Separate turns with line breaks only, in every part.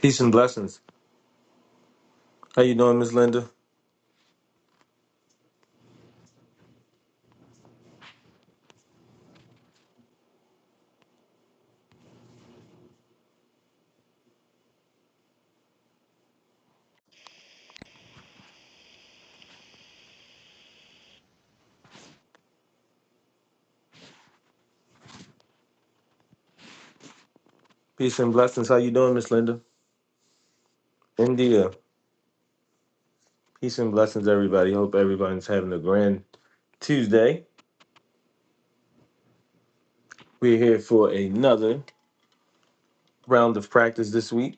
Peace and blessings. How you doing, Miss Linda? Peace and blessings. How you doing, Miss Linda? India. Peace and blessings, everybody. Hope everybody's having a grand Tuesday. We're here for another round of practice this week.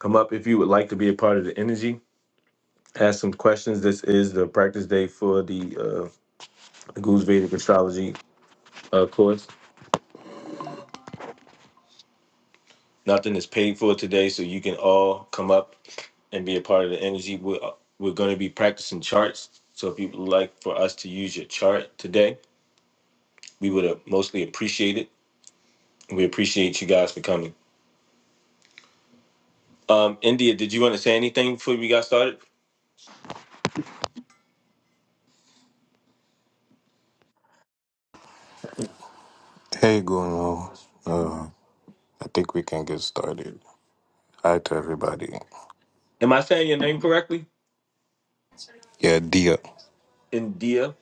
Come up if you would like to be a part of the energy. Ask some questions. This is the practice day for the uh, Guru's Vedic Astrology uh, course. Nothing is paid for today, so you can all come up and be a part of the energy. We're, we're going to be practicing charts. So if you would like for us to use your chart today, We would have mostly appreciate it. We appreciate you guys for coming. Um, India, did you want to say anything before we got started?
Hey, Guno. Uh, I think we can get started. Hi to everybody.
Am I saying your name correctly?
Yeah, Dia.
India.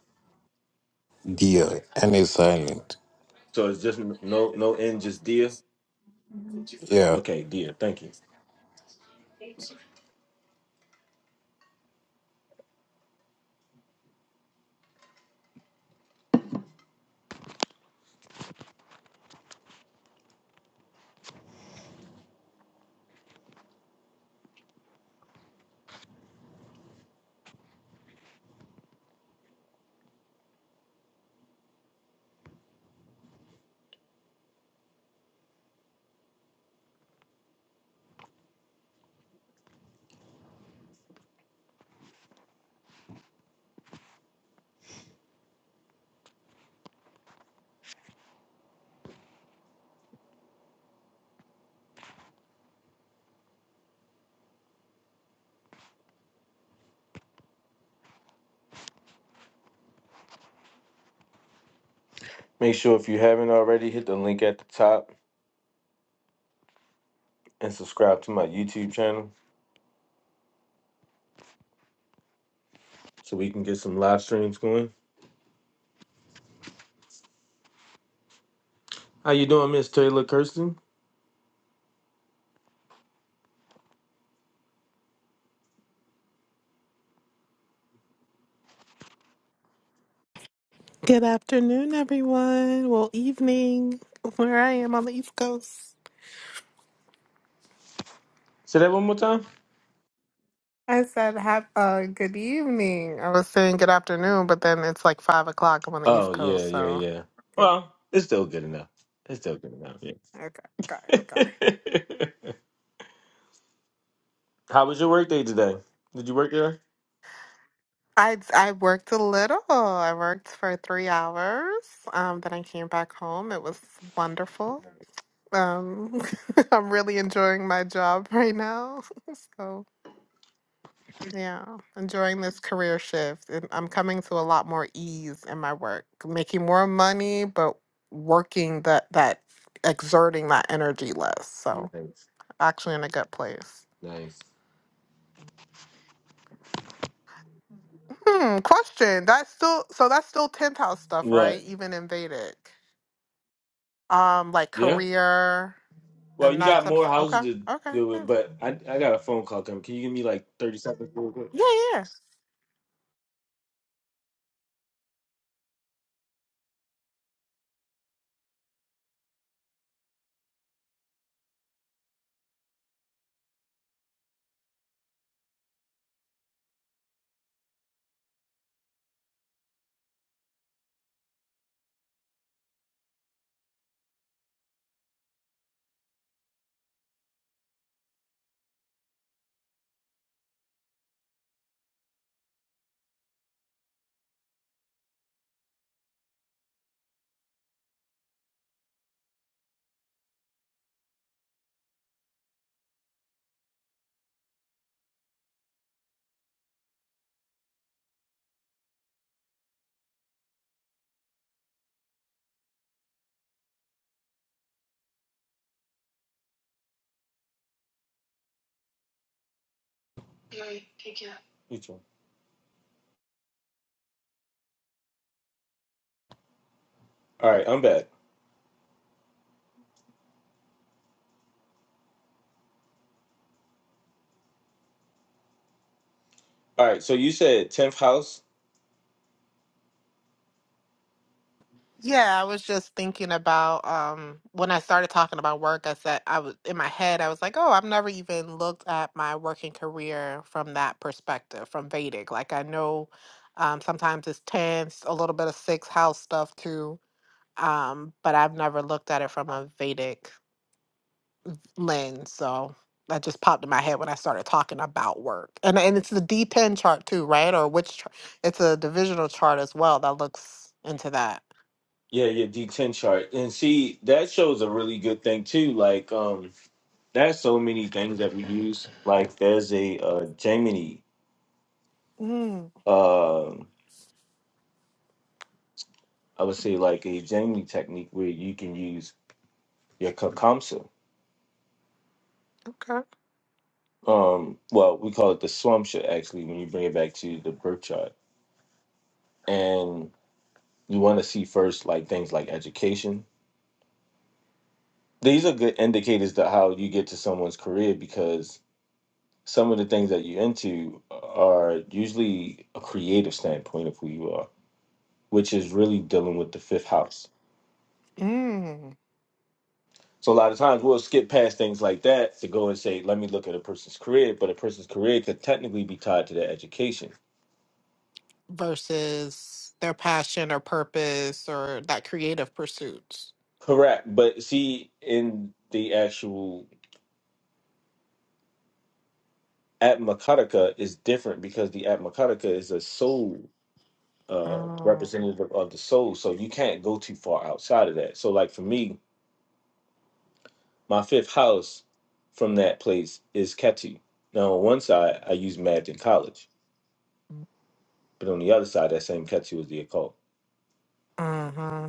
Dia. And it's silent.
So it's just n- no no N, just Dia.
Yeah.
Okay, Dia. Thank you. Make sure if you haven't already, hit the link at the top and subscribe to my YouTube channel so we can get some live streams going. How you doing, Miss Taylor Kirsten?
Good afternoon, everyone. Well, evening, where I am on the East Coast.
Say that one more time.
I said, have uh, good evening. I was saying good afternoon, but then it's like five o'clock. I'm on the East
Oh yeah,
Coast,
yeah,
so
yeah.
good.
Well, it's still good enough. It's still good enough.
Okay, okay, okay.
Yeah. How was your work day today? Did you work today?
I I worked a little. I worked for three hours. Um, then I came back home. It was wonderful. Um, I'm really enjoying my job right now. So. Yeah, enjoying this career shift. And I'm coming to a lot more ease in my work, making more money, but working that that exerting that energy less. So
Nice,
actually in a good place.
nice.
Hmm, question. That's still so that's still 10th house stuff, right?
What?
Even in Vedic. Um, like
Yeah.
career
Well,
and
you
that
got
stuff.
more houses
Okay,
to
okay.
do
hmm.
with, but I I got a phone call coming. Can you give me like thirty seconds real quick?
Yeah, yeah. yeah.
Take care. Each one. All right, I'm back. All right, so you said tenth house.
Yeah, I was just thinking about um when I started talking about work, I said I was in my head, I was like, oh, I've never even looked at my working career from that perspective, from Vedic. Like I know um sometimes it's tense, a little bit of sixth house stuff too. Um, but I've never looked at it from a Vedic lens. So that just popped in my head when I started talking about work. And and it's the D10 chart too, right? Or which chart? It's a divisional chart as well that looks into that.
Yeah, yeah, D ten chart, and see that shows a really good thing too. Like, um, there's so many things that we use. Like, there's a uh, Gemini,
Mm,
um, I would say like a Gemini technique where you can use your Kakamsa.
okay.
um well we call it the slump shit actually when you bring it back to the birth chart and you want to see first like things like education these are good indicators to how you get to someone's career because some of the things that you're into are usually a creative standpoint of who you are which is really dealing with the fifth house
Mm.
so a lot of times we'll skip past things like that to go and say let me look at a person's career but a person's career could technically be tied to their education
Versus their passion or purpose or that creative pursuits.
Correct, but see, in the actual Atmakataka is different because the Atmakataka is a soul uh,
Mm.
representative of the soul, so you can't go too far outside of that. So, like for me, my fifth house from that place is Ketu. Now, on one side, I use Magd in college, but on the other side, that same Ketu is the occult.
Mm-hmm.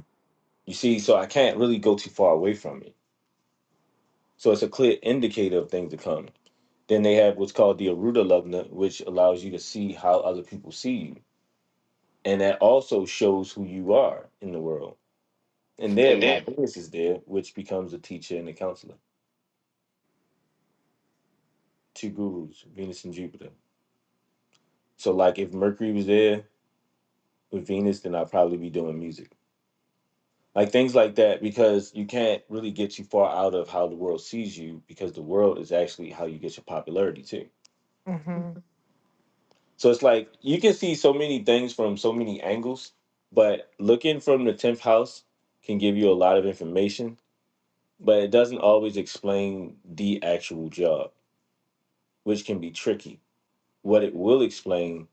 You see, so I can't really go too far away from it. So it's a clear indicator of things to come. Then they have what's called the Aruda Lubna, which allows you to see how other people see you. And that also shows who you are in the world And
And
then
then
my Venus is there, which becomes a teacher and a counselor. Two gurus, Venus and Jupiter. So like if Mercury was there with Venus, then I'd probably be doing music. Like things like that, because you can't really get you far out of how the world sees you, because the world is actually how you get your popularity too.
Mm-hmm.
So it's like you can see so many things from so many angles, but looking from the 10th house can give you a lot of information, but it doesn't always explain the actual job, which can be tricky What it will explain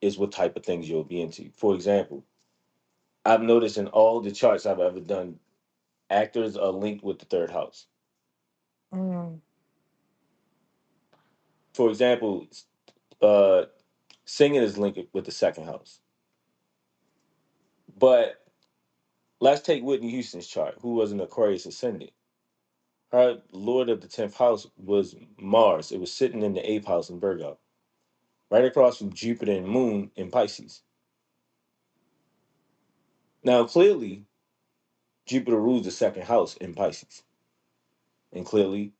is what type of things you'll be into. For example, I've noticed in all the charts I've ever done, actors are linked with the third house.
Mm.
For example, uh, singing is linked with the second house. But let's take Whitney Houston's chart, who was an Aquarius ascendant. Her lord of the 10th house was Mars. It was sitting in the 8th house in Virgo, right across from Jupiter and Moon in Pisces. Now, clearly, Jupiter rules the second house in Pisces, and clearly,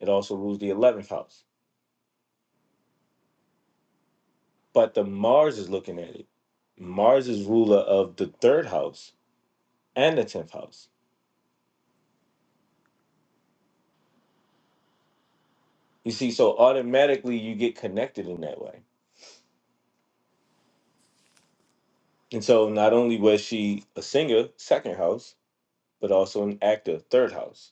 it also rules the 11th house. But the Mars is looking at it. Mars is ruler of the third house and the tenth house. You see, so automatically you get connected in that way. And so not only was she a singer, second house, but also an actor, third house.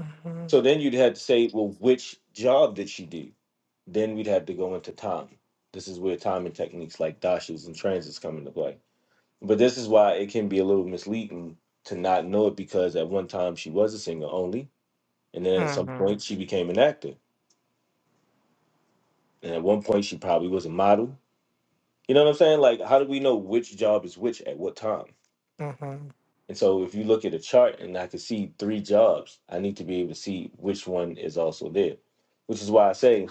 Mm-hmm.
So then you'd have to say, well, which job did she do? Then we'd have to go into time. This is where time and techniques like dashes and transits come into play. But this is why it can be a little misleading to not know it because at one time she was a singer only And then at some point,
Mm-hmm.
she became an actor. And at one point, she probably was a model. You know what I'm saying? Like, how do we know which job is which at what time?
Mm-hmm.
And so, if you look at a chart and I can see three jobs, I need to be able to see which one is also there. Which is why I say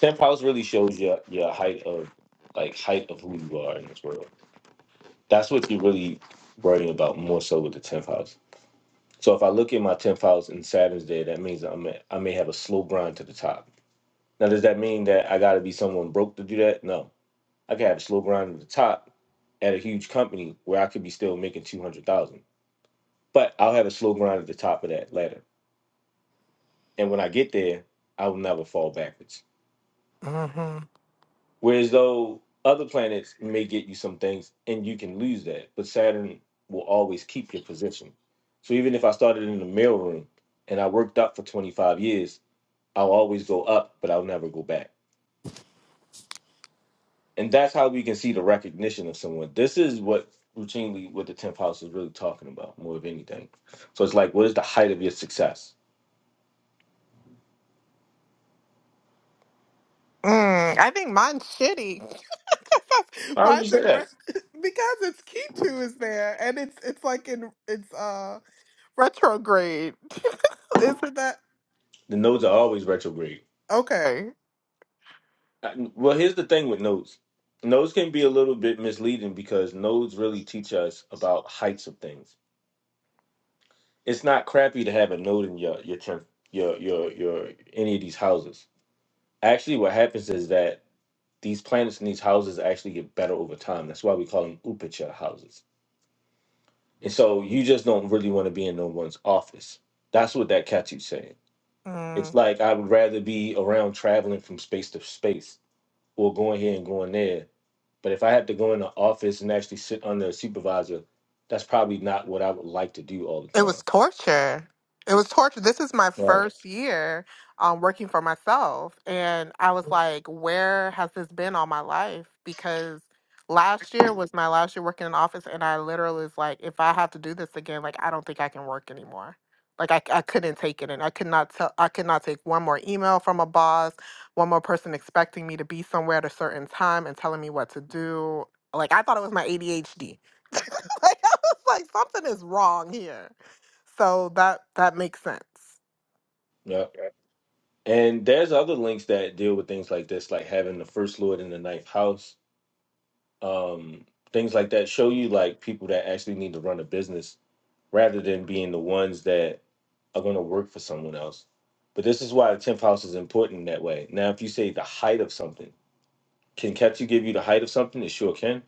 tenth house really shows your your height of like height of who you are in this world. That's what you're really worrying about more so with the tenth house. So if I look at my tenth house and Saturn's there, that means I may I may have a slow grind to the top Now, does that mean that I got to be someone broke to do that? No, I could have a slow grind at the top at a huge company where I could be still making two hundred thousand, but I'll have a slow grind at the top of that ladder, and when I get there, I will never fall backwards.
Mm-hmm.
Whereas though other planets may get you some things and you can lose that, but Saturn will always keep your position. So even if I started in the mailroom and I worked up for twenty five years, I'll always go up, but I'll never go back. and that's how we can see the recognition of someone. This is what routinely what the tenth house is really talking about more of anything. So it's like, what is the height of your success?
Mm, I think mine's shitty.
I already
mine's
said
in
that.
ret- because it's K2 is there and it's it's like in it's uh retrograde. Isn't that
The nodes are always retrograde.
okay?
Uh, Well, here's the thing with nodes. Nodes can be a little bit misleading because nodes really teach us about heights of things. It's not crappy to have a node in your your tenth your your your any of these houses. Actually, what happens is that these planets in these houses actually get better over time. That's why we call them upacha houses And so you just don't really want to be in no one's office. That's what that catchy's saying.
Mm.
It's like I would rather be around traveling from space to space or going here and going there. But if I have to go in the office and actually sit under a supervisor, that's probably not what I would like to do all the
It was
time.
torture. It was torture. This is my
Right.
first year um, working for myself. And I was like, where has this been all my life? Because last year was my last year working in office. And I literally was like, if I have to do this again, like, I don't think I can work anymore. Like I, I couldn't take it, and I could not tell. I could not take one more email from a boss, one more person expecting me to be somewhere at a certain time and telling me what to do. Like I thought it was my ADHD. like I was like, something is wrong here. So that that makes sense.
Yeah. And there's other links that deal with things like this, like having the first lord in the ninth house. Um, things like that show you like people that actually need to run a business rather than being the ones that are going to work for someone else. But this is why the 10th house is important in that way. Now, if you say the height of something, can Ketu give you the height of something? It sure can.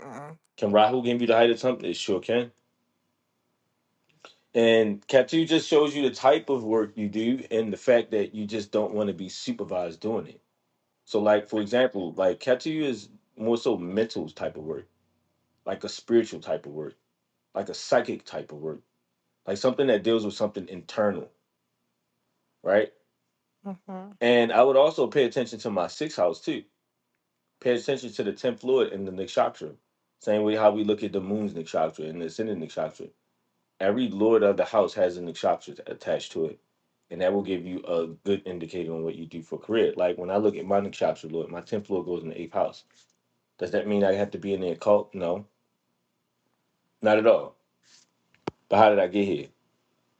Mm,
Can Rahu give you the height of something? It sure can. And Ketu just shows you the type of work you do and the fact that you just don't want to be supervised doing it. So, like, for example, like Ketu is more so mental type of work, like a spiritual type of work, like a psychic type of work, like something that deals with something internal, right?
mhm,
And I would also pay attention to my sixth house too Pay attention to the tenth lord in the nikshatra. Same way how we look at the moon's nikshatra and the ascendant nikshatra. Every lord of the house has a nikshatra attached to it, and that will give you a good indicator on what you do for career. Like when I look at my nikshatra lord, my tenth lord goes in the eighth house. Does that mean I have to be in the occult? No, not at all. But how did I get here?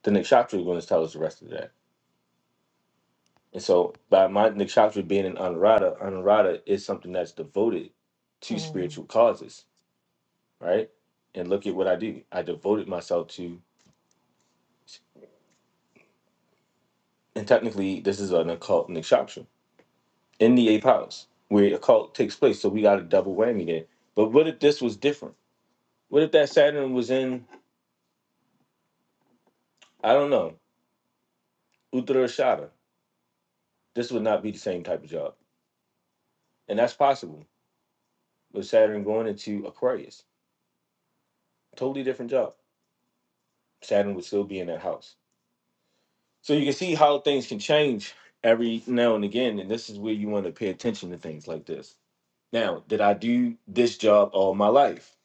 The nikshatra is going to tell us the rest of that. And so by my nikshatra being in anurada, anurada is something that's devoted to
mm,
spiritual causes right? And look at what I do. I devoted myself to, and technically, this is an occult nikshatra in the eighth house where occult takes place. So we got a double whammy there. But what if this was different? What if that Saturn was in, I don't know, Uttarashada? This would not be the same type of job. And that's possible with Saturn going into Aquarius. Totally different job. Saturn would still be in that house. So you can see how things can change every now and again. And this is where you want to pay attention to things like this Now, did I do this job all my life?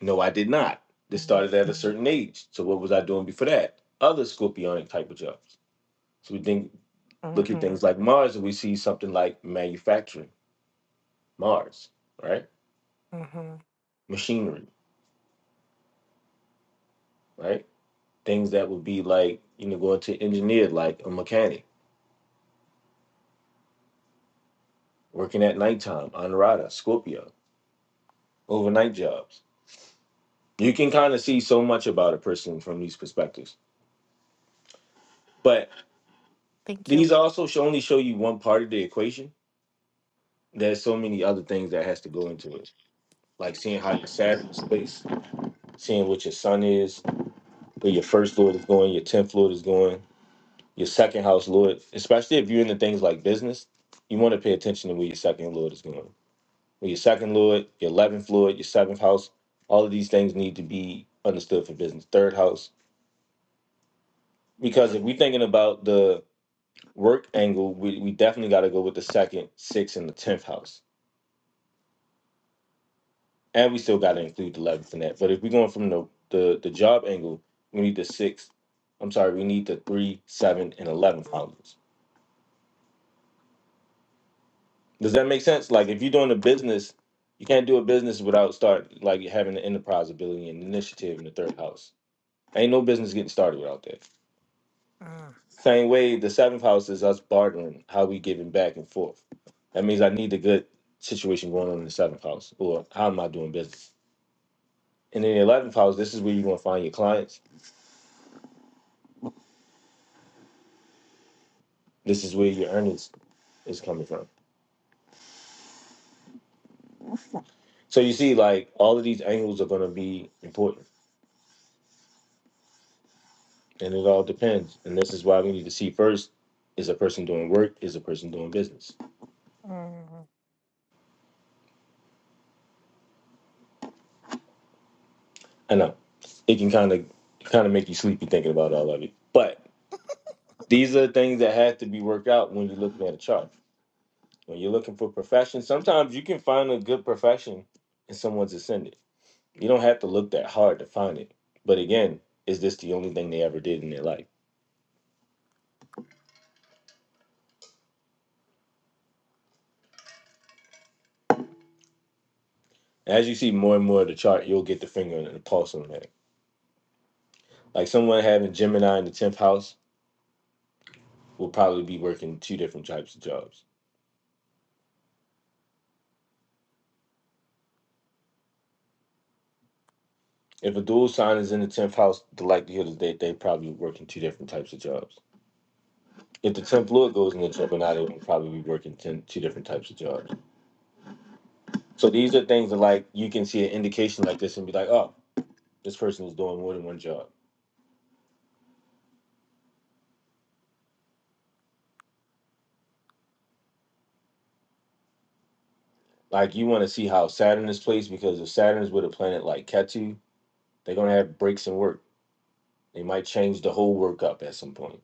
No, I did not. This started at a certain age. So what was I doing before that? Other scorpionic type of jobs. So we think look at
mhm,
things like Mars and we see something like manufacturing, Mars, right?
mhm.
Machinery, right? Things that would be like, you know, going to engineer like a mechanic, working at nighttime, honorata, Scorpio, overnight jobs. You can kind of see so much about a person from these perspectives. But
Thank you.
these also show only show you one part of the equation there's so many other things that has to go into it. Like seeing how your Saturn space, seeing what your sun is, where your first lord is going, your tenth lord is going, your second house lord. Especially if you're into things like business, you want to pay attention to where your second lord is going. Where your second lord, your eleventh lord, your seventh house, all of these things need to be understood for business. Third house, because if we're thinking about the work angle, we, we definitely got to go with the second, sixth, and the tenth house and we still got to include the eleventh in that. But if we're going from the, the the job angle, we need the six. I'm sorry, we need the three, seven, and eleven columns. Does that make sense? Like if you're doing a business, you can't do a business without start like having the enterprise ability and initiative in the third house. Ain't no business getting started without that.
Mm,
Same way, the seventh house is us bartering, how we giving back and forth. That means I need a good situation going on in the seventh house, or how am I doing business? And in the eleventh house, this is where you're gonna find your clients. This is where your earnings is coming from. So you see, like all of these angles are going to be important, and it all depends. And this is why we need to see first: is a person doing work? Is a person doing business?
mm,
I know it can kind of kind of make you sleepy thinking about all of it, but these are things that have to be worked out when you're looking at a chart. When you're looking for profession, sometimes you can find a good profession in someone's ascendant. You don't have to look that hard to find it. But again, is this the only thing they ever did in their life? As you see more and more of the chart, you'll get the finger and the pulse on that Like someone having Gemini in the 10th house will probably be working two different types of jobs. If a dual sign is in the 10th house, the likelihood is that they probably working two different types of jobs. If the 10th Lord goes in the Gemini, they will probably be working 10, two different types of jobs. So these are things that like you can see an indication like this and be like, oh, this person is doing more than one job. Like you want to see how Saturn is placed because if Saturn is with a planet like Ketu, they're gonna have breaks in work. They might change the whole work up at some point.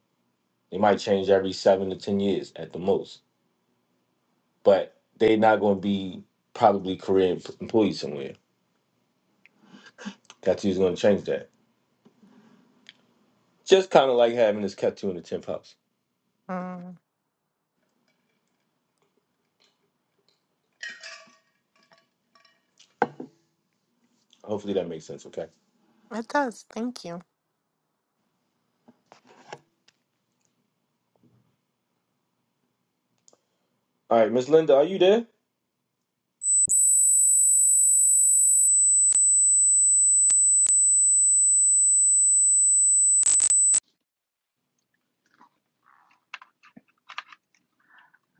They might change every seven to ten years at the most. but they're not going to be probably career em- employees somewhere. Katsu's going to change that. Just kind of like having this Katsu in the tenth house.
mm.
Hopefully that makes sense. Okay.
It does. Thank you.
All right, Miss Linda, are you there?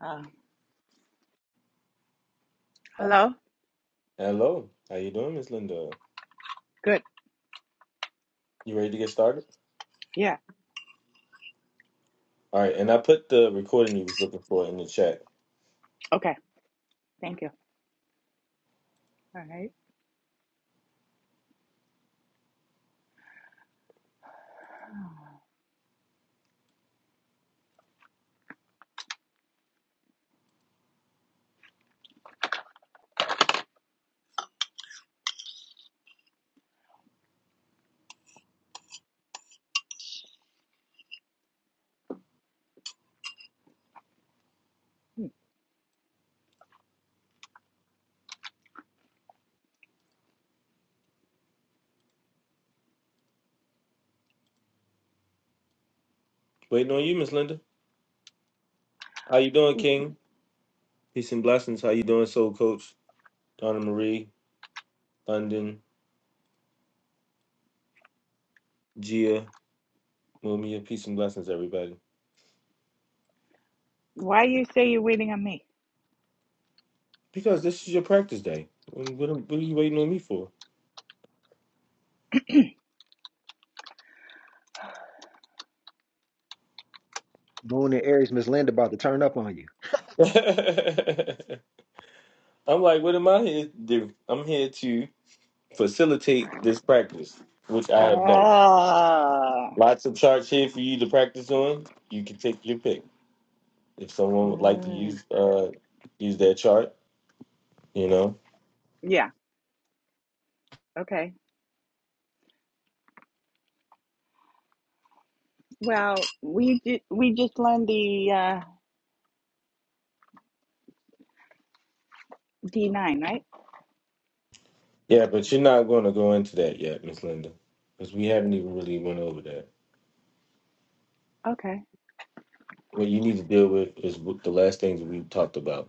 Uh, Hello?
Hello. How you doing, Miss Linda?
good.
You ready to get started?
Yeah.
All right, and I put the recording you was looking for in the chat.
Okay. Thank you. All right.
Waiting on you, Miss Linda. How you doing, King? Peace and blessings. How you doing, Soul Coach? Donna Marie, London, Gia, Mumia. Peace and blessings, everybody.
Why you say you're waiting on me?
Because this is your practice day. What, what are you waiting on me for?
Moon and Aries, Miss Linda about to turn up on you.
I'm like, what am I here to do? I'm here to facilitate this practice, which I have done.
Oh.
Lots of charts here for you to practice on. You can take your pick. If someone would like to
Mm,
use uh use that chart, you know.
yeah. Okay. Well, we ju- we just learned the uh, D nine, right?
Yeah, but you're not going to go into that yet, Miss Linda, because we haven't even really went over that.
Okay.
What you need to deal with is what the last things we talked about,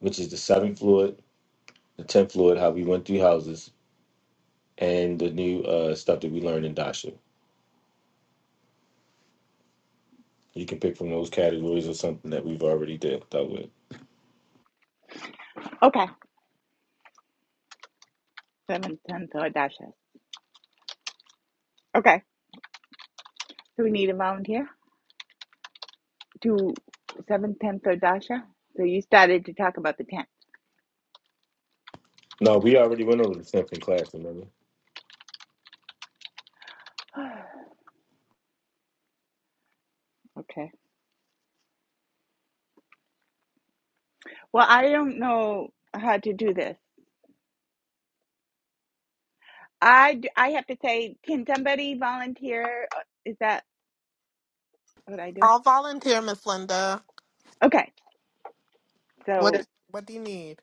which is the seventh fluid, the tenth fluid, how we went through houses, and the new uh, stuff that we learned in Dasha. You can pick from those categories or something that we've already did dealt with.
Okay. Seven ten third dasha. Okay. Do we need a volunteer? Do seven ten third dasha. So you started to talk about the ten.
No, we already went over the something class, remember?
okay. Well, I don't know how to do this. I d- I have to say, can somebody volunteer? Uh, Is that what I do?
I'll volunteer, Miss Linda.
Okay,
What
so
Good. What do you need?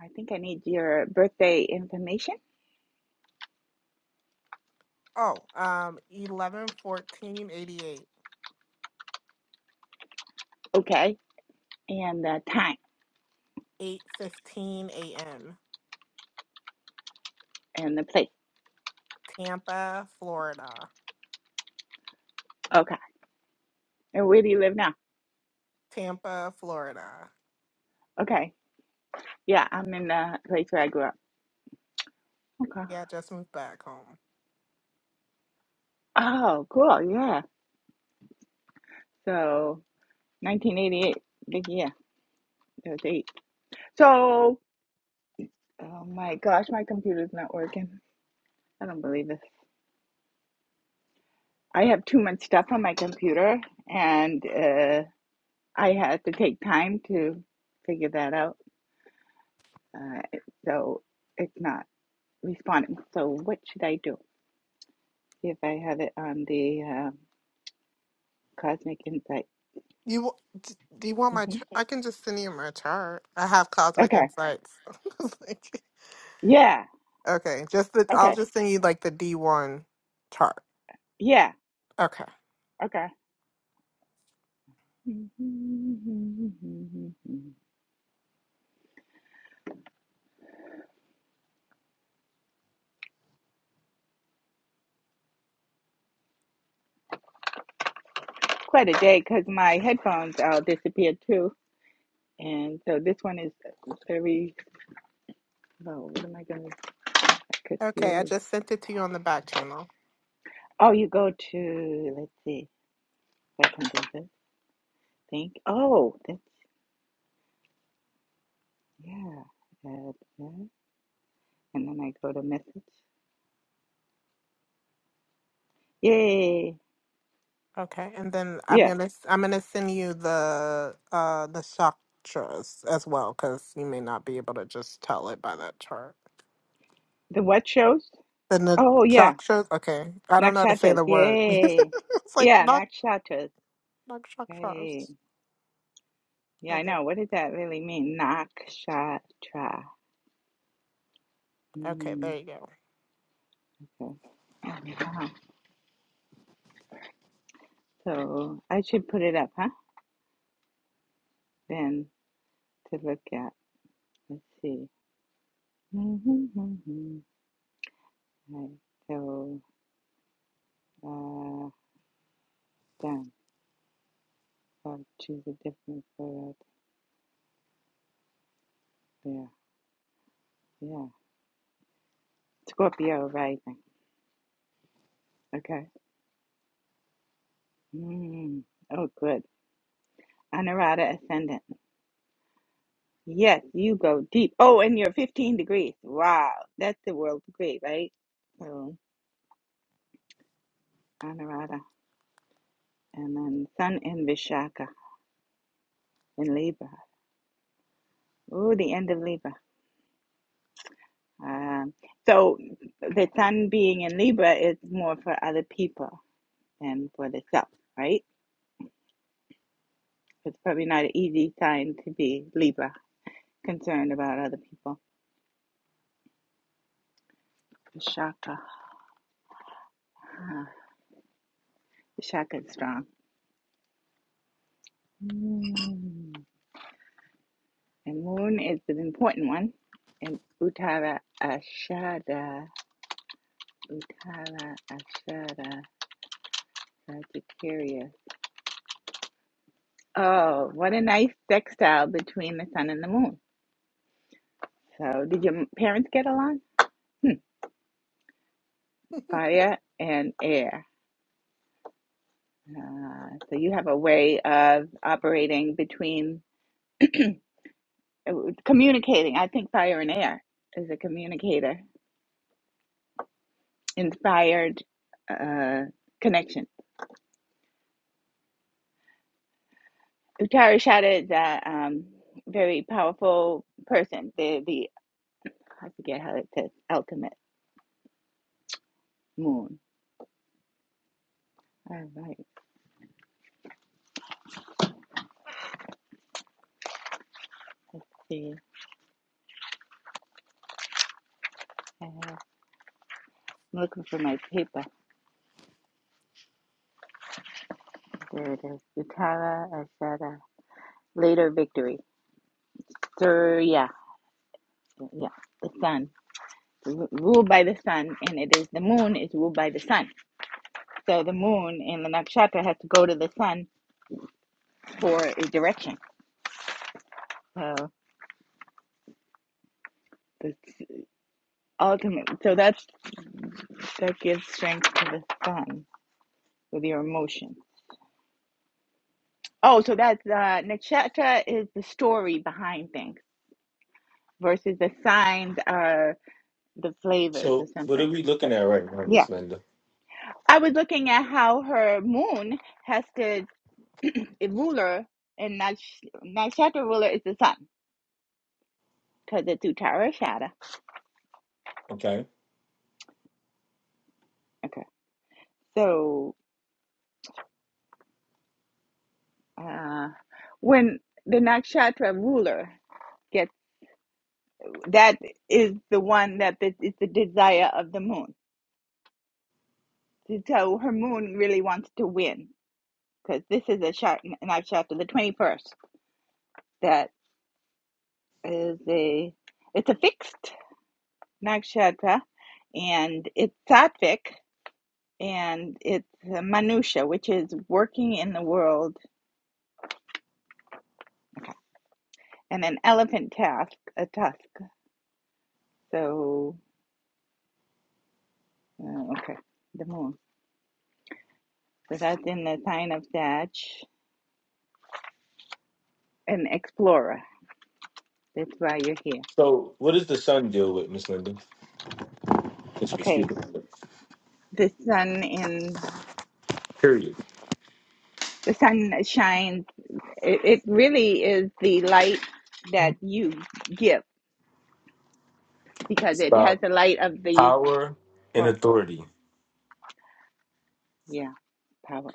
I think I need your birthday information.
Oh, um, eleven fourteen eighty eight,
Okay, and the time
eight fifteen a.m.
and the place.
Tampa, Florida.
Okay, and where do you live now?
Tampa, Florida.
Okay, yeah, I'm in the place where I grew up. Okay.
Yeah, just moved back home.
Oh, cool. Yeah. So 1988, big year. That was eight. So, oh my gosh, my computer's not working. I don't believe this. I have too much stuff on my computer, and. uh, I had to take time to figure that out. Uh, so it's not responding. So what should I do See if I have it on the uh, Cosmic Insight?
You wa- d- do you want my?
hmm
Ch- I can just send you my chart. I have cosmic
Okay.
insights. Like,
Yeah.
okay, just the. I'll
Okay.
just send you like the D one chart.
Yeah.
Okay.
Okay. Quite a day because my headphones all disappeared too. And so this one is very slow. What am I going to could
Okay, I
do?
just sent it to you on the back channel.
Oh, you go to, let's see, if I can do this. Think. Oh, that's Yeah. Add that. And then I go to message. Yay.
Okay, and then I'm
Yeah.
gonna s- I'm gonna send you the uh the chakras as well because you may not be able to just tell it by that chart.
The what shows?
Then the na-
Oh, yeah.
chakras. Okay, I don't know how to say
Nakshatras.
the word.
Yay.
it's like
Yeah,
not
nakshatras.
not
Hey.
chakras.
Yeah, I
Like it.
know. What does that really mean? Nakshatra.
Okay,
Mm,
there you go.
okay. Oh, wow. So I should put it up, huh? Then to look at. Let's see. Hmm Right. So, uh, done. I'll choose a different photo. Yeah. Yeah. Scorpio rising. Okay. Mm. Oh, good. Anurata ascendant. Yes, you go deep. Oh, and you're 15 degrees. Wow. That's the world degree, right? So, Anurata. And then Sun in Vishaka in Libra. Oh, the end of Libra. Um, so, the Sun being in Libra is more for other people than for the self, right? It's probably not an easy sign to be Libra, concerned about other people. Vishaka. Shaka's strong. Mm. And moon is an important one. And Uttara Ashada, Uttara Ashada, Sagittarius. Oh, what a nice sextile between the sun and the moon. So, did your parents get along? Fire and air. Uh, so, you have a way of operating between uh, communicating. I think fire and air is a communicator, inspired uh, connection. Tara shouted that um, very powerful person, the the I forget how it says ultimate moon. All right, let's see. I have, I'm looking for my paper. There it is. The Tara Ashada. Later victory. Surya. Yeah, the sun. Ru- Ruled by the sun, and it is the moon is ruled by the sun. So the moon in the nakshatra has to go to the sun for a direction. So it's ultimate. So that's that gives strength to the sun. with your emotions, Oh, so that's uh, nakshatra is the story behind things versus the signs are the flavors or
So what are
something.
we looking
But
at right now,
yeah,
Miss Linda?
I was looking at how her moon has the a ruler and naksh- nakshatra ruler is the sun because it's Uttara Shada.
Okay.
Okay, so uh, when the nakshatra ruler gets that is the one that the, is the desire of the moon. So her moon really wants to win because this is a chap- knife chapter, the 21st. That is a, it's a fixed knife chapter, and it's sattvic, and it's a manusha, which is working in the world, and an elephant task, a tusk. So, uh, okay, the moon. So that's in the sign of Sag, an explorer. That's why you're here.
So what does the sun deal with, Miss Linda? Since we're
Okay,
speaking of it.
the sun in
Period.
the sun shines it, it really is the light that you give because
It's
it has
about
the light of the
power and
for,
authority.
yeah power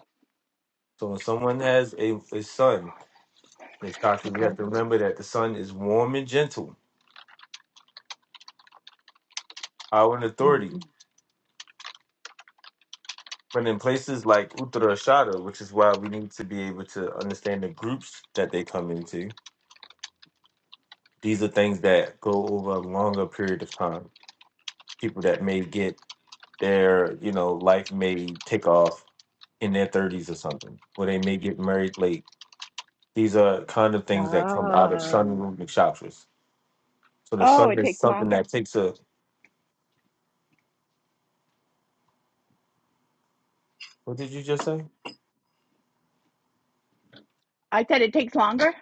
So when someone has a, a son, and Shakti, you
okay
have to remember that the sun is warm and gentle, power and
mm.
authority. But in places like Uttarashada, which is why we need to be able to understand the groups that they come into, These are things that go over a longer period of time. People that may get their, you know, life may take off in their 30s or something, or they may get married late. These are kind of things that come out of
oh
sunroom nakshatras. So the
oh
sun
it
is
takes
something
longer
that takes a, what did you just say?
i said it takes longer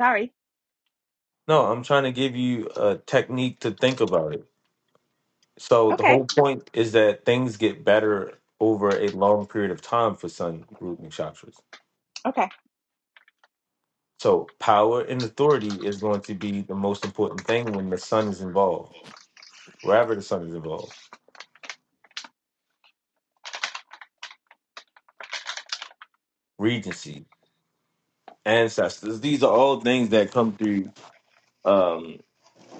sorry
No, I'm trying to give you a technique to think about it. So the
okay
whole point is that things get better over a long period of time for sun root nakshatras.
okay
So power and authority is going to be the most important thing when the son is involved, wherever the son is involved. Regency, ancestors, these are all things that come through um,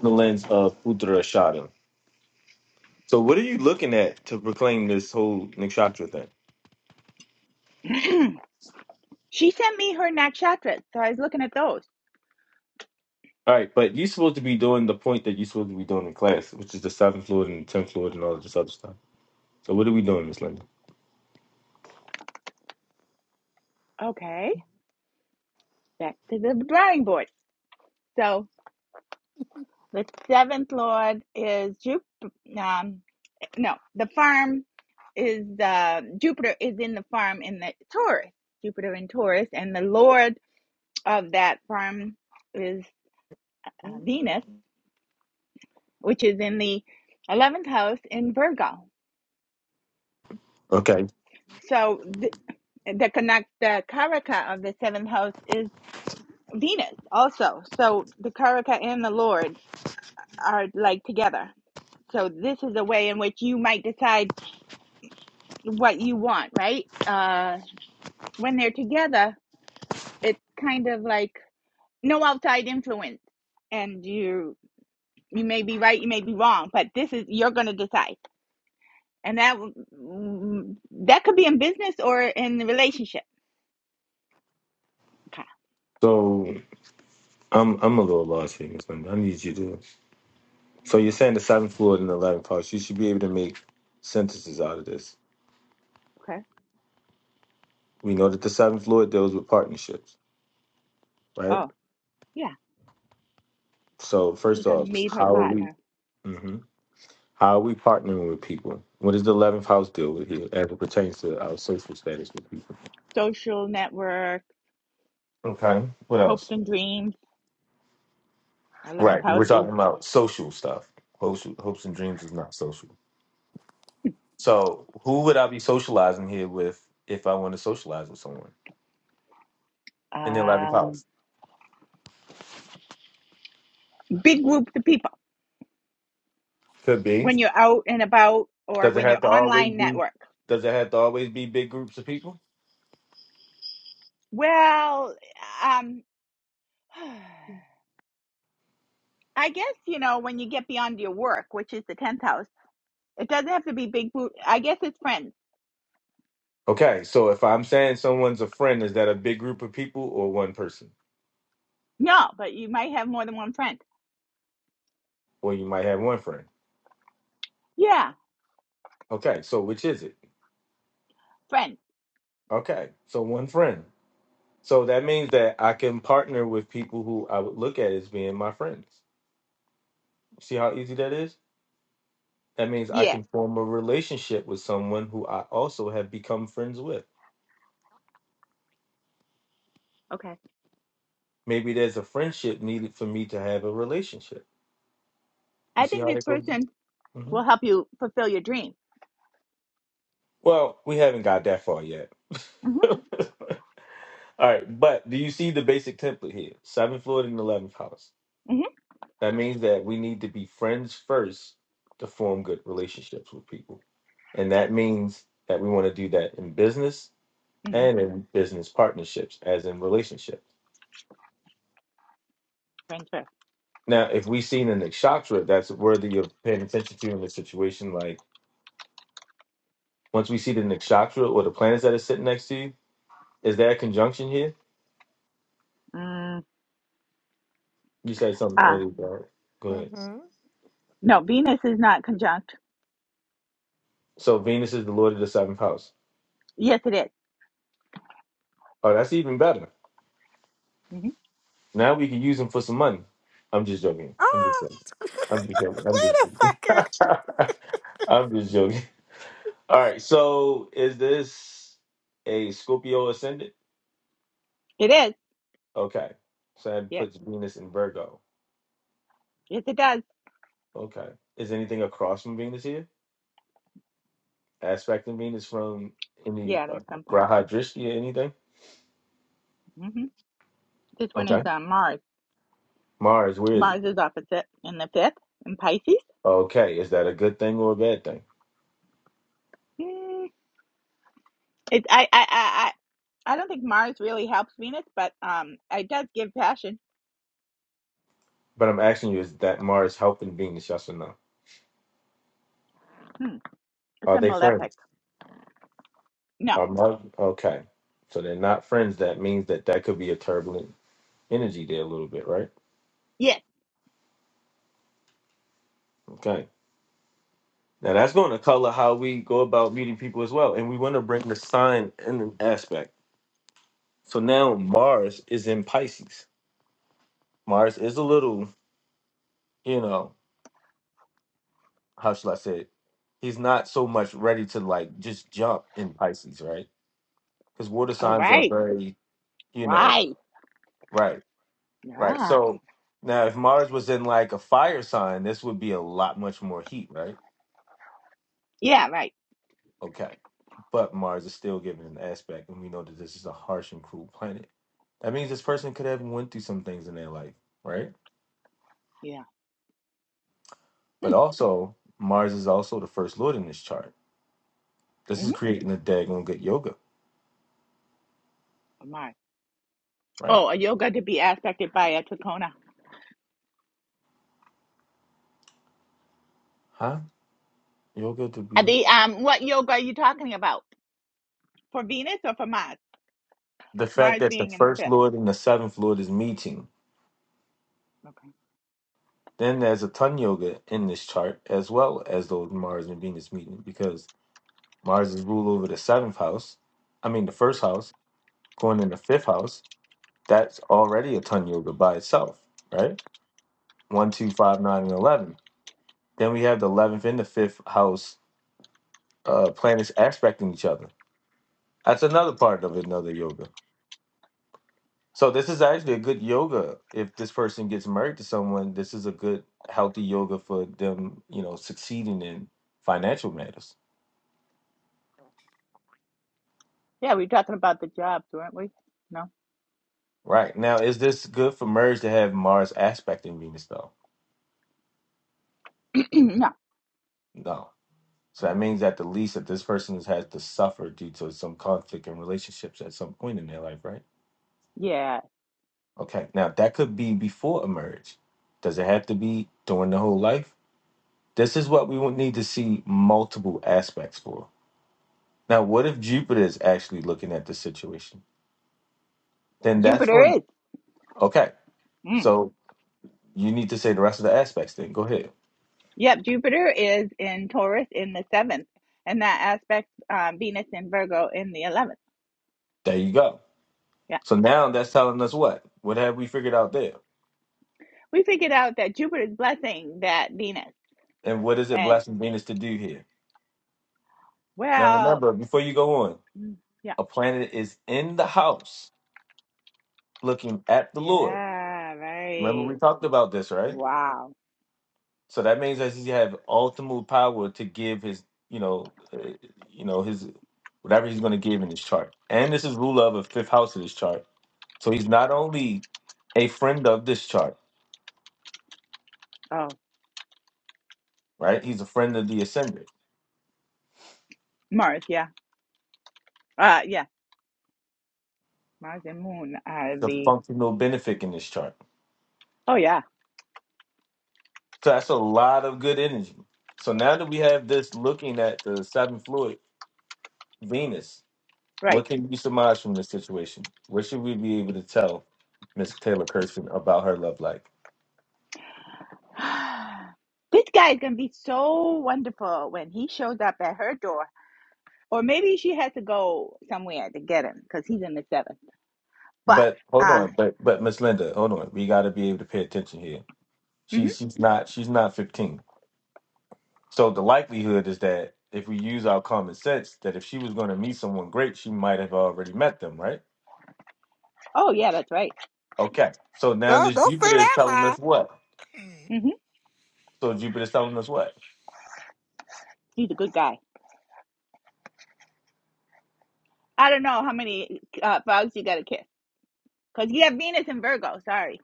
the lens of Uttara Shada. So what are you looking at to proclaim this whole Nikshatra thing?
she sent me her nakshatras so i was looking at those
All right, but you're supposed to be doing the point that you're supposed to be doing in class, which is the seventh Lord and the tenth Lord and all of this other stuff. So what are we doing, Miss Linda?
okay back to the drawing board so the seventh lord is Jupiter. Um, no, the farm is uh, Jupiter is in the farm in the Taurus, Jupiter in Taurus, and the lord of that farm is uh, Venus, which is in the 11th house in Virgo.
Okay.
So th- the connect the Karaka of the seventh house is Venus also. So the Karaka and the Lord are like together. So this is a way in which you might decide what you want, right? Uh, when they're together, it's kind of like no outside influence and you you may be right you may be wrong but this is you're going to decide and that that could be in business or in the relationship okay
So I'm I'm a little lost here, Miss Linda. I need you to So you're saying the seventh fluid and the eleventh house. You should be able to make sentences out of this.
okay
We know that the seventh fluid deals with partnerships, right?
oh yeah
So
she's
first
going to
off,
meet her
how are we?
partner
hmm How are we partnering with people? What does the eleventh house deal with here as it pertains to our social status with people?
social network
Okay. What
hopes
else?
and dreams 11th
Right. We're
houses,
talking about social stuff. Hopes, hopes and dreams is not social. So who would I be socializing here with if I want to socialize with someone in the eleventh
um,
house?
big groups of people
Could be.
when you're out and about or
Does it
when
have
you're
to always
online
be?
network
Does it have to always be big groups of people?
well um I guess, you know, when you get beyond your work, which is the 10th house, It doesn't have to be big boot. I guess it's friends.
Okay, so if I'm saying someone's a friend, is that a big group of people or one person?
No, but you might have more than one friend.
Well, you might have one friend.
Yeah,
Okay, so which is it?
friend.
Okay, so one friend. So that means that I can partner with people who I would look at as being my friends. See how easy that is? That means I
Yeah.
can form a relationship with someone who I also have become friends with.
Okay.
Maybe there's a friendship needed for me to have a relationship. You
I
see
think
how
this
that goes?
person
Mm-hmm.
will help you fulfill your dream.
Well, we haven't got that far yet.
hmm
All right, but do you see the basic template here? Seventh Lord and eleventh house.
hmm
That means that we need to be friends first to form good relationships with people, and that means that we want to do that in business
hmm
and in business partnerships, as in relationships.
Friends first.
Now, if we see the nakshatra, that's worthy of paying attention to in this situation. Like once we see the nakshatra or the planets that are sitting next to you, is there a conjunction here?
Mm,
You said something
ah,
earlier, bro. Go ahead.
Mm-hmm.
no, Venus is not conjunct.
So Venus is the lord of the seventh house.
Yes, it is.
Oh, that's even better.
Mm-hmm.
Now we can use him for some money. I'm just joking. I'm just
Oh,
joking. I'm just joking. I'm
wait
just
a
joking.
fucker.
I'm just joking. All right. So is this a Scorpio ascendant?
It is.
Okay. So that
Yes.
puts Venus in Virgo.
Yes, it does.
Okay. Is anything across from Venus here? Aspecting Venus from any
Yeah,
uh,
there's something.
Graha Drishti or anything?
hmm This one
Okay.
is uh, Mars.
Mars, where is it?
Mars is opposite in the fifth in Pisces.
Okay. Is that a good thing or a bad thing?
Mm, it's I I I I I don't think Mars really helps Venus, but um, it does give passion.
But I'm asking you, is that Mars helping Venus? Yes or no?
Hmm. It's
Are
a
they
malefic.
friends?
No.
Are Mars okay? So they're not friends. That means that that could be a turbulent energy there a little bit, right?
Yeah.
Okay. Now that's going to color how we go about meeting people as well, and we want to bring the sign in an aspect. So now Mars is in Pisces. Mars is a little, you know, how should I say it? He's not so much ready to like just jump in Pisces, right? Because water
All
signs are
right.
very, you know,
Right.
right. Right.
Yeah.
So now, if Mars was in like a fire sign, this would be a lot much more heat, right?
Yeah, right.
Okay. But Mars is still given an aspect, and we know that this is a harsh and cruel planet. That means this person could have went through some things in their life, right?
Yeah.
But
Hmm.
also, Mars is also the first lord in this chart. This
hmm
is creating the daggone good yoga,
My.
right?
Oh, a yoga to be aspected by a Takona.
Huh? Yoga to be
The um what yoga are you talking about? For Venus or for Mars?
the fact
Mars
that the
being in the
first
fifth.
lord and the seventh lord is meeting.
Okay.
Then there's a ton yoga in this chart as well as those Mars and Venus meeting because Mars is ruled over the seventh house. I mean, the first house, going in the fifth house. That's already a ton yoga by itself, right? One, two, five, nine, and 11. Then we have the 11th and the fifth house uh, planets aspecting each other. That's another part of another yoga. So, this is actually a good yoga. If this person gets married to someone, this is a good, healthy yoga for them, you know, succeeding in financial matters.
Yeah, we were talking about the jobs, weren't we? No.
Right. Now, is this good for marriage to have Mars aspecting Venus, though?
no.
No So that means at the least that this person has had to suffer due to some conflict in relationships at some point in their life, right?
Yeah.
Okay. Now that could be before a marriage. Does it have to be during the whole life? This is what we would need to see multiple aspects for. Now, what if Jupiter is actually looking at this situation? Then that's
Jupiter
going
is.
okay.
Mm.
So you need to say the rest of the aspects then. Go ahead.
Yep, Jupiter is in Taurus in the seventh. And that aspects um, Venus in Virgo in the eleventh.
There you go.
Yeah.
So now that's telling us what? What have we figured out there?
we figured out that Jupiter's blessing that Venus.
And what is it
And
blessing Venus to do here? Now
well,
remember, before you go on,
mm, yeah,
A planet is in the house looking at the Lord.
yeah,
Remember
right.
we talked about this, right?
Wow.
So that means that he have ultimate power to give his, you know, uh, you know his whatever he's going to give in his chart. And this is rule of a fifth house of this chart. So he's not only a friend of this chart,
Oh,
right? He's a friend of the ascendant,
Mars. Yeah. Uh, yeah. Mars and Moon are
the
the.
functional benefic in this chart.
Oh yeah.
So that's a lot of good energy. So now that we have this looking at the seventh fluid, Venus,
Right.
What can you surmise from this situation? What should we be able to tell Miss Taylor Kirsten about her love life?
This guy is gonna be so wonderful when he shows up at her door, or maybe she has to go somewhere to get him because he's in the seventh. But
But hold
uh,
on, but but Miss Linda, hold on. We got to be able to pay attention here.
mhm.
She she's not she's not 15. So the likelihood is that if we use our common sense, that if she was going to meet someone great, she might have already met them, right?
oh yeah, that's right.
Okay. So now
No,
this
don't say
Jupiter is
that
telling
lie.
us what?
hmm
So Jupiter is telling us what?
He's a good guy. I don't know how many uh, bugs you gotta kiss. Cause you have Venus and Virgo. Sorry,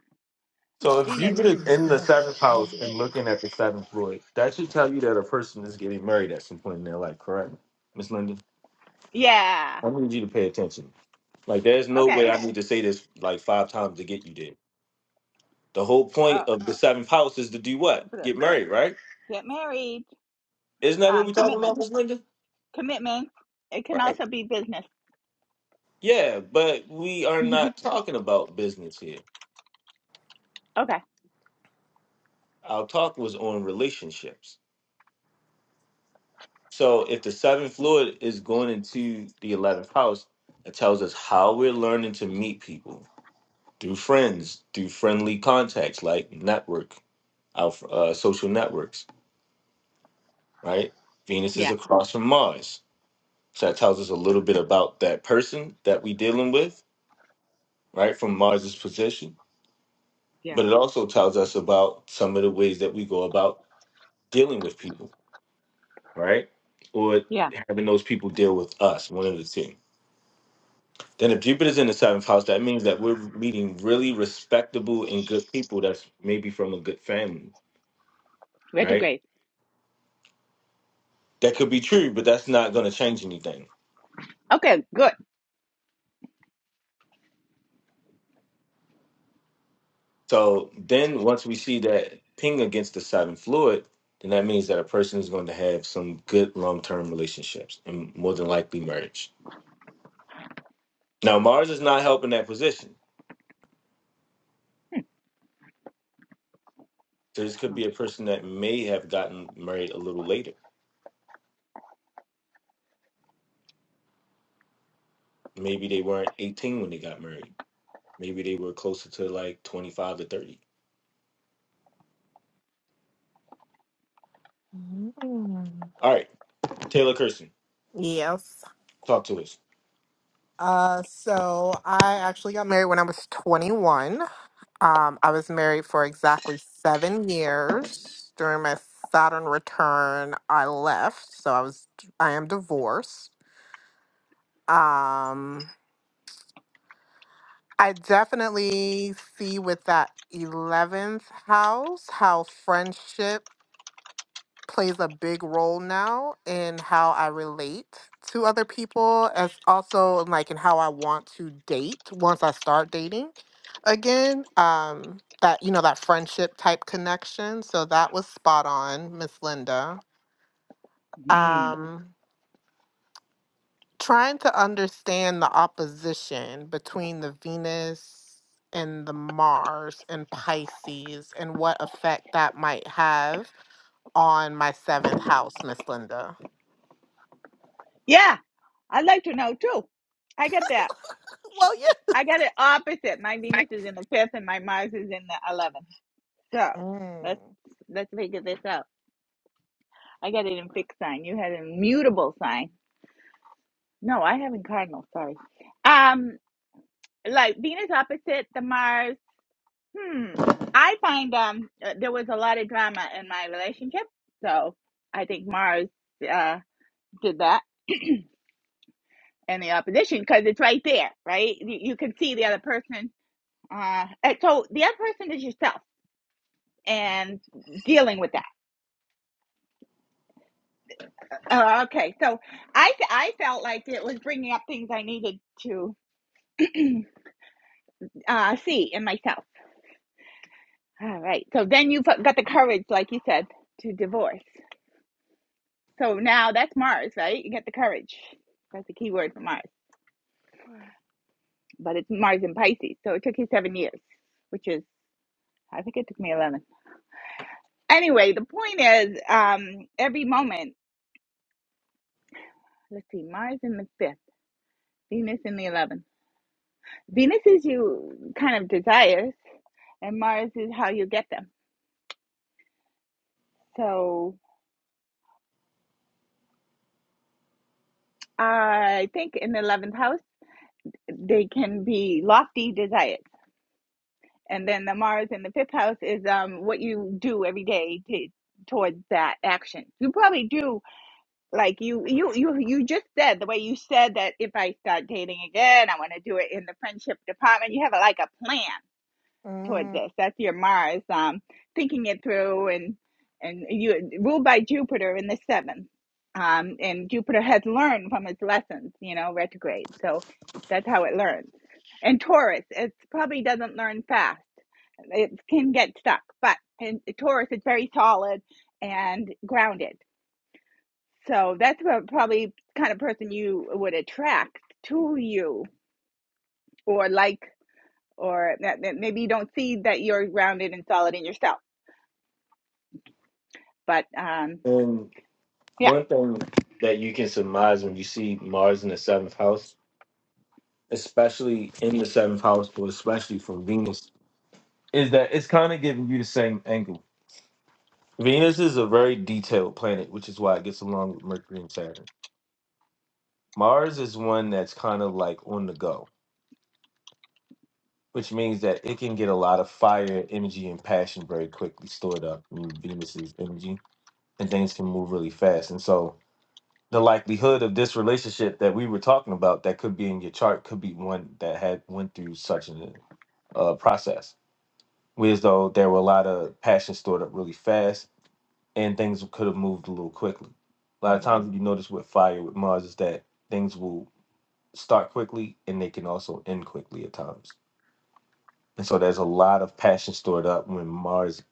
So if
Venus.
Jupiter in the seventh house and looking at the seventh Lord, that should tell you that a person is getting married at some point in their life, correct? Miss Linda,
Yeah.
I need you to pay attention. Like there's no
Okay.
way I need to say this like five times to get you there. The whole
Oh,
point of the seventh house is to do what?
Jupiter.
Get married, right?
Get married.
Isn't that what
Um,
we're talking
commitment.
about, Miss Linda?
Commitment. It can
Right.
also be business.
Yeah, but we are
hmm
not talking about business here.
Okay.
Our talk was on relationships. So if the seventh fluid is going into the eleventh house, it tells us how we're learning to meet people through friends, through friendly contacts like network, our uh, social networks. Right? Venus is
Yeah.
across from Mars, so that tells us a little bit about that person that we dealing with, right? From Mars's position,
Yeah.
but it also tells us about some of the ways that we go about dealing with people, right? Or
Yeah.
having those people deal with us, one of the two. Then if Jupiter is in the seventh house, that means that we're meeting really respectable and good people that's maybe from a good family, right?
Retrograde.
That could be true, but that's not going to change anything.
Okay. Good.
So then once we see that ping against the seventh fluid, then that means that a person is going to have some good long term relationships and more than likely marriage. Now, Mars is not helping that position. So this could be a person that may have gotten married a little later. Maybe they weren't 18 when they got married. Maybe they were closer to like 25 to 30.
Mm.
All right. Taylor Kirsten,
Yes.
talk to us.
Uh, so I actually got married when I was 21. Um, I was married for exactly seven years. During my Saturn return, I left, so I was I am divorced. Um, I definitely see with that 11th house how friendship plays a big role now in how I relate to other people, as also like in how I want to date once I start dating again. Um, that you know that friendship type connection. So that was spot on, Miss Linda.
Mhm.
Um, trying to understand the opposition between the Venus and the Mars and Pisces and what effect that might have on my seventh house, Miss Linda.
Yeah. I'd like to know too. I get that.
Well, yeah.
I got it opposite. My Venus is in the fifth, and my Mars is in the eleventh. So
Mm,
let's let's figure this out. I got it in fixed sign. You had a mutable sign. No, I have in cardinal. Sorry. Um. like Venus opposite the Mars. Hmm. I find um uh, there was a lot of drama in my relationship, so I think Mars uh did that and the opposition because it's right there, right? You, you can see the other person. Uh, and so the other person is yourself and dealing with that. Uh, okay, so I I felt like it was bringing up things I needed to uh see in myself. All right, so then you've got the courage, like you said, to divorce. So now that's Mars, right? You get the courage. That's the key word for Mars. But it's Mars in Pisces. So it took you seven years, which is, I think it took me 11. Anyway, the point is um, every moment, let's see, Mars in the fifth, Venus in the 11th. Venus is you kind of desires, and Mars is how you get them. So I think in the 11th house, they can be lofty desires And then the Mars in the fifth house is um what you do every day to towards that action. You probably do like you you you you just said the way you said that if I start dating again, I want to do it in the friendship department. You have a, like a plan towards
mm,
this. That's your Mars, um, thinking it through and and you ruled by Jupiter in the seventh. Um, and Jupiter has learned from its lessons, you know, retrograde. So that's how it learns. And Taurus, it probably doesn't learn fast. It can get stuck, but in Taurus, it's very solid and grounded. So that's what probably kind of person you would attract to you or like or that, that maybe you don't see that you're grounded and solid in yourself But um,
And
yeah,
one thing that you can surmise when you see Mars in the seventh house, especially in the seventh house, but especially from Venus, is that it's kind of giving you the same angle. Venus is a very detailed planet, which is why it gets along with Mercury and Saturn. Mars is one that's kind of like on the go, which means that it can get a lot of fire, energy, and passion very quickly stored up in Venus's energy, and things can move really fast. And so the likelihood of this relationship that we were talking about that could be in your chart could be one that had went through such a uh, process. Whereas though there were a lot of passions stored up really fast and things could have moved a little quickly. A lot of
mhm.
times you notice with fire with Mars is that things will start quickly and they can also end quickly at times. And so there's a lot of passion stored up when Mars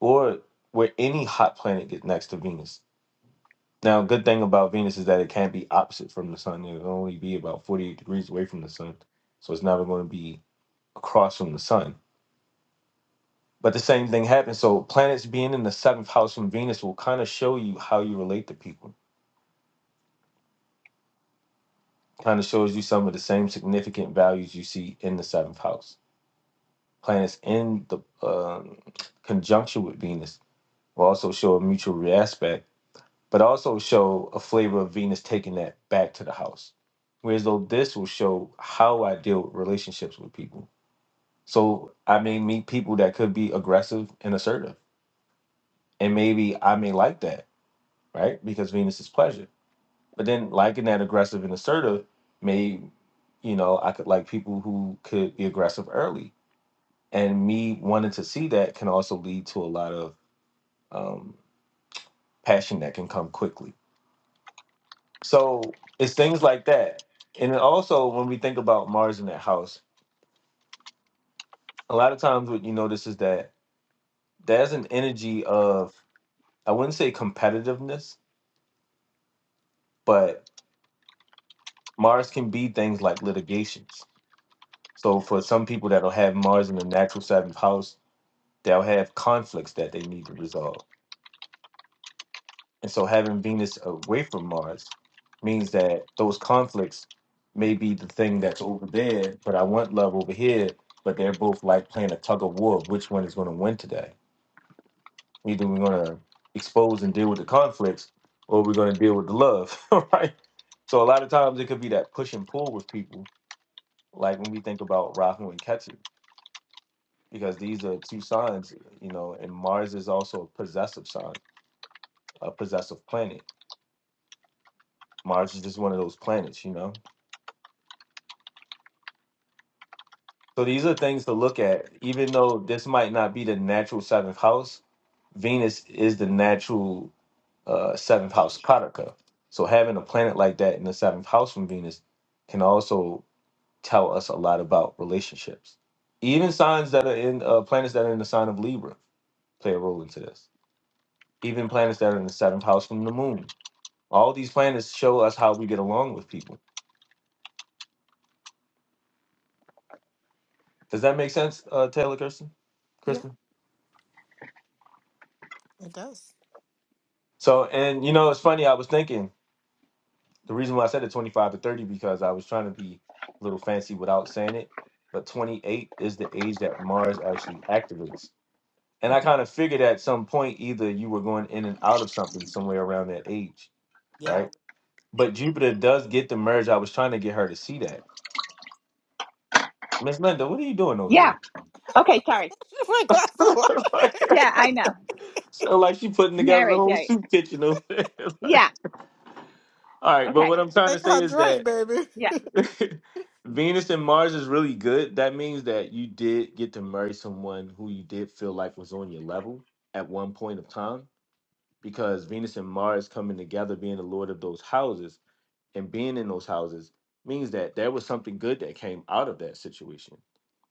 or where any hot planet gets next to Venus Now, good thing about Venus is that it can't be opposite from the sun. It'll only be about 48 degrees away from the sun. So it's never going to be across from the sun. But the same thing happens. So planets being in the seventh house from Venus will kind of show you how you relate to people. Kind of shows you some of the same significant values you see in the seventh house. Planets in the um conjunction with Venus will also show a mutual aspect but also show a flavor of Venus taking that back to the house. Whereas though this will show how I deal with relationships with people. So I may meet people that could be aggressive and assertive. And maybe I may like that, right? Because Venus is pleasure. But then liking that aggressive and assertive may, you know, I could like people who could be aggressive early. And me wanting to see that can also lead to a lot of um, passion that can come quickly So it's things like that. And then also when we think about Mars in that house, a lot of times what you notice is that there's an energy of I wouldn't say competitiveness, but Mars can be things like litigations. So for some people that'll have Mars in the natural seventh house, they'll have conflicts that they need to resolve And so having Venus away from Mars means that those conflicts may be the thing that's over there, but I want love over here, but they're both like playing a tug of war of which one is going to win today. Either we're going to expose and deal with the conflicts or we're going to deal with the love, right? So a lot of times it could be that push and pull with people, like when we think about Rahu and Ketu, because these are two signs, you know, and Mars is also a possessive sign, a possessive planet. Mars is just one of those planets, you know? So these are things to look at. Even though this might not be the natural seventh house, Venus is the natural uh, seventh house karaka. So having a planet like that in the seventh house from Venus can also tell us a lot about relationships. Even signs that are in uh, planets that are in the sign of Libra play a role into this. Even planets that are in the seventh house from the moon. All these planets show us how we get along with people. Does that make sense, uh, Taylor Kirsten?
Yeah,
Kristen?
it does.
So, and you know, it's funny. I was thinking The reason why I said the 25 to 30 because I was trying to be a little fancy without saying it, but 28 is the age that Mars actually activates. And I
Mm,
kind of figured at some point either you were going in and out of something somewhere around that age,
Yeah.
right? But Jupiter does get the merge. I was trying to get her to see that. Miss Linda, what are you doing over
yeah.
there?
Okay, sorry.
My glass of water.
Like,
Yeah, I know.
so like she putting together the
Marriage.
whole
Yeah,
soup kitchen over there. like,
yeah.
all right, but
Okay,
what I'm trying to
Make
say
her
is that
drink, baby.
yeah.
Venus and Mars is really good. That means that you did get to marry someone who you did feel like was on your level at one point of time because Venus and Mars coming together, being the lord of those houses and being in those houses means that there was something good that came out of that situation.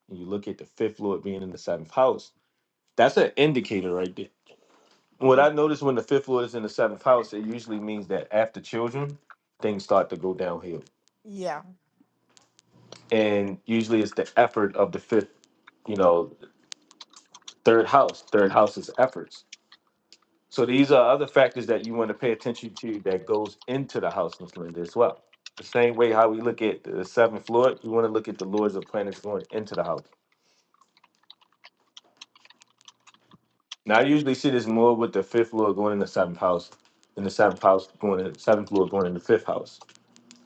And you look at the fifth lord being in the seventh house, that's an indicator right there. What
Mhm.
I noticed when the fifth lord is in the seventh house, it usually means that after children, things start to go downhill
Yeah.
and usually it's the effort of the fifth you know third house third house is efforts so these are other factors that you want to pay attention to that goes into the house of splendor as well the same way how we look at the seventh lord we want to look at the lords of planets going into the house now i usually see this more with the fifth lord going in the seventh house and the seventh house going in the seventh lord going in the fifth house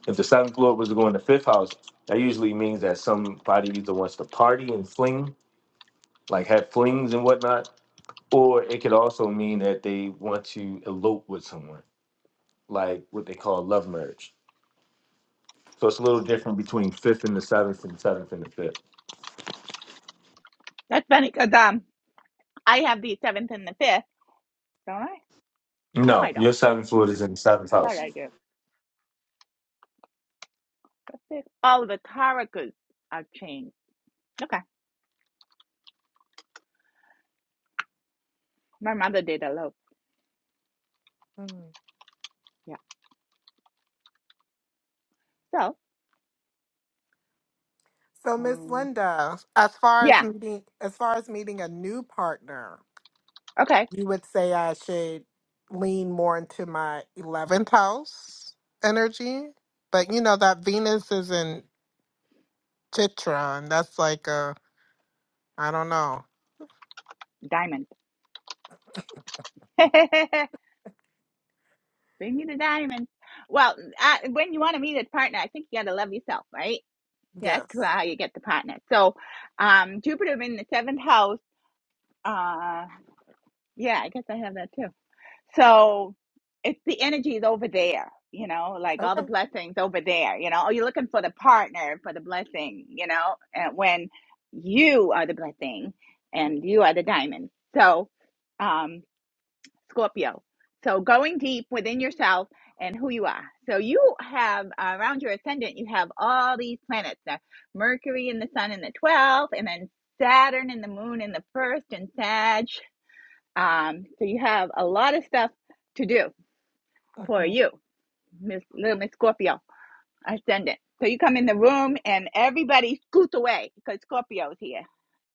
if the seventh lord was going in the fifth house that usually means that somebody either wants to party and fling like have flings and whatnot Or it could also mean that they want to elope with someone, like what they call love marriage. So it's a little different between fifth and the seventh and seventh and the fifth.
That's funny because um, I have the seventh and the fifth, don't I? No, I
No,
don't.
your seventh lord is in the seventh
I thought
house.
I do. But the- All of the tarakas are changed. Okay, my mother did a low.
mhm.
Yeah. So
So, Miss
um,
Linda, as far as
yeah.
meeting, as far as meeting a new partner,
Okay,
you would say I should lean more into my 11th house energy. But you know, that Venus is in Chitron. That's like a, I don't know.
diamond. Bring me the diamond. Well, uh, when you want to meet a partner, I think you got to love yourself, right? That's
Yes.
how you get the partner. So, um, Jupiter in the seventh house uh yeah i guess i have that too so it's the energy is over there you know like all the
Okay.
blessings over there you know oh you're looking for the partner for the blessing you know and when you are the blessing and you are the diamond so um scorpio so going deep within yourself and who you are so you have uh, around your ascendant you have all these planets the mercury and the sun in the 12th and then saturn and the moon in the first and sag um, so you have a lot of stuff to do for
Mm-hmm.
you, Miss Little Miss Scorpio Ascendant. So you come in the room and everybody scoot away because Scorpio's here.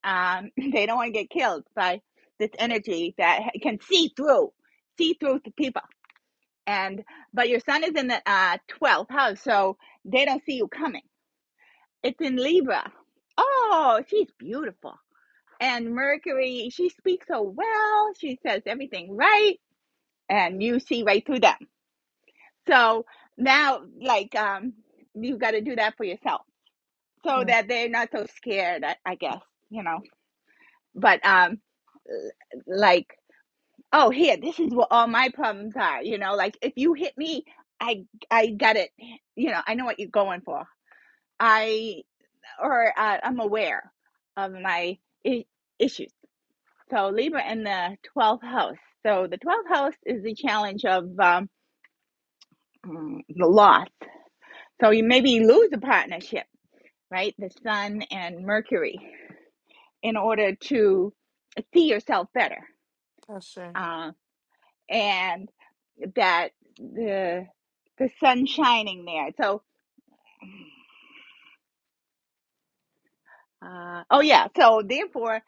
Um, they don't want to get killed by this energy that ha- can see through, see through the people. And but your sun is in the uh, 12th house, so they don't see you coming. It's in Libra. Oh, she's beautiful. And Mercury, she speaks so well. She says everything right and you see right through them. So now, like, um, you got to do that for yourself so
mm
that they're not so scared, I, I guess, you know. But, um, l- like, oh, here, this is what all my problems are, you know. Like, if you hit me, I, I got it, you know, I know what you're going for. I, or uh, I'm aware of my I- issues. So, Libra in the 12th house. So, the 12th house is the challenge of um, mm, the loss. So, you maybe lose a partnership right? The sun and Mercury in order to see yourself better.
That's sure.
Uh, and that the the sun shining there. So, uh, oh yeah. So therefore,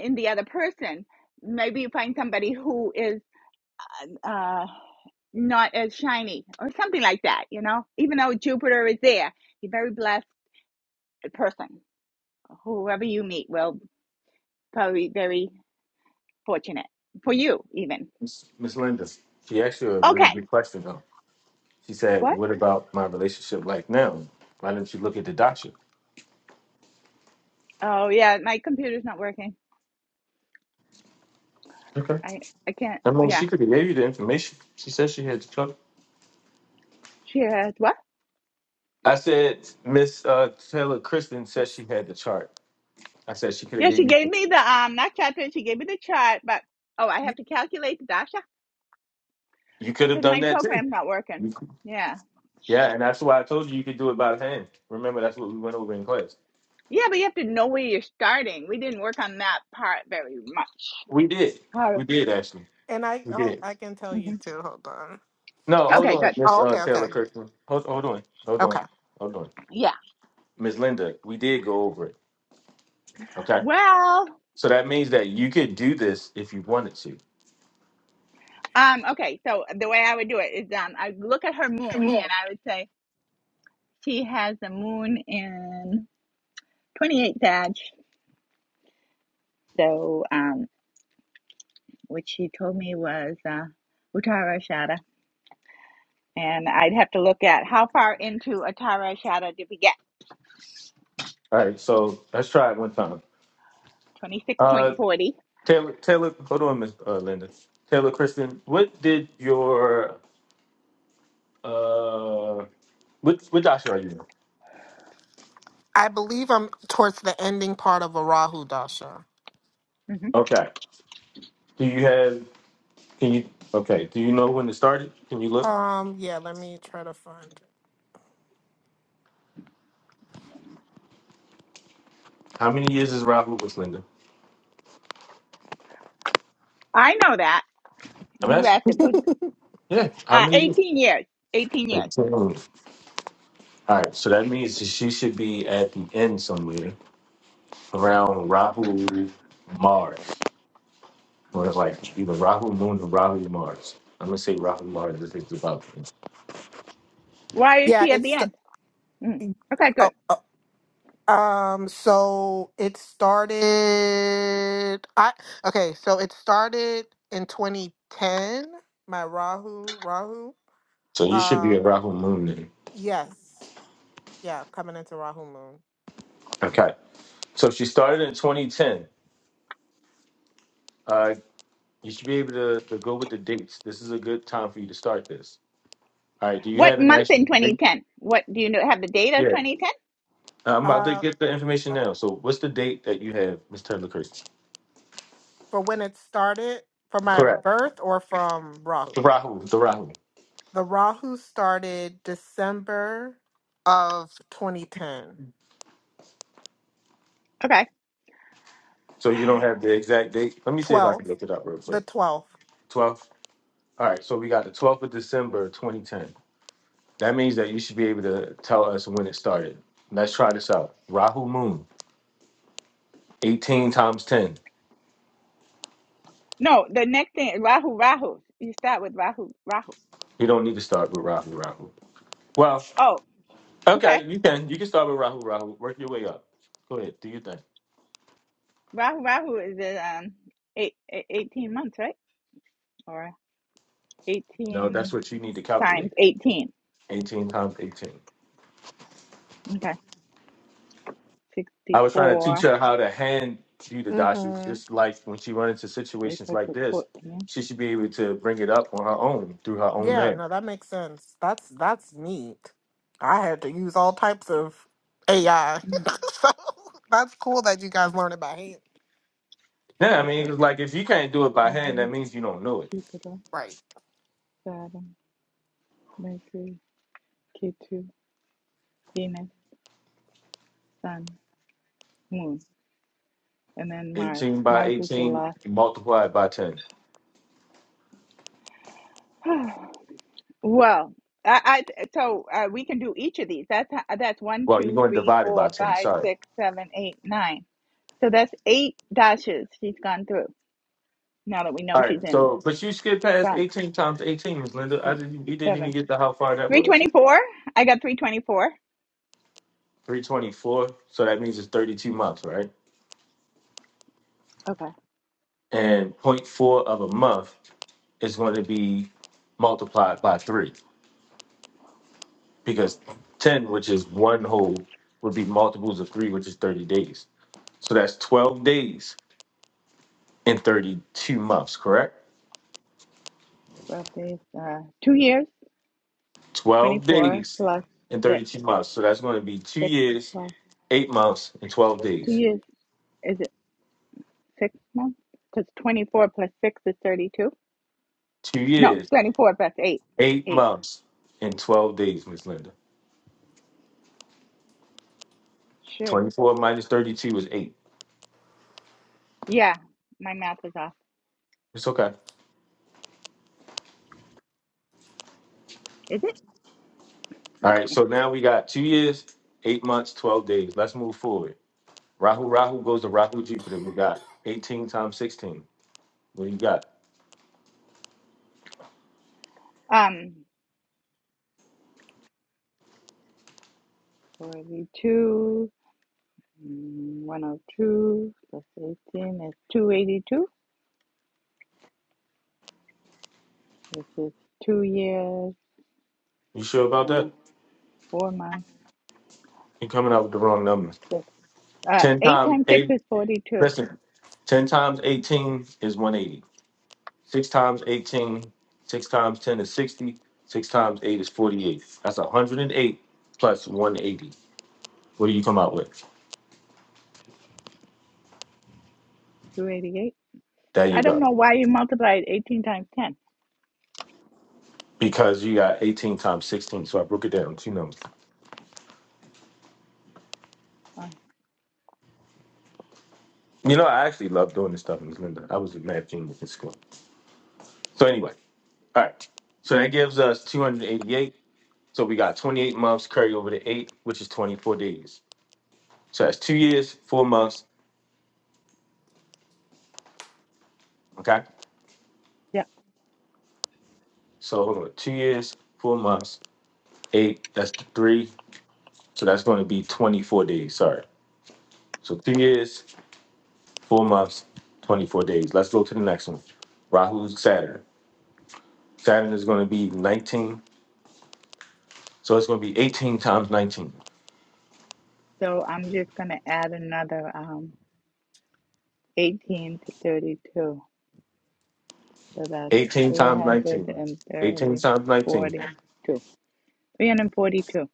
in the other person, maybe you find somebody who is uh, not as shiny or something like that. You know, even though Jupiter is there, you're very blessed person. Whoever you meet will probably be very fortunate for you, even.
Miss Miss Linda, she asked you a really
Okay,
good question though. She
what?
said, What about my relationship like now? Why didn't you look at the doctor?
Oh yeah, my computer's not working.
Okay.
I I can't.
I mean,
Yeah,
she could have gave you the information. She said she had the chart.
she had what?
I said, Miss uh, Taylor Kristen said
Yes.
she had the chart. I said she could have
Yeah, she
gave you.
gave me the um not chart pin. She gave me the chart, but oh, I
You-
have to calculate the dasha
You could have
because
done
my
that
program's
too.
not working. Yeah,
Yeah,
shit.
and that's why I told you you could do it by hand. Remember, that's what we went over in class.
Yeah, but you have to know where you're starting. We didn't work on that part very much.
We did.
Oh,
We did actually.
And I
We
hold,
did.
I can tell you
mhm.
too. Hold on.
No, hold
okay,
on,
good.
Miss
Oh,
uh,
okay. Okay.
Taylor Kirkman. Hold, hold on. Hold
Okay.
on. Hold on,
Yeah.
Miss Linda. We did go over it. Okay.
Well,
So that means that you could do this if you wanted to.
um, okay. So the way I would do it is, um, I look at her moon and I would say she has the moon in 28 Sag. So, um. which she told me was uh, Uttara Shada. And I'd have to look at how far into Uttara Shada did we get?
All right. So let's try it one time. Uh,
26.40.
Taylor, Taylor. Hold on, Miss uh, Linda. Taylor Kristen. What did your uh, what what doctor are you in?
I believe I'm towards the ending part of a Rahu Dasha.
hmm
Okay. Do you have? Can you? Okay. Do you know when it started? Can you look?
Um, yeah, let me try to find. it.
How many years is Rahu with Linda?
I know that.
I'm
You
asking.
asked it. Good.
Yeah. How
Uh,
many years?
18 years. 18 years.
Ten. All right. So that means that she should be at the end somewhere around Rahu Mars, or like either Rahu Moon or Rahu Mars. I'm gonna say Rahu Mars. This is about.
Why is
Yeah,
she at the
it's
end? Mm.
the,
Okay, good.
oh, Um, so it started I okay, so it started in 2010, my Rahu Rahu.
So you should be
Uh
at Rahu Moon then.
yes. Yeah, coming into Rahu moon.
Okay. So she started in 2010. Uh, you should be able to, to go with the dates. This is a good time for you to start this. All right. Do you
What
have an
month
actual
in
date?
2010? What do you know? Have the date of
Yeah.
2010?
I'm about to
Uh
get the information now. So, what's the date that you have, Miss Taylor Chris?
for when it started for my
Correct.
birth or from Rahu.
The Rahu, the Rahu.
The Rahu started December of 2010.
Okay.
So you don't have the exact date. Let me see if I
12th,
can look it up real
the
quick.
12th.
12th. All right. So we got the 12th of December, 2010. That means that you should be able to tell us when it started. Let's try this out. Rahu Moon, 18 times 10.
No, the next thing, Rahu, Rahu. You start with Rahu, Rahu.
You don't need to start with Rahu Rahu. Well,
Oh, okay.
okay, you can. You can start with Rahu Rahu. Work your way up. Go ahead. Do your thing.
Rahu, Rahu is uh, um, eight eighteen months, right? or.
No, that's
18
what you need to
times
calculate.
18.
18 times 18.
Okay.
I was trying to teach
64.
her how to hand you the dashes,
Mhm.
just like when she run into
They
situations
put
like
it
this,
14.
she should be able to bring it up on her own through her own
Yes.
Yeah,
merit.
no, that makes sense. That's that's neat. I had to use all types of AI.
Mm.
so that's cool that you guys learn about hand.
Yeah, I mean,
Okay.
it's like if you can't do it by hand, that means you don't know it.
Jupiter,
right?
Saturn, Mercury, K2, Venus, Sun, Moon, and then Mars.
18 by
Mars is the
18,
last.
multiply it by 10.
well, I, I so uh, we can do each of these. That's that's one,
Well, you're
two,
going to
three,
divide it by
four,
10,
five,
sorry.
six, seven, eight, nine. So that's eight dashes she's gone through. Now that we know
All
she's
right,
in
so, but you skipped past
Sun,
18 times 18, Ms. Linda. I
eight,
didn't, you didn't
seven.
even get to how far that was. It's
324? I got 324.
324, so that means it's 32 months, right?
Okay,
And point four of a month is going to be multiplied by three because 10, which is one whole, would be multiples of three, which is 30 days. So that's 12 days in 32 months, correct?
12 days, uh, two years,
12
24
days
plus
in
six,
32 months. So that's going to be two
six
years,
plus
eight months, and 12
two
days.
years. Is it six months? Because 24 plus six is 32.
Two
No,
years,
24 plus 8.
eight
Eight.
months, and 12 days, Miss Linda.
Sure.
24 minus 32 is eight.
Yeah, my math is off.
It's okay.
Is it?
All right. So now we got two years, eight months, 12 days. Let's move forward. Rahu Rahu goes to Rahu Jupiter. We got 18 times 16. What do you got?
Um, 42, mm, 102 plus 18 is 282, which is two years,
You sure about
uh,
that?
four months,
You're coming out with the wrong numbers.
six. Uh,
10
8
times
times 6
8.
is 42,
Listen, 10 times 18 is 180. 6 times 18, 6 times 10 is 60. 6 times 8 is 48. That's 108 plus 180. What do you come out with?
288.
There
I
you
don't
go.
know why you multiplied 18 times 10.
Because you got 18 times 16. So I broke it down, two numbers.
Uh,
You know, I actually love doing this stuff in Linda. I was a mad genius in school. So anyway. All right. So that gives us 288. So we got 28 months carry over to eight, which is 24 days. So that's two years, four months. Okay.
yeah,
So hold on. Two years, four months, eight. That's three. So that's going to be 24 days. Sorry. So two years, four months, 24 days. Let's go to the next one. Rahu's Saturn. Saturn is going to be 19. So it's going to be 18 times 19.
so I'm just going to add another um, 18 to 32. So that's
18
three
times
hundred
19.
and
18 times 19.
342.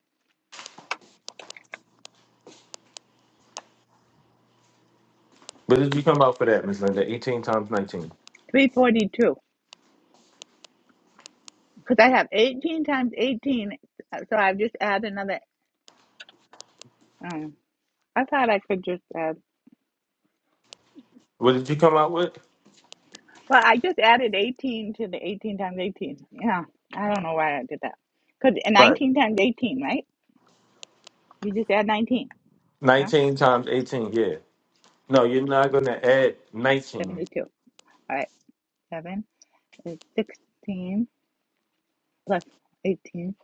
What did you come out for that, Miss Linda? 18 times 19.
342. Because I have 18 times 18. uh, So I've just added another. Um, I thought I could just add.
What did you come out with?
Well, I just added 18 to the 18 times 18. Yeah, I don't know why I did that. Because
Right.
19 times 18, right? You just add 19. No?
19 times 18, yeah. No, you're not going to add 19.
72. All right, 7 is 16 plus 18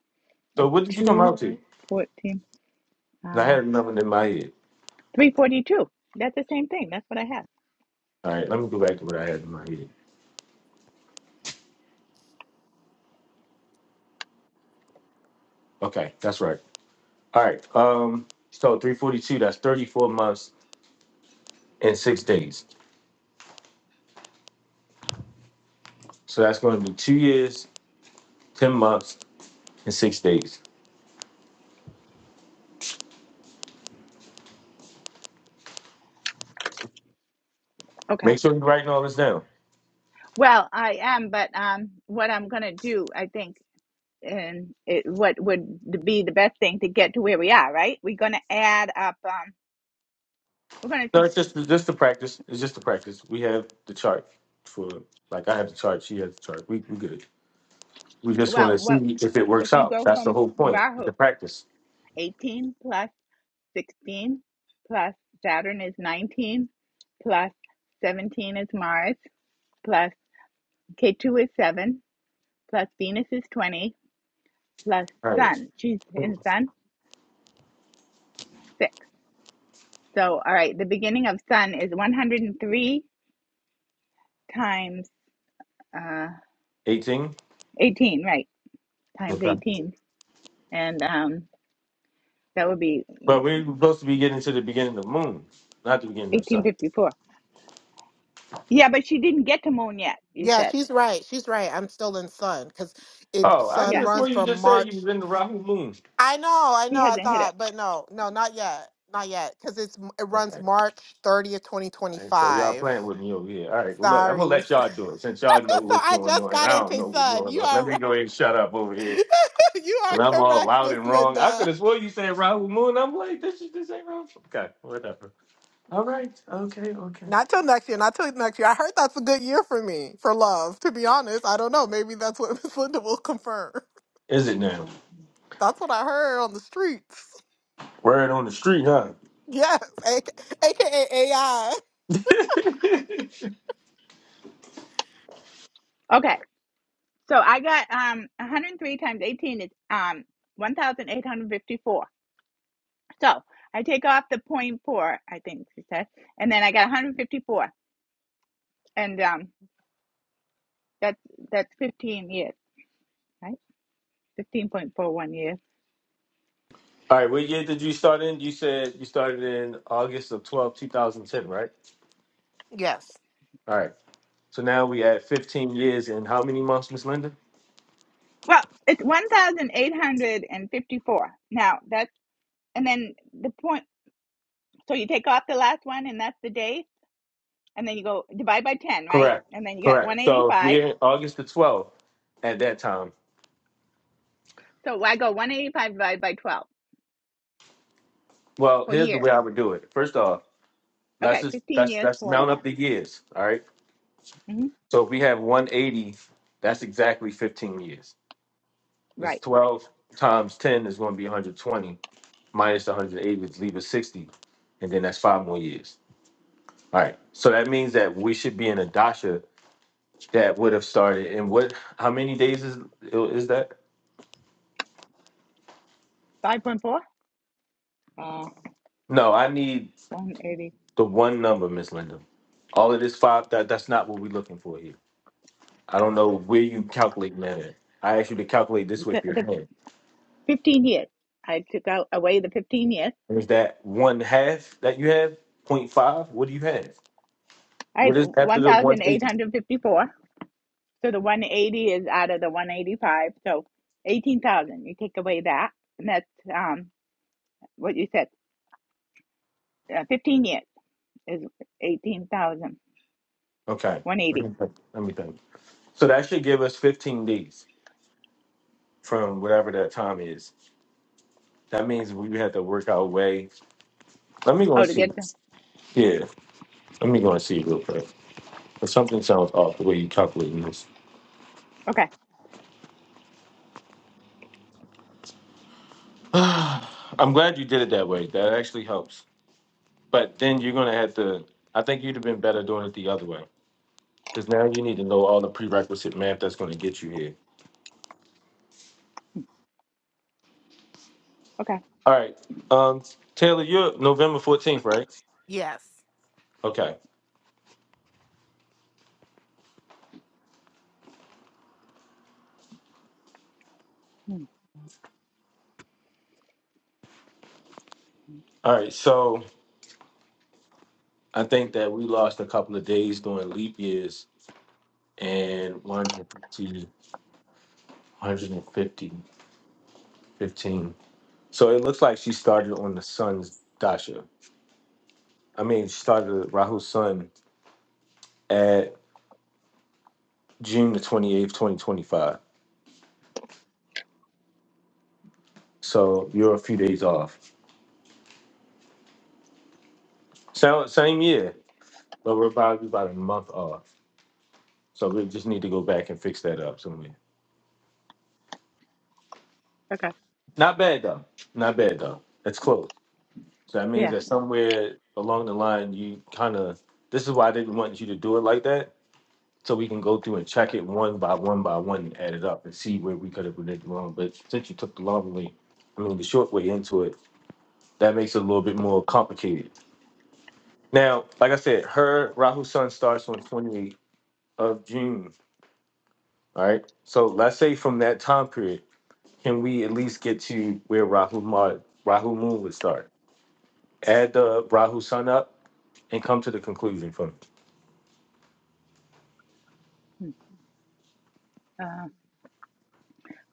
is
So what did you come
2,
out to?
14,
I
uh,
had another in my head.
342. That's the same thing. That's what I had.
All right, let me go back to what I had in my head. Okay, that's right. All right, um, so 342, that's 34 months and six days. So that's going to be two years, 10 months, and six days.
Okay.
Make sure you're writing all this down.
Well, I am, but um, what I'm going to do, I think, and it, what would be the best thing to get to where we are, right? We're going to add up, um, we're going
No,
to,
it's just, just the practice. It's just the practice. We have the chart for, like, I have the chart. She has the chart. We, we good. We just want to
well, what
see if it
If
works
you
out.
go
That's the
from
whole point. The
Rahu,
practice.
18 plus 16 plus Saturn is 19 plus 17 is Mars plus K2 is 7 plus Venus is 20 plus
All right.
Sun. She's in Sun 6. So, all right, the beginning of Sun is 103 times uh,
18.
18, right? Times
Okay.
18. And um, that would be
But
mm,
we're supposed to be getting to the beginning of the moon, not the beginning of the sun.
1854. Yeah, but she didn't get to Moon yet, you
Yeah,
said.
she's right. She's right. I'm still in sun because it
Oh, I
sun
could
Yeah,
have
runs
sworn you
from
just said you
March.
was in the Rahu moon.
I know, I
she
know. I
hasn't hit
thought, but no, no, not yet, not yet, because it's it runs
Okay.
March 30th,
All right, so y'all
2025.
playing with me over here. All right. Well, look, I'm gonna
Sorry,
let y'all do it since y'all know
so
what's
I
going
just
on. and
got
I don't
into
know what's
sun.
going
You
on. Let
are
me
right.
go ahead and shut up over here.
you
And I'm
are
all
correct,
loud
Miss
and wrong. I could
Linda.
have sworn you said Rahu moon. I'm like, this is this ain't Rahu. Okay, whatever. All right. Okay. Okay.
Not till next year. Not till next year. I heard that's a good year for me for love. To be honest, I don't know. Maybe that's what Miss Linda will confirm.
Is it now?
it.
That's what I heard on the streets.
Word on the street, huh?
Yes, AK, aka AI.
Okay, so I got um 103 times 18 is um 1,854. So I take off the point four, I think she said, and then I got 154, and um that's that's 15 years, right? 15.41 years.
All right, what year did you start in? You said you started in August of 12, 2010, right?
Yes,
All right. So now we at 15 years and how many months, Miss Linda?
Well, it's 1,854. Now that's and then the point. So you take off the last one, and that's the day, and then you go divide by 10, right?
Correct.
And then you get
Correct. So if
185.
we're in August the 12th at that time.
So I go 185 divided by 12
Well,
for
here's the way
years.
I would do it. First off, let's
Okay,
just
15
that's
years,
that's mount
41.
up the years. All right.
hmm
So if we have 180, that's exactly 15 years. It's
Right.
12 times 10 is going to be 120. minus 180 would leave us 60, and then that's five more years. All right. So that means that we should be in a dasha that would have started in what? How many days is is that?
5.4, uh,
No, I need
180.
the one number, Miss Linda. All of this five. That that's not what we're looking for here. I don't know where you calculate that. At. I asked you to calculate this
You
with
said
your
the
hand.
15 years. I took out away the 15 years.
Is that one half that you have? Point five? What do you have?
I
What
had
is after the 180?
1,854. So the 180 is out of the 185. So 18,000. You take away that. And that's um, what you said. Uh, 15 years is 18,000.
Okay. Let
180.
me think. Let me think. So that should give us 15 days. from whatever that time is. That means we had to work our way. Let me go
Oh,
and
to
see.
get the.
this. Yeah, let me go and see real quick. 'Cause something sounds off the way you are calculating this.
Okay.
I'm glad you did it that way. That actually helps. But then you're gonna have to. I think you'd have been better doing it the other way because now you need to know all the prerequisite math that's gonna get you here.
Okay.
All right, um, Taylor, you're November 14th, right?
yes.
Okay.
Hmm,
All right. So I think that we lost a couple of days during leap years and 150. 150, 15. So it looks like she started on the sun's dasha. I mean, she started Rahu's sun at June the 28th, 2025. So you're a few days off. So, same year, but we're about, we're about a month off. So we just need to go back and fix that up somewhere.
Okay.
Not bad, though. Not bad, though. It's close. So that means
Yeah.
that somewhere along the line, you kind of, this is why I didn't want you to do it like that so we can go through and check it one by one by one and add it up and see where we could have been wrong. But since you took the long way, I mean the short way into it, that makes it a little bit more complicated. Now, like I said, her Rahu Sun starts on 28th of June. All right. So let's say from that time period, can we at least get to where Rahu Mar Rahu Moon would start? Add the Rahu Sun up and come to the conclusion from it.
Hmm. Uh,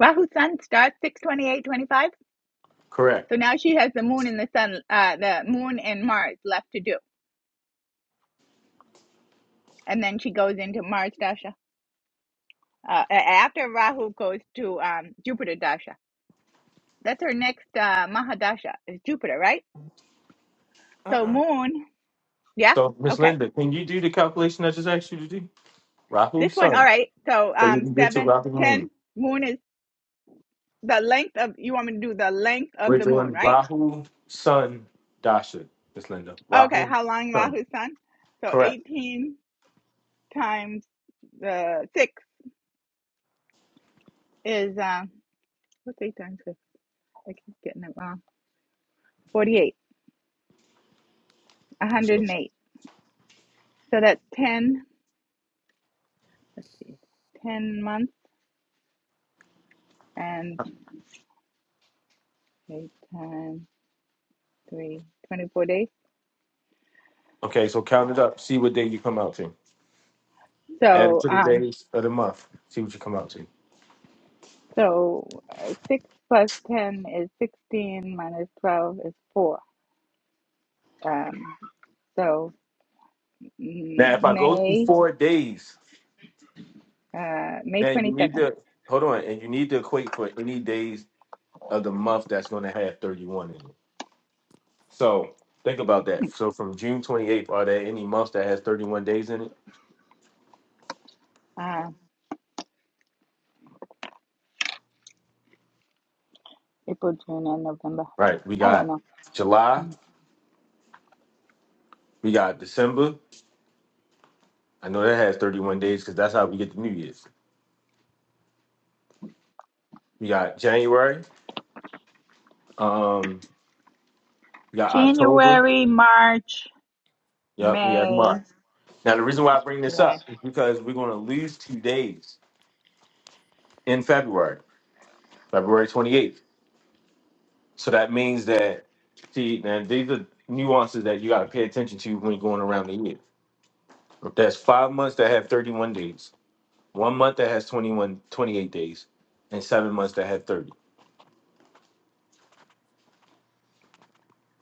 Rahu Sun starts 628.25.
Correct.
So now she has the moon and the sun, uh, the moon and Mars left to do, and then she goes into Mars Dasha. Uh, after Rahu goes to um, Jupiter Dasha. That's her next uh, Mahadasha is Jupiter, right? So
Mm-mm.
moon, yeah,
So Miss
okay.
Linda, can you do the calculation I just asked you to do? Rahu
This one, all
Sun.
right. So
So we
um,
can get to
seven,
Rahu Moon.
ten. Moon is the length of. You want me to do the length of
We're
the moon,
doing
right?
Rahu Sun Dasha, Miss Linda.
Okay.
Rahu
How long
Sun.
Rahu's sun? So
Correct.
eighteen times the six is um, what's eight times six? I keep getting it wrong. Forty-eight.
That's it.
108. So that's 10, Let's see. 10 months and 8 times 3, twenty-four days.
Okay, so count it up. See what day you come out to. Add it
So,
to the
um,
days of the month. See what you come out to.
so uh, 6 plus 10 is 16 minus 12 is 4. Um, so mm,
Now, if I go through
May,
four days,
uh, May
man, you need
22nd,
to hold on, and you need to equate for any days of the month that's going to have thirty-one in it. So think about that. So from June twenty-eighth, are there any months that has thirty-one days in it?
uh, April, June, and November.
Right. We
I don't
got
know.
July.
Mm.
We got December. I know that has 31 days because that's how we get the New Year's. We got January, um, we got October,
January, March,
yep, we have
May,
March. Now, the reason why I bring this
July.
up is because we're going to lose two days in February, February 28th. So that means that, see, now these are nuances that you got to pay attention to when going around the year. That's five months that have 31 days, one month that has 21, 28 days, and seven months that have 30.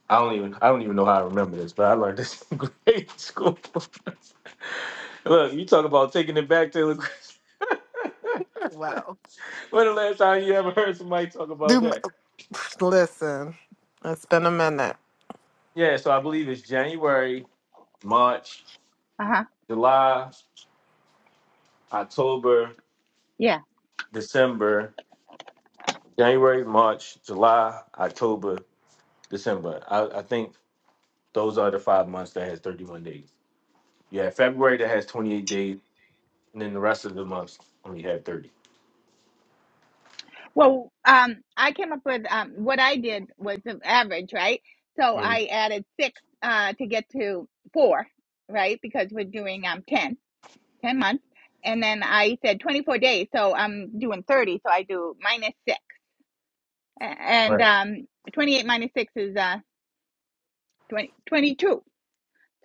I don't even I don't even know how I remember this, but I learned this in grade school. Look, you talk about taking it back to the.
Wow.
when the last time you ever heard somebody talk about
Do
that?
listen. It's been a minute.
Yeah, so I believe it's January, March,
Uh huh.
July, October,
Yeah.
December. January, March, July, October, December. I, I think those are the five months that has 31 days. Yeah, February that has 28 days, and then the rest of the months only had 30.
Well, um, I came up with um, what I did was an average, right? So I
Mhm.
added six uh, to get to four, right? Because we're doing um 10, 10 months. And then I said 24 days. So I'm doing 30. So I do minus six. A- And um, 28 minus six is uh, 20 22.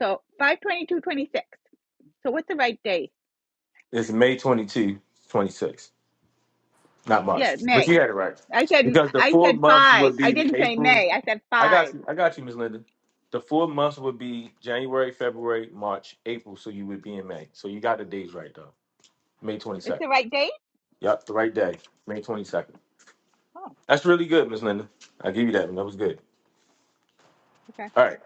So 5 22 26. So what's the right day?
It's May 22, 26, not March.
Yeah,
But
May.
you had it right
I said
because the
I
four
said
months
five.
would
I
be
didn't say
April.
May. I said
I got
five.
you. I got you, Miss Linda. The four months would be January, February, March, April. So you would be in May. So you got the days right though. May
It's
22nd.
the right date?
Yep, the right day. May 22nd.
Oh,
That's really good, Miss Linda. I give you that one. That was good.
okay.
All right.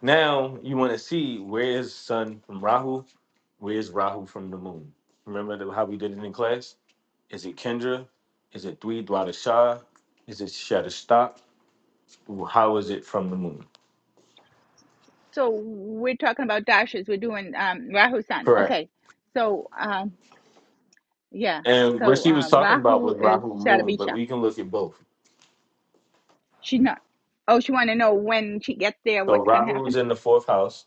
Now you want to see where is Sun from Rahu, where is Rahu from the Moon. Remember the- how we did it in class? Is it Kendra? Is it Dwi Dwada Shah? Is it Shatter How is it from the moon?
so we're talking about dashes. We're doing um, Rahu Sun.
Correct.
Okay. So um, yeah.
And what
So
she was
um,
talking about
Rahu
was
is
Rahu Moon, but
Sarabisha.
we can look at both.
She's not. Oh, she want to know when she gets there,
So
what's gonna
Rahu is
happen?
in the fourth house,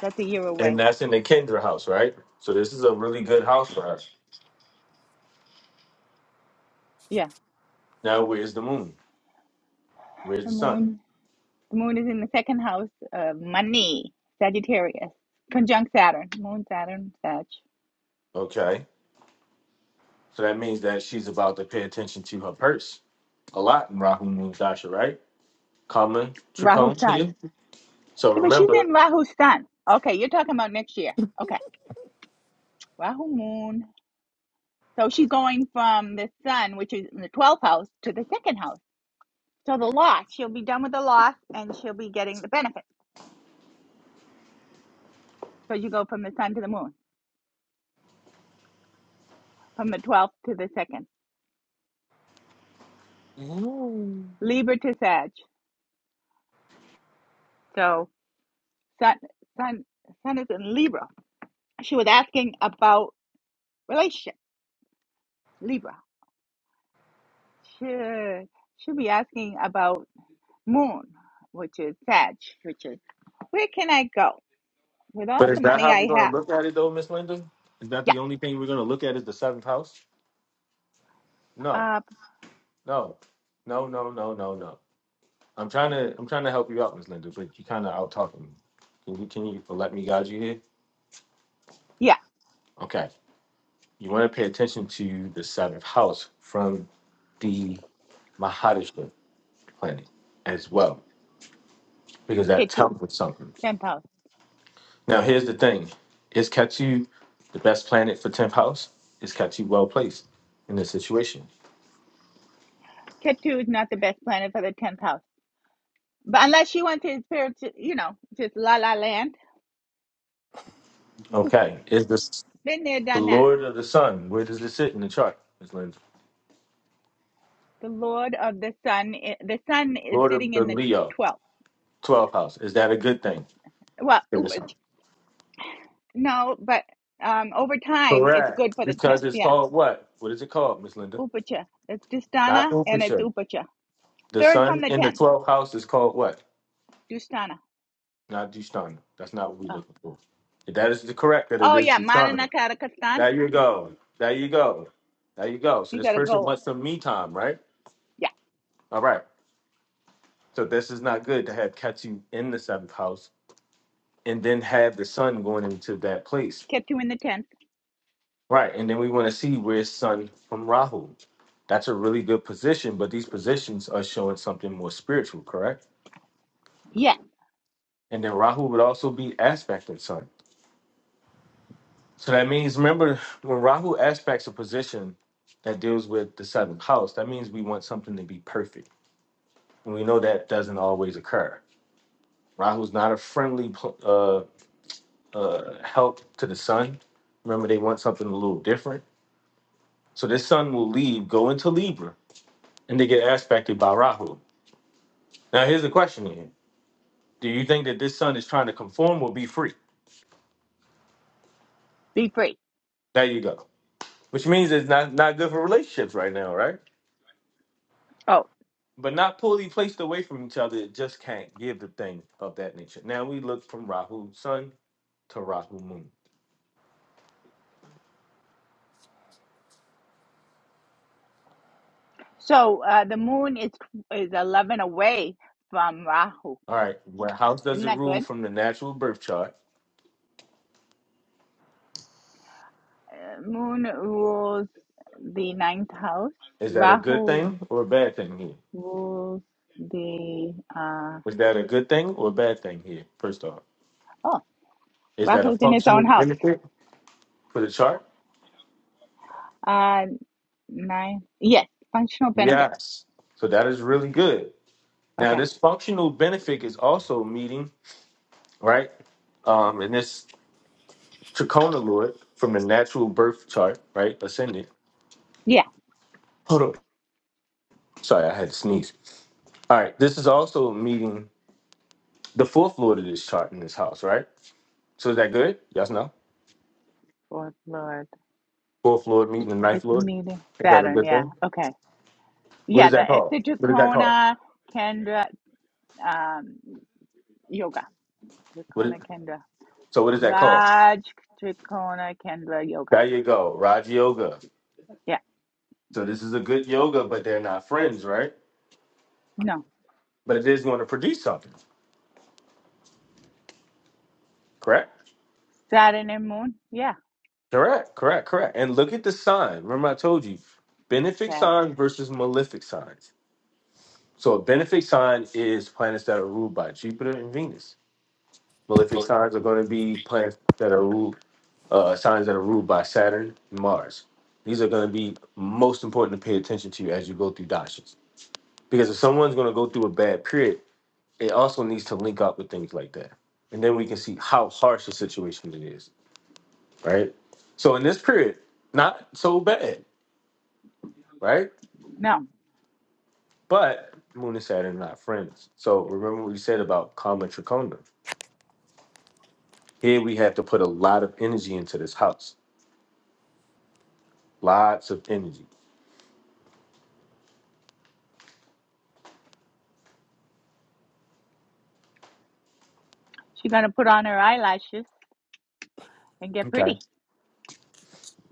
That's a year
and
away.
that's in the Kendra house, right? So this is a really good house for her.
Yeah.
Now, where's the moon? Where's
The
the sun?
moon. The moon is in the second house of money, Sagittarius, conjunct Saturn, Moon Saturn, Sag,
Okay. So that means that she's about to pay attention to her purse a lot in Rahu Moon Dasha, right? Common
Rahu
Tricone
Sun.
here. So
Yeah, but she's
remember,
in Rahu Sun. Okay, you're talking about next year. Okay. Rahu Moon. So she's going from the sun, which is in the 12th house, to the second house. So the loss, she'll be done with the loss and she'll be getting the benefit. So you go from the sun to the moon, from the 12th to the second.
Mm.
Libra to Sag. So sun, sun, sun is in Libra. She was asking about relationship, Libra. She, she'll be asking about moon, which is Sag, which is where can I go with all
But is
the
that
money
how we're
I
going
have?
to look at it, though, Miss Linda? Is that
Yeah,
the only thing we're going to look at is the seventh house? No,
uh,
no, no, no, no, no, no. I'm trying to, I'm trying to help you out, Miss Linda, but you kind of out talking me. Can you, can you let me guide you here?
yeah,
Okay, you want to pay attention to the seventh house from the Mahadishta planet as well, because that
K2,
tells us something.
10,000.
Now, here's the thing: Is Ketu the best planet for tenth house? Is Ketu well placed in this situation?
Cat 2 is not the best planet for the 10th house. But unless you want to spirit, you know, just la la land.
Okay, is this?
Been there,
The
done that.
Lord of the Sun. Where does this sit in the chart? It's like
The Lord of the Sun, i- the Sun is
Lord of
sitting
the
in the
Leo,
12th.
12th house. Is that a good thing
Well,
for this
Upach.
house?
No, but um, over time, it's
Correct.
good for the
Because
10th.
it's
Yeah.
called what? What is it called, Miss Linda?
Upacha. It's
Not
Dustana and it's
Upisha.
Upacha.
The
Third from
sun
the
in the
10th.
12th house is called what?
Dustana.
Not Dushtana. That's not what we're
Oh,
looking for. If that is the correct, that it
oh
is
yeah. Marana
Dushtana.
Karakastan.
There you go. There you go. There you go. So
You
this
got to
person
go.
wants some me time, right?
Yeah.
All right. So this is not good to have Ketu in the seventh house and then have the sun going into that place.
Ketu in the 10th.
Right, and then we want to see where's Sun from Rahu. That's a really good position, but these positions are showing something more spiritual, correct?
Yeah.
And then Rahu would also be aspecting Sun. So that means, remember, when Rahu aspects a position that deals with the seventh house, that means we want something to be perfect. And we know that doesn't always occur. Rahu's not a friendly pl- uh, uh, help to the Sun. Remember, they want something a little different. So this Sun will leave, go into Libra, and they get aspected by Rahu. Now, here's the question here. Do you think that this son is trying to conform or be free?
Be free.
There you go. Which means it's not, not good for relationships right now, right?
Oh.
But not poorly placed away from each other, it just can't give the thing of that nature. Now we look from Rahu sun to Rahu moon.
So uh, the moon is is eleven away from Rahu.
All right, where house does
Isn't
it
that
rule
good?
from the natural birth chart?
Uh, moon rules the ninth house.
Is that a good
Rahu
thing or a bad thing here?
rules the uh,
Is that a good thing or a bad thing here, first off?
oh,
Is that a
Rahu's in its
functional
own house.
benefit for the chart?
Uh, nine. Yes, functional benefit.
Yes. So that is really good. Now,
Okay.
this functional benefic is also meeting, right? Um, and this Trachona Lord from the natural birth chart, right? Ascendant.
Yeah.
Hold on. Sorry, I had to sneeze. All right. This is also meeting the fourth Lord of this chart in this house, right? So is that good? Yes, no?
Fourth Lord.
Fourth Lord meeting the
It's
ninth Lord?
meeting
Is that a
Saturn.
good
Yeah.
thing?
Okay.
What
Yeah.
is
The
that
it's
called?
the
What is that called?
Dracona Kendra um, yoga.
What is,
Dracona Kendra.
so what is that called?
Raj, Trikona, Kendra, Yoga.
There you go. Raj Yoga.
Yeah.
So this is a good yoga, but they're not friends, right?
No.
But it is going to produce something, correct?
Saturn and Moon. Yeah.
Correct, correct, correct. And look at the sign. Remember, I told you benefic
Sag.
signs versus malefic signs. So, a benefic sign is planets that are ruled by Jupiter and Venus. Malefic
Mhm.
signs are going to be planets that are ruled, uh, signs that are ruled by Saturn and Mars. These are going to be most important to pay attention to as you go through dashas. Because if someone's going to go through a bad period, it also needs to link up with things like that. And then we can see how harsh a situation it is, right? So, in this period, not so bad, right?
No.
But Moon and Saturn are not friends. So remember what we said about Karma Trikona. Here we have to put a lot of energy into this house. Lots of energy.
She gonna put on her eyelashes and get
Okay.
pretty.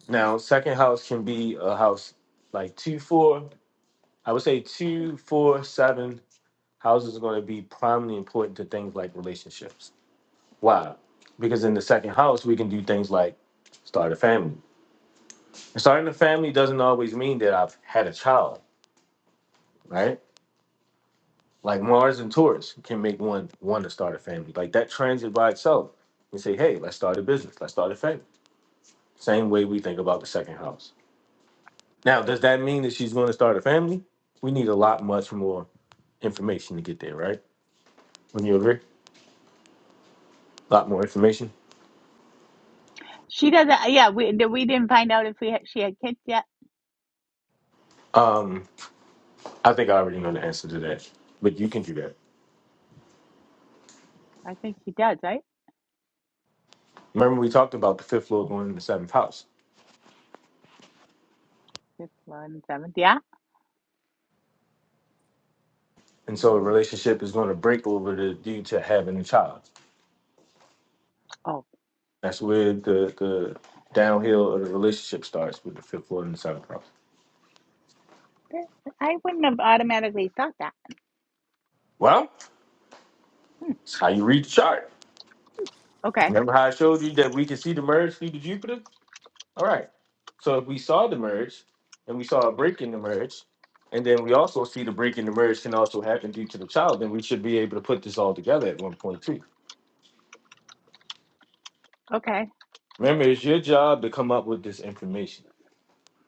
Now, second house can be a house like two, four. I would say two, four, seven houses are going to be primarily important to things like relationships. Why? Because in the second house, we can do things like start a family. And starting a family doesn't always mean that I've had a child, right? Like Mars and Taurus can make one want to start a family. Like that transit by itself you say, hey, let's start a business, let's start a family. Same way we think about the second house. Now, does that mean that she's going to start a family? We need a lot much more information to get there, right? Wouldn't you agree? A lot more information.
She doesn't. Yeah. We we didn't find out if we had, she had kids yet.
Um, I think I already know the answer to that, but you can do that.
I think she does, right?
Remember, we talked about the fifth floor going in the seventh house,
Fifth, one, seventh. Yeah.
and so a
Mm.
relationship is going to break over to, due to having a child.
Oh,
That's where the the downhill of the relationship starts with the fifth floor and the seventh house.
I wouldn't have automatically thought that.
Well,
Hmm.
it's how you read the chart.
Okay.
Remember how I showed you that we can see the merge through the Jupiter? All right. So if we saw the merge and we saw a break in the merge, and then we also see the break in the merge can also happen due to the child, then we should be able to put this all together at one point too.
Okay.
Remember, it's your job to come up with this information.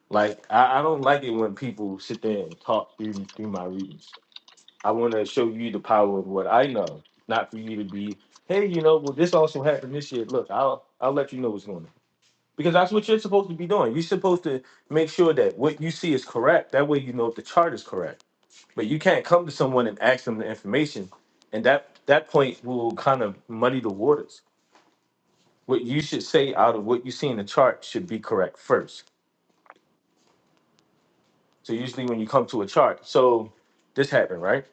Like I, I don't like it when people sit there and talk through through my readings. I want to show you the power of what I know, not for you to be, hey, you know, well, this also happened this year. Look, I'll I'll let you know what's going on because that's what you're supposed to be doing. You're supposed to make sure that what you see is correct. That way, you know if the chart is correct. But you can't come to someone and ask them the information, and that that point will kind of muddy the waters. What you should say out of what you see in the chart should be correct first. So usually when you come to a chart, so this happened, right?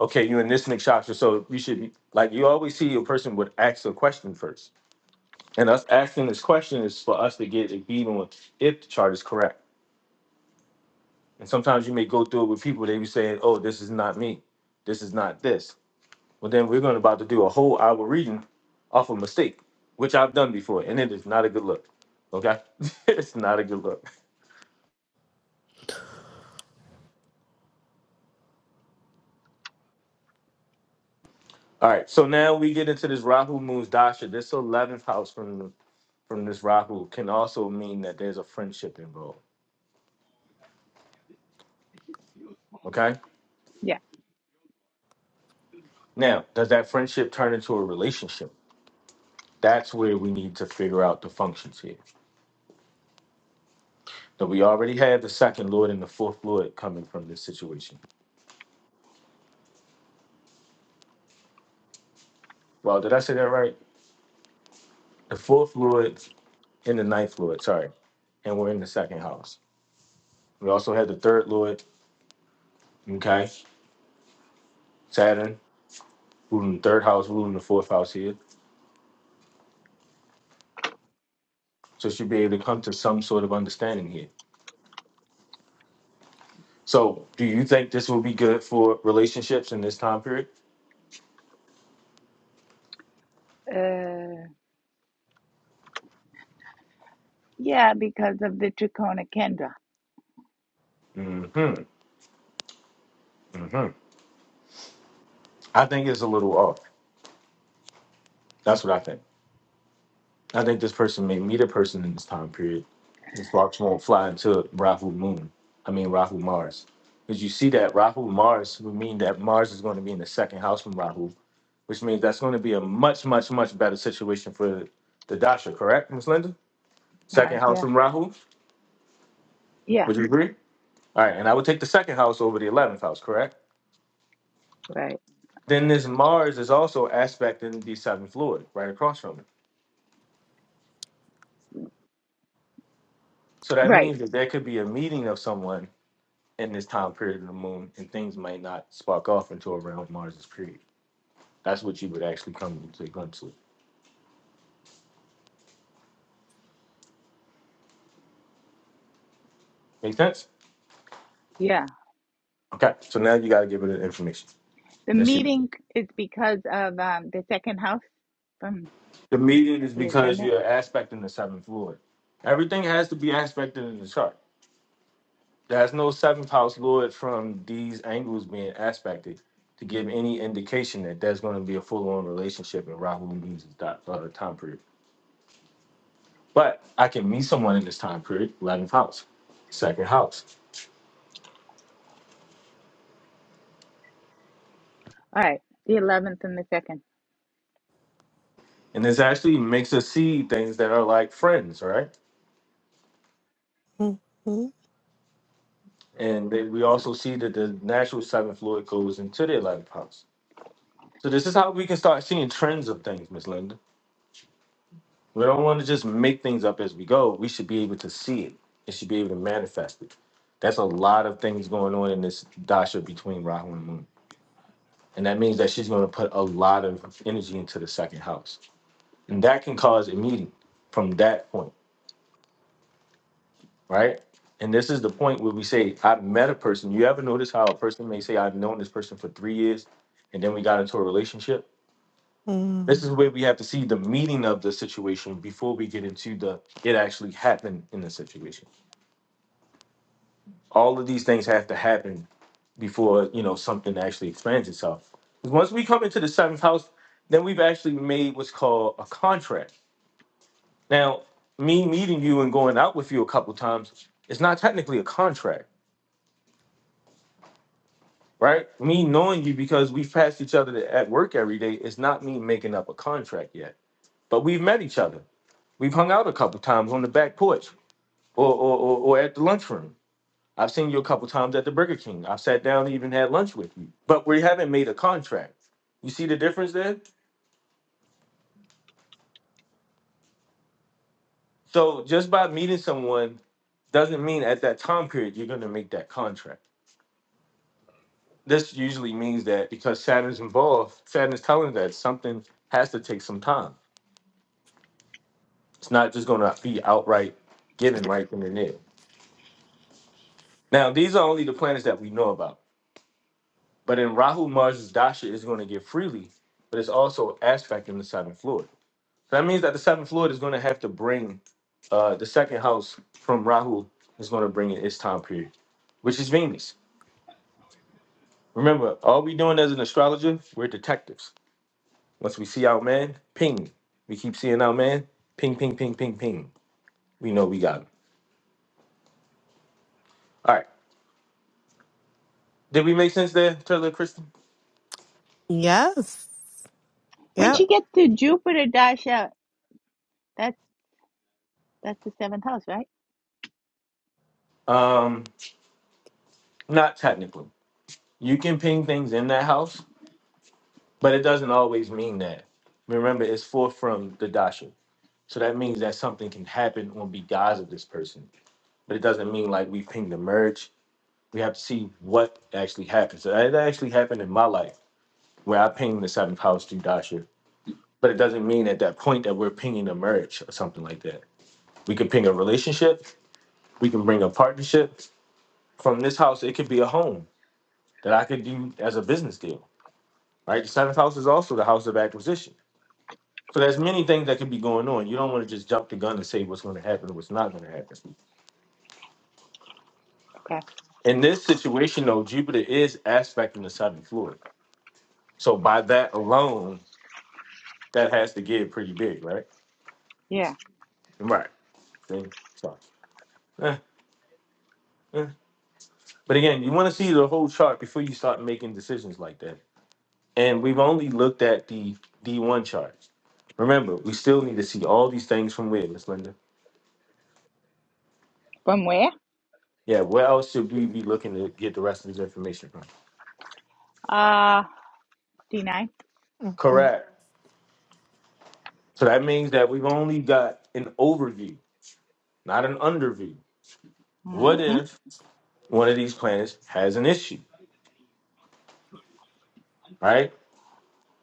okay, you in this mix shop, so you should be like you always see a person would ask a question first. And us asking this question is for us to get a beat on if the chart is correct. And sometimes you may go through it with people, they be saying, Oh, this is not me. This is not this. Well then we're going about to do a whole hour reading off a mistake, which I've done before, and it is not a good look. Okay? it's not a good look. All right, so now we get into this Rahu moves Dasha. This eleventh house from from this Rahu can also mean that there's a friendship involved. Okay?
Yeah.
Now, does that friendship turn into a relationship? That's where we need to figure out the functions here. That we already have the second Lord and the fourth Lord coming from this situation. Well, did I say that right? The fourth Lord and the ninth Lord, sorry. And we're in the second house. We also had the third Lord, okay? Saturn, ruling the third house, ruling the fourth house here. So should be able to come to some sort of understanding here. So do you think this will be good for relationships in this time period?
Uh. Yeah, because of the Trikona Kendra.
hmm hmm I think it's a little off. That's what I think. I think this person may meet a person in this time period. His sparks won't fly into Rahu Moon. I mean Rahu Mars. Because you see that Rahu Mars would mean that Mars is going to be in the second house from Rahu, which means that's going to be a much, much, much better situation for the Dasha, correct, Ms. Linda?
Uh,
Second house
yeah.
from Rahu.
Yeah.
Would you agree? All right, and I would take the second house over the eleventh house, correct?
Right.
Then this Mars is also aspecting the seventh Lord, right across from it. So that
Right.
means that there could be a meeting of someone in this time period of the moon, and things might not spark off until around Mars's period. That's what you would actually come to a glimpse with. Make sense?
Yeah.
Okay, so now you got to give it the information.
The
That's you.
meeting is because of um, the second house from
The median is
the
because
ascendant.
you're aspecting the seventh lord. Everything has to be aspected in the chart. There's no seventh house lord from these angles being aspected to give any indication that there's going to be a full on relationship in Rahu and Venus' dot- uh, time period. But I can meet someone in this time period, 11th house, second house.
All right, the eleventh and the second.
and this actually makes us see things that are like friends, right?
Mm.
And they, we also see that the natural seventh Lord goes into their life house. So this is how we can start seeing trends of things, Miss Linda. We don't want to just make things up as we go. We should be able to see it. It should be able to manifest it. That's a lot of things going on in this dasha between Rahu and Moon, and that means that she's going to put a lot of energy into the second house, and that can cause a meeting from that point. right? And this is the point where we say, I've met a person. You ever notice how a person may say, I've known this person for three years, and then we got into a relationship? This
mm.
is where we have to see the meaning of the situation before we get into the it actually happened in the situation. All of these things have to happen before you know something actually expands itself. 'Cause Once we come into the seventh house, then we've actually made what's called a contract. Now, me meeting you and going out with you a couple times, it's not technically a contract right? Me knowing you because we've passed each other at work every day is not me making up a contract yet. But we've met each other. We've hung out a couple times on the back porch or or, or, or at the lunchroom. I've seen you a couple times at the Burger King. I've sat down and even had lunch with you. But we haven't made a contract. You see the difference there? So just by meeting someone doesn't mean at that time period you're going to make that contract. This usually means that because Saturn's involved, Saturn's telling that something has to take some time It's not just going to be outright given right then and there. Now, these are only the planets that we know about. But in Rahu, Mars' dasha is going to give freely, but it's also aspecting the seventh floor. So that means that the seventh floor is going to have to bring uh, the second house from Rahu is going to bring in its time period, which is Venus. Remember, all we doing as an astrologer, we're detectives. Once we see our man, ping. We keep seeing our man, ping, ping, ping, ping, ping. We know we got him. All right. Did we make sense there, Taylor and Kristen?
Yes.
When
Yep.
Okay.
she gets to Jupiter, Dasha, that's that's the seventh house, right?
Um, not technically. You can ping things in that house, but it doesn't always mean that. Remember, it's forth from the dasha, so that means that something can happen on behalf of this person. But it doesn't mean like we ping the merge. We have to see what actually happened. So that that actually happened in my life where I pinged the seventh house through dasha, but it doesn't mean at that point that we're pinging a merge or something like that. We can ping a relationship. We can bring a partnership from this house. It could be a home that I could do as a business deal right? The seventh house is also the house of acquisition. So there's many things that could be going on. You don't want to just jump the gun and say what's going to happen and what's not going to happen.
Okay.
In this situation, though, Jupiter is aspecting the southern Florida. So by that alone, that has to get pretty big, right?
Yeah.
Right. See? So, eh, eh. But again, you want to see the whole chart before you start making decisions like that. And we've only looked at the D1 chart. Remember, we still need to see all these things from where, Miss Linda?
From where?
Yeah, where else should we be looking to get the rest of this information from?
Uh, D nine.
Mm-hmm.
Correct. So that means that we've only got an overview, not an underview. What
Mm-hmm.
if one of these planets has an issue, right?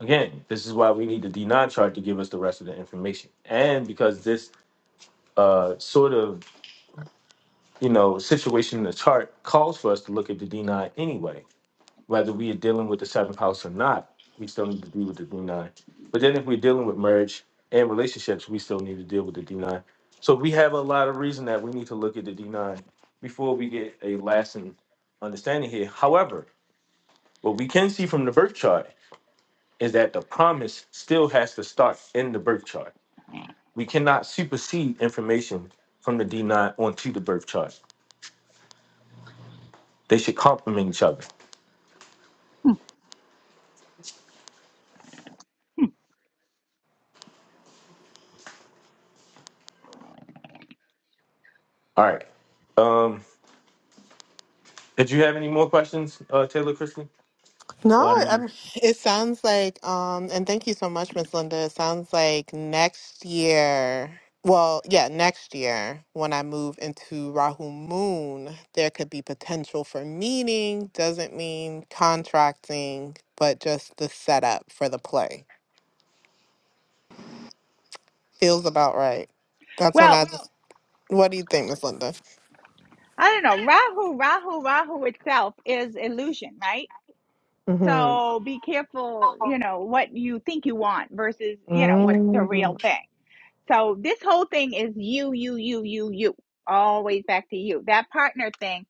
Again, this is why we need the D9 chart to give us the rest of the information. And because this uh, sort of, you know, situation in the chart calls for us to look at the D9 anyway. whether we are dealing with the seventh house or not, we still need to deal with the D9. But then if we're dealing with marriage and relationships, we still need to deal with the D9. So we have a lot of reason that we need to look at the D9 before we get a lasting understanding here. However, what we can see from the birth chart is that the promise still has to start in the birth chart. We cannot supersede information from the D9 onto the birth chart. They should complement each other. All right. Um, did you have any more questions, uh, Taylor Christie?
No,
Well,
i it sounds like, um, and thank you so much, Miss Linda. It sounds like next year, well, yeah, next year when I move into Rahu Moon, there could be potential for meeting. Doesn't mean contracting, but just the setup for the play. Feels about right. That's when
Well,
I just, what do you think, Miss Linda?
I don't know. Rahu, Rahu, Rahu itself is illusion, right?
hmm
So be careful, you know, what you think you want versus, you know, what's the
Mm.
real thing. So this whole thing is you, you, you, you, you, always back to you. That partner thing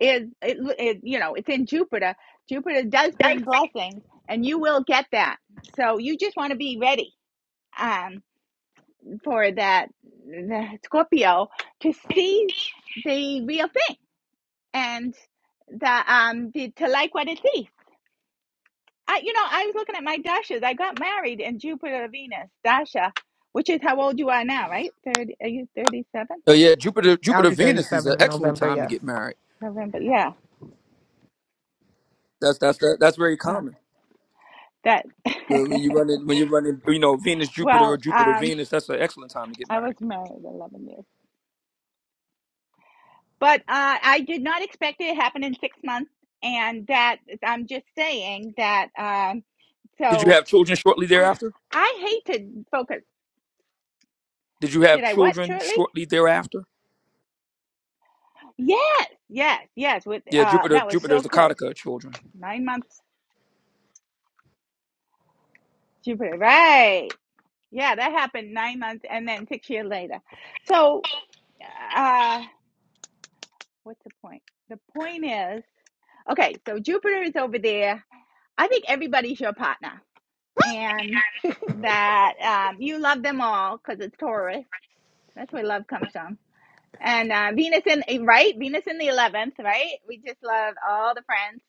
is, it, it, you know, it's in Jupiter. Jupiter does bring blessings, and you will get that. So you just want to be ready um, for that the Scorpio to see the real thing and the um the, to like what it sees. I, you know, I was looking at my dashes. I got married in Jupiter Venus dasha, which is how old you are now, right? Thirty? Are you thirty-seven?
Oh yeah, Jupiter
I'll
Jupiter
be
Venus is
37
an
in
excellent
November.
time to
Yes,
get married.
November. Yeah.
That's that's that, that's very
Uh,
common.
that.
Uh, When you running when you're running, you know Venus Jupiter or
well,
Jupiter
um,
Venus, that's an excellent time to get
I was
married.
married 11 years, but uh, I did not expect it to happen in six months. And that I'm just saying that. Um,
Did you
so
have children shortly
uh,
thereafter?
I hate to focus.
Did you
Did
have
I what
children
shortly?
shortly thereafter?
Yes, yes, yes. With
Yeah,
uh,
Jupiter
that was
Jupiter
so
is the
close.
Kataka of children.
Nine months, Jupiter. Right. Yeah, that happened nine months, and then six years later. So, uh, what's the point? The point is. Okay, so Jupiter is over there. I think everybody's your partner, and that um, you love them all because it's Taurus. That's where love comes from. And uh, Venus in eh, right, Venus in the eleventh, right? We just love all the friends.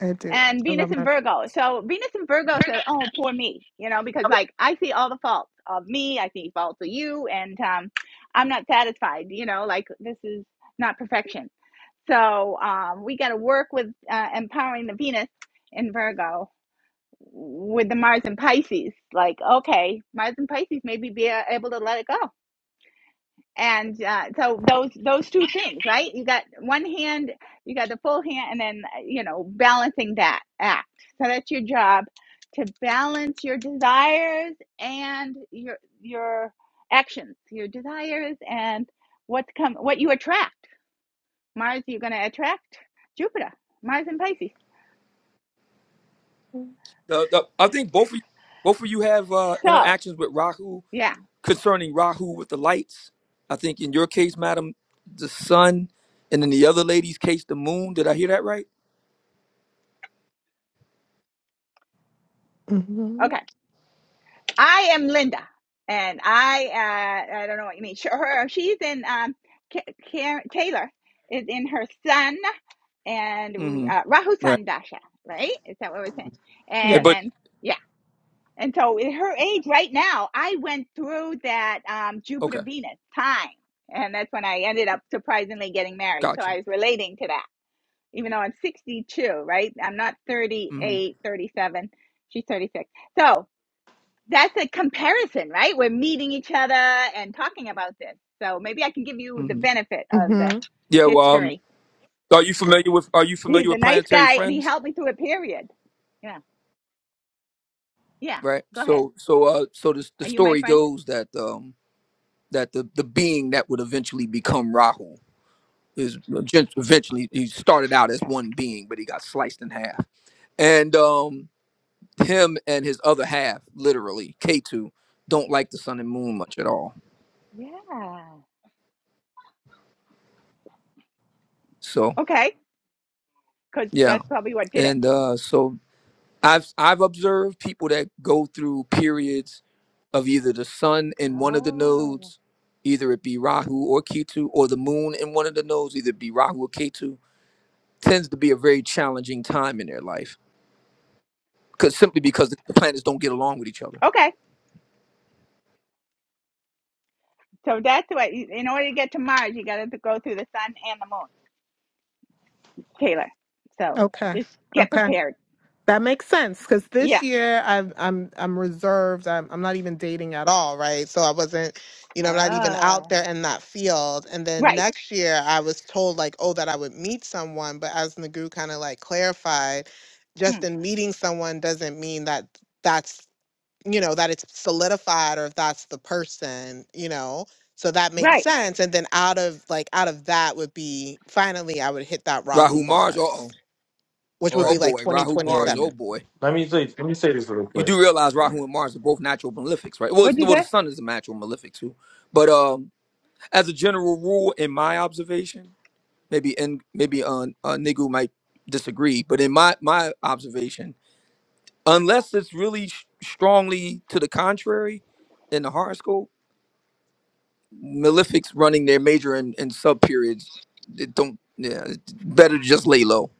I do.
And
I
Venus
love
in
my.
Virgo. So Venus in Virgo says, "Oh, poor me," you know, because like I see all the faults of me, I see faults of you, and um, I'm not satisfied. You know, like this is not perfection. So um, we got to work with uh, empowering the Venus in Virgo with the Mars and Pisces. Like, okay, Mars and Pisces maybe be a- able to let it go. And uh, so those those two things, right? You got one hand, you got the full hand, and then uh, you know balancing that act. So that's your job to balance your desires and your your actions, your desires and what's come, what you attract Mars, you're going to attract Jupiter, Mars in Pisces.
The, the, I think both of you, both of you have uh,
So,
interactions with Rahu
yeah,
concerning Rahu with the lights. I think in your case, madam, the sun, and in the other lady's case, the moon. Did I hear that right?
hmm
okay. I am Linda, and I uh, I don't know what you mean. her, she's in um, Karen, Taylor is in her sun and
Mm-hmm.
uh, Rahu
Right.
Sun Dasha, right? Is that what we're saying?
Yeah,
Yeah.
And
But
then yeah, and so in her age right now, I went through that um, Jupiter
okay,
Venus time. And that's when I ended up surprisingly getting married. So
gotcha.
I was relating to that. even though I'm 62, right? I'm not
hmm
38, 37. She's 36. So that's a comparison, right? We're meeting each other and talking about this. So maybe I can give you the
hmm
benefit of the
Yeah. Well, um,
history.
are you familiar with Are you
He's
familiar
a
with
nice
Planetary
guy and he
Friends?
helped me through a period. Yeah. Yeah.
Right.
Go ahead.
So, so, uh, so the the
Are you my
story
friend?
goes that um that the the being that would eventually become Rahu is gen- eventually he started out as
Okay.
one being, but he got sliced in half, and um him and his other half, literally K two, don't like the sun and moon much at all.
Yeah.
So
Okay. Because
yeah,
that's probably what did it.
and uh, so I've I've observed people that go through periods of either the sun in one of the
Oh.
nodes, either it be Rahu or Ketu, or the moon in one of the nodes, either it be Rahu or Ketu, tends to be a very challenging time in their life. Cause simply because the planets don't get along with each other.
Okay. So that's what, in order to get to Mars, you got to go through the sun and the moon. Taylor. So
Okay.
just get
Okay.
prepared.
That makes sense because this
Yeah.
year I'm I'm I'm reserved. I'm I'm not even dating at all, right? So I wasn't, you know, I'm not even
Ah.
out there in that field. And then
Right.
next year I was told like, oh, that I would meet someone, but as Nagu kind of like clarified, just
Hmm.
in meeting someone doesn't mean that that's you know that it's solidified or if that's the person, you know. So that makes
Right.
sense. And then out of like out of that would be finally I would hit that Rahu
Rahu Mars, uh
Mars
oh.
which would
Oh
be
right.
like
boy, Rahu Mars,
2027.
oh
And
boy.
let me say let me say this real
You
quick.
do realize Rahu and Mars are both natural malefics, right? Well, it's-
What'd you
well the
say?
sun is a natural malefic too. But um, as a general rule, in my observation, maybe and maybe uh, uh Nigu might disagree, but in my my observation, unless it's really sh- strongly to the contrary in the horoscope, malefics running their major and, and sub periods, it don't yeah, it's better to just lay low.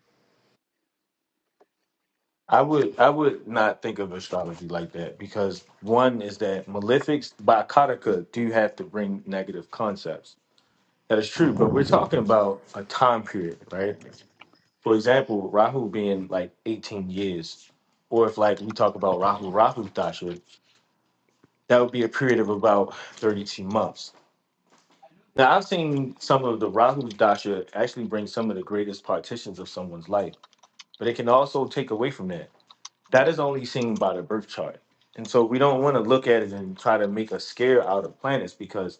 I would I would not think of astrology like that because one is that malefics by Kataka do have to bring negative concepts. That is true, but we're talking about a time period, right? For example, Rahu being like 18 years, or if like we talk about Rahu Rahu Dasha, that would be a period of about 32 months. Now I've seen some of the Rahu Dasha actually bring some of the greatest partitions of someone's life but it can also take away from that. That is only seen by the birth chart. And so we don't want to look at it and try to make a scare out of planets because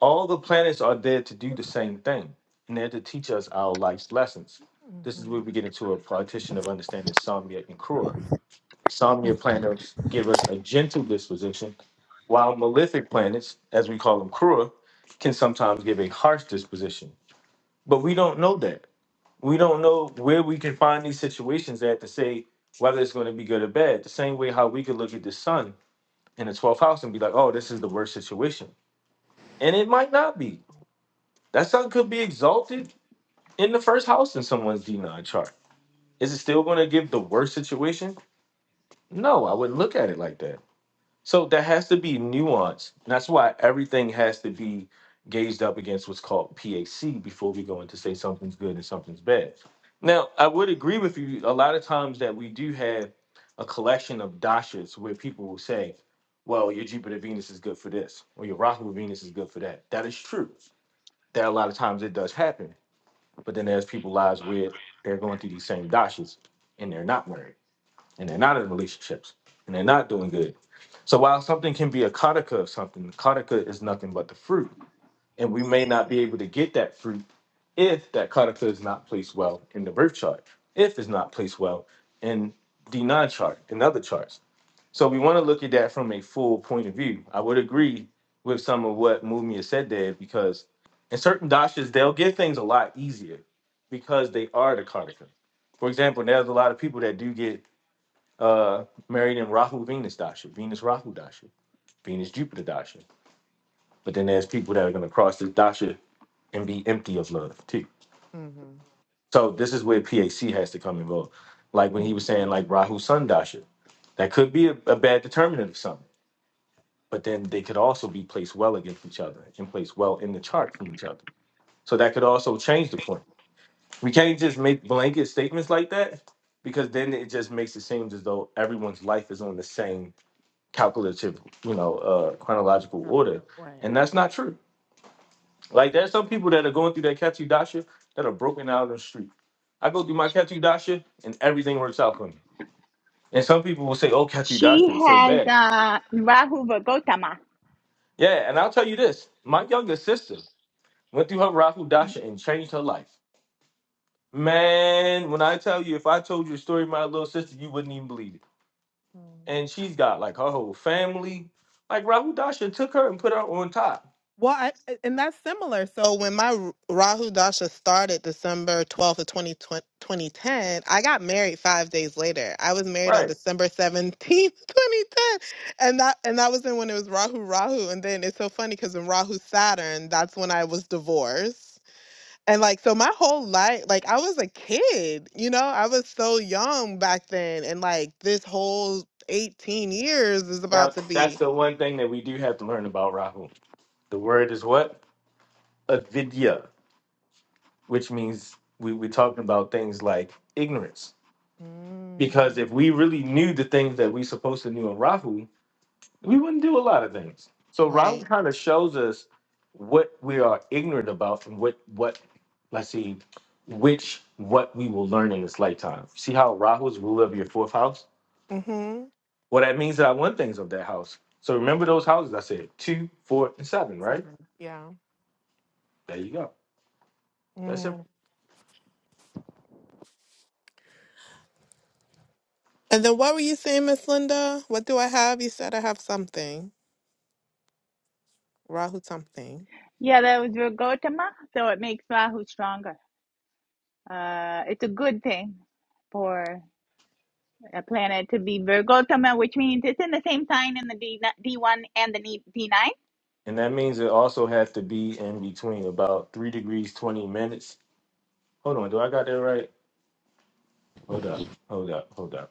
all the planets are there to do the same thing and they're to teach us our life's lessons. This is where we
Mm-hmm.
get into a partition of understanding Samya and Krura. Samya planets give us a gentle disposition, while malefic planets, as we call them Krura, can sometimes give a harsh disposition. But we don't know that we don't know where we can find these situations at to say whether it's going to be good or bad. The same way how we could look at the sun in the 12th house and be like, oh, this is the worst situation. And it might not be. That sun could be exalted in the first house in someone's D9 chart. Is it still going to give the worst situation? No, I wouldn't look at it like that. So there has to be nuance. And that's why everything has to be gauged up against what's called PAC before we go into say something's good and something's bad. Now, I would agree with you a lot of times that we do have a collection of dashas where people will say, well, your Jupiter Venus is good for this, or your Rahu Venus is good for that. That is true. That a lot of times it does happen. But then there's people lives where they're going through these same dashas and they're not married and they're not in relationships and they're not doing good. So while something can be a karaka of something, the karaka is nothing but the fruit. And we may not be able to get that fruit if that karaka is not placed well in the birth chart, if it's not placed well in the non chart and other charts. So we want to look at that from a full point of view. I would agree with some of what Mumi has said there because in certain dashas, they'll get things a lot easier because they are the karaka. For example, there's a lot of people that do get uh, married in Rahu Venus Dasha, Venus Rahu Dasha, Venus Jupiter Dasha. But then there's people that are going to cross this Dasha and be empty of love too. So this is where PAC has to come involved. Like when he was saying, like Rahu Sun Dasha, that could be a, a bad determinant of something, but then they could also be placed well against each other and placed well in the chart from each other. So that could also change the point. We can't just make blanket statements like that because then it just makes it seem as though everyone's life is on the same calculative, you know, uh, chronological
Yeah.
order,
Right.
and that's not true. Like there's some people that are going through their Katsu dasha that are broken out on the street. I go through my Katsu dasha and everything works out for me. And some people will say, "Oh, Katsu
She
dasha is so
has
bad."
uh, Rahu Virgotama.
Yeah, and I'll tell you this: my younger sister went through her Rahu dasha and changed her life. Man, when I tell you, if I told you a story of my little sister, you wouldn't even believe it.
Mm.
And she's got like her whole family. Like Rahu dasha took her and put her on top.
Well, I, a- and that's similar. So when my R- Rahu Dasha started December 12th of 20 2010, I got married five days later. I was married
Right.
on December 17th, 2010. And that and that was then when it was Rahu Rahu. And then it's so funny because in Rahu Saturn, that's when I was divorced. And like so my whole life like I was a kid, you know? I was so young back then and like this whole 18 years is about
Now,
to
that's
be
the one thing that we do have to learn about Rahu. The word is what? Avidya, which means we, we're talking about things like ignorance. Because
Mm,
if we really knew the things that we supposed to know in Rahu, we wouldn't do a lot of things. So Rahu
right.
kind of shows us what we are ignorant about and what, what let's see, which what we will learn in this lifetime. See how Rahu is ruler of your fourth house?
Mhm.
Well, that means that I want things of that house. So remember those houses I said, two, four, and seven, right?
seven. Yeah.
There you go. That's simple.
Mm. And then what were you saying, Miss Linda? What do I have? You said I have something. Rahu something.
Yeah, that was Virgotama. So it makes Rahu stronger. Uh, it's a good thing for a planet to be Virgotama, which means it's in the same sign in the D, D1 and the D- D9.
And that means it also has to be in between about three degrees twenty minutes. Hold on, do I got that right? Hold up, hold up, hold up,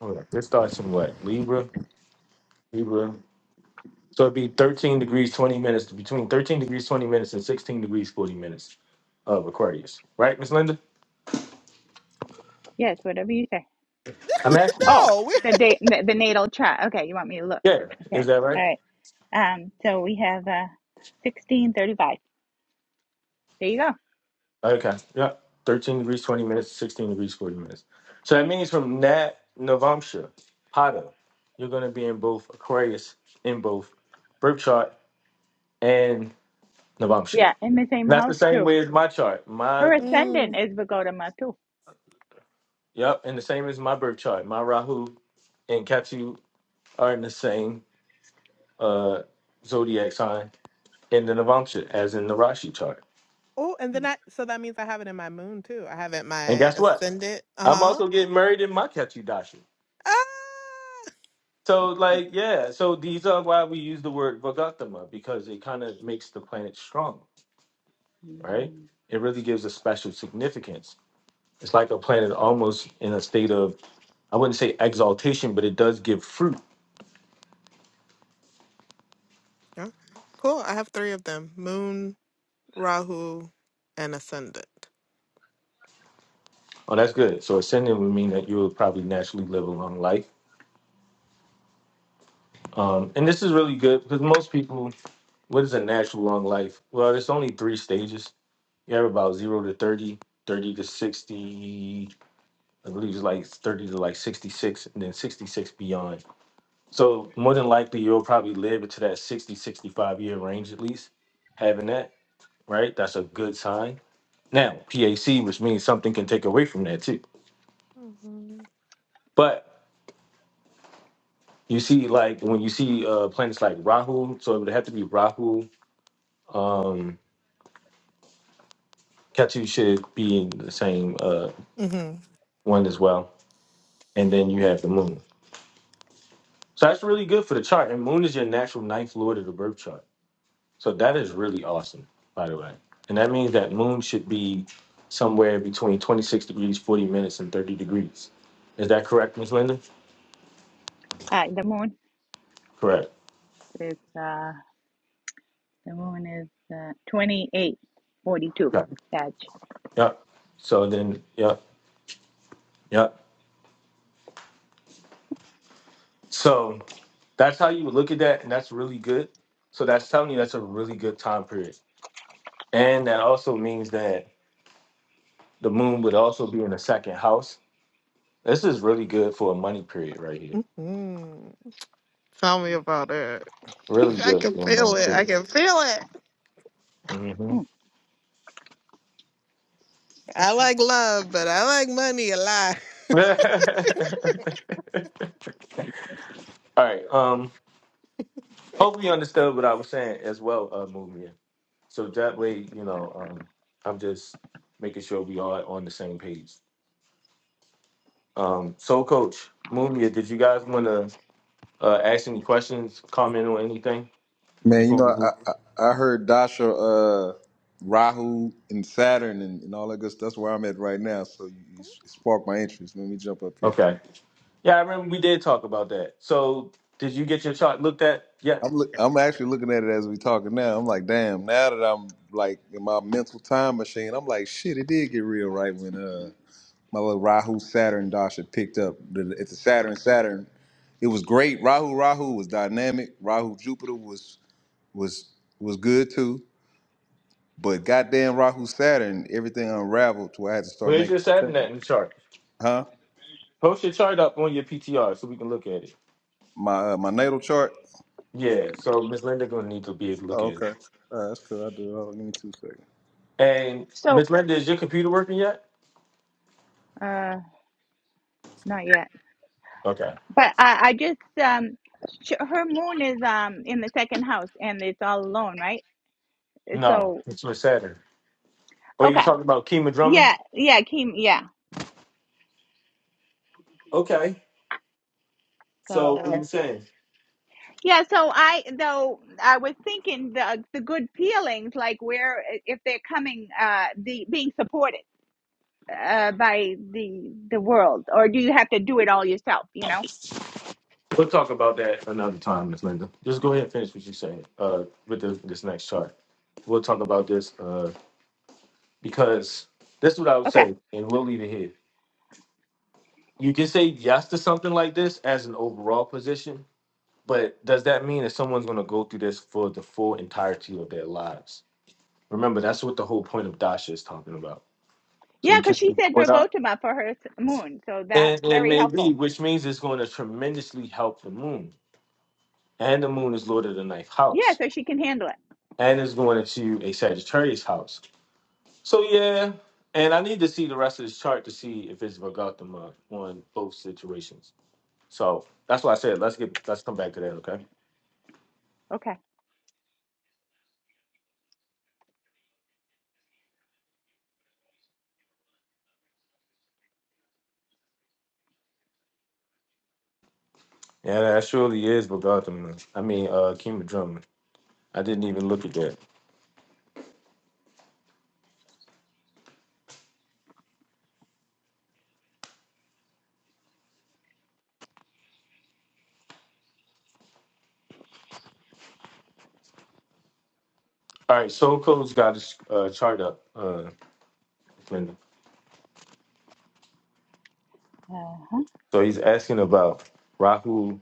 hold up. This starts in what? Libra, Libra. So it'd be thirteen degrees twenty minutes between thirteen degrees twenty minutes and sixteen degrees forty minutes of Aquarius, right, Miss Linda?
Yes, whatever you say.
I'm asking.
Oh,
No. we
the, da- the, the natal chart. Okay, you want me to look.
Yeah, is
Okay.
that right?
All right. Um, so we have uh, 1635. There you go.
Okay. Yeah. 13 degrees, 20 minutes, 16 degrees, 40 minutes. So that means from Nat Navamsha, Pada, you're going to be in both Aquarius, in both birth chart and Navamsha. And
Yeah. In the same
that's the
house,
same
too.
way as my chart. My,
Her ascendant
Mm.
is Vagodama, too.
yep, and the same as my birth chart. My Rahu and Ketu are in the same uh, zodiac sign in the Navamsha as in the Rashi chart.
Oh, and then I so that means I have it in my moon too. I have it in
And
my
guess what?
ascendant.
I'm
Uh-huh.
also getting married in my Ketu Dasha.
Ah!
So like yeah, so these are why we use the word Vagatama because it kind of makes the planet strong, right? It really gives a special significance. It's like a planet almost in a state of I wouldn't say exaltation, but it does give fruit.
Yeah. Cool. I have three of them. Moon. Rahu, and Ascendant.
Oh, that's good. So ascending would mean that you will probably naturally live a long life. Um, and this is really good because most people, what is a natural long life? Well, there's only three stages. You have about zero to 30, 30 to 60, I believe it's like 30 to like 66 and then 66 beyond. So more than likely you'll probably live into that 60, 65 year range at least, having that, right? That's a good sign. Now, PAC, which means something can take away from that too.
Mhm.
But you see, like when you see uh planets like Rahu, so it would have to be Rahu. Um Ketu should be in the same uh
hmm
one as well. And then you have the moon. So that's really good for the chart. And moon is your natural ninth lord of the birth chart. So that is really awesome, by the way. And that means that moon should be somewhere between 26 degrees, 40 minutes, and 30 degrees. Is that correct, Ms. Linda?
Uh, the moon
Correct.
is uh, the moon is uh, 2842.
Yep.
Sag.
Yep. So then, yep. Yep. So that's how you would look at that, and that's really good. So that's telling you that's a really good time period. And that also means that the moon would also be in the second house. This is really good for a money period right here.
hmm Tell me about it.
Really
I
good
can
for a money
feel it. I
period.
can feel it.
Mhm.
Hmm,
I
okay.
like love, but I like money a lot.
All right. Um.
Thank
Hopefully, you
you.
understood what I was saying as well, uh, Mumia. So that way, you know, um, I'm just making sure we are on the same page. Um. So, Coach Mumia, did you guys want to uh, ask any questions, comment on anything
Man, you
before
know,
we
I
move?
I, I heard Dasha, uh, Rahu, and Saturn, and, and all that good stuff. That's where I'm at right now. So you, you sparked my interest. Let me jump up here.
Okay. Yeah, I remember we did talk about that. So, did you get your chart looked at yet?
I'm look, I'm actually looking at it as we talking now. I'm like, damn. Now that I'm like in my mental time machine, I'm like, shit. It did get real right when uh my little Rahu Saturn Dasha picked up. The- It's a Saturn Saturn. It was great. Rahu Rahu was dynamic. Rahu Jupiter was was was good too. But goddamn Rahu Saturn, everything unraveled to where I had to start
Where's
making
your
some
Saturn
changes.
at in the chart?
Huh?
Post your chart up on your PTR so we can look at it.
My uh, my natal chart.
Yeah. So, Miss Linda gonna need to be able to look
Oh,
at it.
okay. Uh, that's cool. I do. Hold on, give me two seconds.
And
So,
Miss Linda, is your computer working yet?
uh, not yet.
Okay.
But I, I just um, sh- her moon is um in the second house, and it's all alone, right?
No,
So,
it's for Saturn. Oh, you
okay.
talking about Kima Drummond?
Yeah, yeah, Kim. Yeah.
Okay. So what
So.
are you saying?
Yeah, so I though I was thinking the the good feelings, like where if they're coming, uh, the being supported uh, by the the world, or do you have to do it all yourself? You know?
We'll talk about that another time, Miss Linda. Just go ahead and finish what you're saying. Uh, with this, this next chart, we'll talk about this. Uh, because this is what I would
Okay.
say, and we'll leave it here. You can say yes to something like this as an overall position, but does that mean that someone's going to go through this for the full entirety of their lives? Remember, that's what the whole point of Dasha is talking about So
Yeah,
we
because
can't
she said
put up.
Verbotoma for her s- moon, so that's
And, and
very
maybe,
helpful.
which means it's going to tremendously help the moon. And the moon is Lord of the ninth
Yeah,
house.
so she can handle it.
And it's going into a Sagittarius house. So yeah. And I need to see the rest of this chart to see if it's Vagatama on both situations. So that's why I said let's get let's come back to that, okay?
Okay.
Yeah, that surely is Vagatama. I mean uh Kima Drummer. I didn't even look at that. All right, Soul Code's got his uh, chart up, uh Linda.
Uh-huh.
So he's asking about Rahu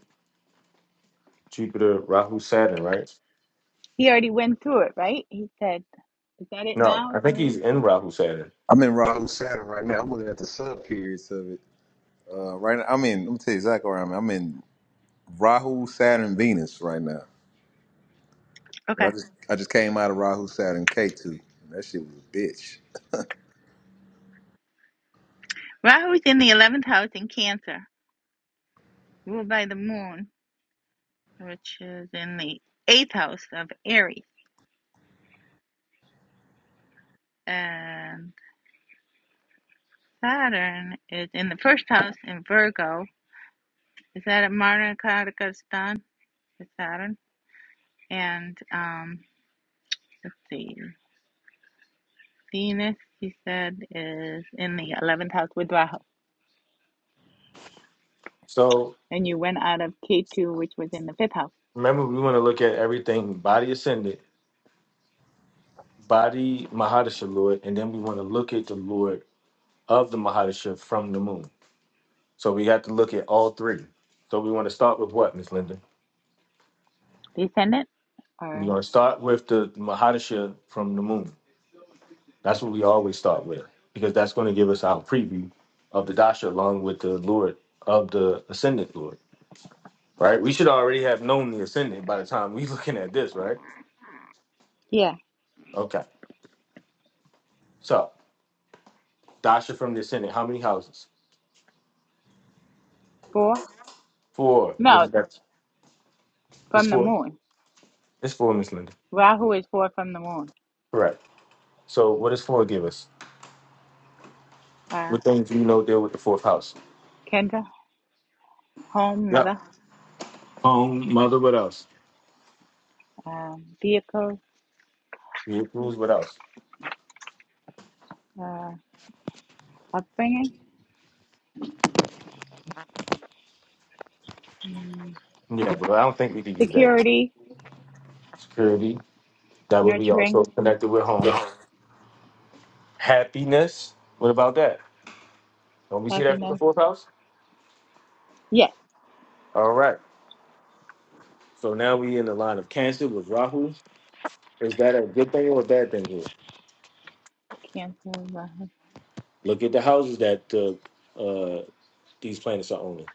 Jupiter, Rahu, Saturn, right?
He already went through it, right? He said, "Is that it
No,
now?"
I
Is that
think
what
he's
he
in
said?
Rahu, Saturn.
I'm in Rahu Saturn right now. I'm looking at the sub periods of it. Uh, right now, I'm in. Let me tell you exactly where I'm. at. I'm in Rahu Saturn Venus right now. But
Okay.
I just I just came out of Rahu Saturn K two. That shit was a bitch.
Rahu's in the eleventh house in Cancer, ruled by the moon. which is in the eighth house of Aries, and Saturn is in the first house in Virgo. Is that at Mara Kazakhstan? Is Saturn and um, let's see, Venus. He said is in the eleventh house with Rahu,
So
and you went out of K two, which was in the fifth house.
remember, we want to look at everything body ascended, body Mahadasha Lord, and then we want to look at the Lord of the Mahadasha from the moon. So we have to look at all three. So we want to start with what, Miss Linda?
Descendant
We're
or
going to start with the Mahadasha from the moon. That's what we always start with because that's going to give us our preview of the Dasha along with the Lord of the ascended Lord. right? We should already have known the ascendant by the time we looking at this, right?
yeah,
Okay. So Dasha from the ascendant, how many houses?
four?
Four. What
No,
is that? It's
from the
four.
moon.
It's four, Miss Linda.
Rahu is four from the moon.
Correct. So what does four give us?
Uh,
What things do you know deal with the fourth house?
Kendra, home,
Yep.
mother,
Home, mother, what else?
um, vehicle.
Vehicles, what else?
uh, upbringing, Mm.
Yeah, but I don't think we could use that.
security,
Security, that would be also
nurturing,
connected with home. Happiness, what about that? Don't we see that for the
happiness.
fourth house?
Yes,
All right. So now we in the line of cancer with Rahu. Is that a good thing or a bad thing here?
Cancer, Rahu,
Look at the houses that uh, uh, these planets are owning.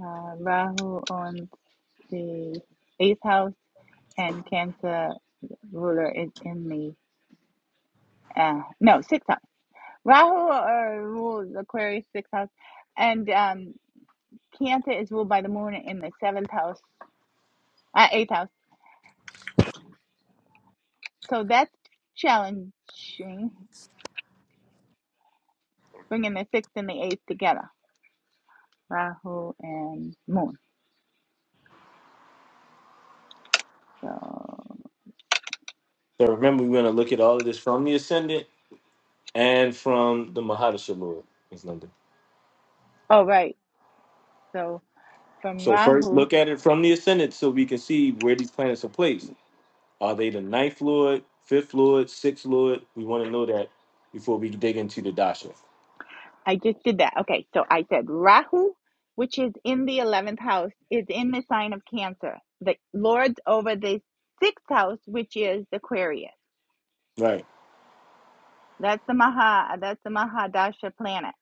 uh, Rahu on the eighth house, and Cancer ruler is in the uh, no sixth house. Rahu uh, rules Aquarius sixth house, and um, Cancer is ruled by the moon in the seventh house, uh, eighth house. So that's challenging, bringing the sixth and the eighth together, Rahu and moon. So,
So remember, we're going to look at all of this from the ascendant and from the Mahadasha Lord. It's London.
oh right. So from
So first,
Rahu,
look at it from the ascendant so we can see where these planets are placed. Are they the ninth Lord, fifth Lord, sixth Lord? We want to know that before we dig into the Dasha.
I just did that. Okay, so I said Rahu, which is in the 11th house, is in the sign of Cancer. The Lord's over the 6th house, which is Aquarius.
Right.
That's the Maha, that's the Mahadasha planet.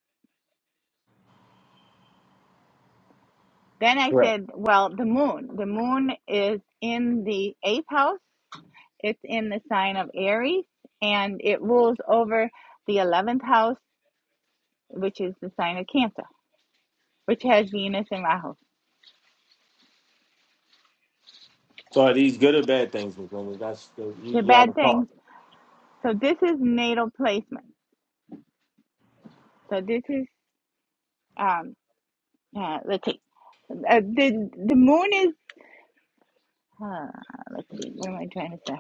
Then I
Correct.
said, well, the moon. The moon is in the 8th house. It's in the sign of Aries and it rules over the 11th house, which is the sign of Cancer, which has Venus and Rahu.
So are these good or bad things, Ms. London? That's the, you,
The
you
bad
haven't
things
thought.
So this is natal placement. So this is um uh, let's see. Uh, the the moon is uh, let's see what am I trying to say?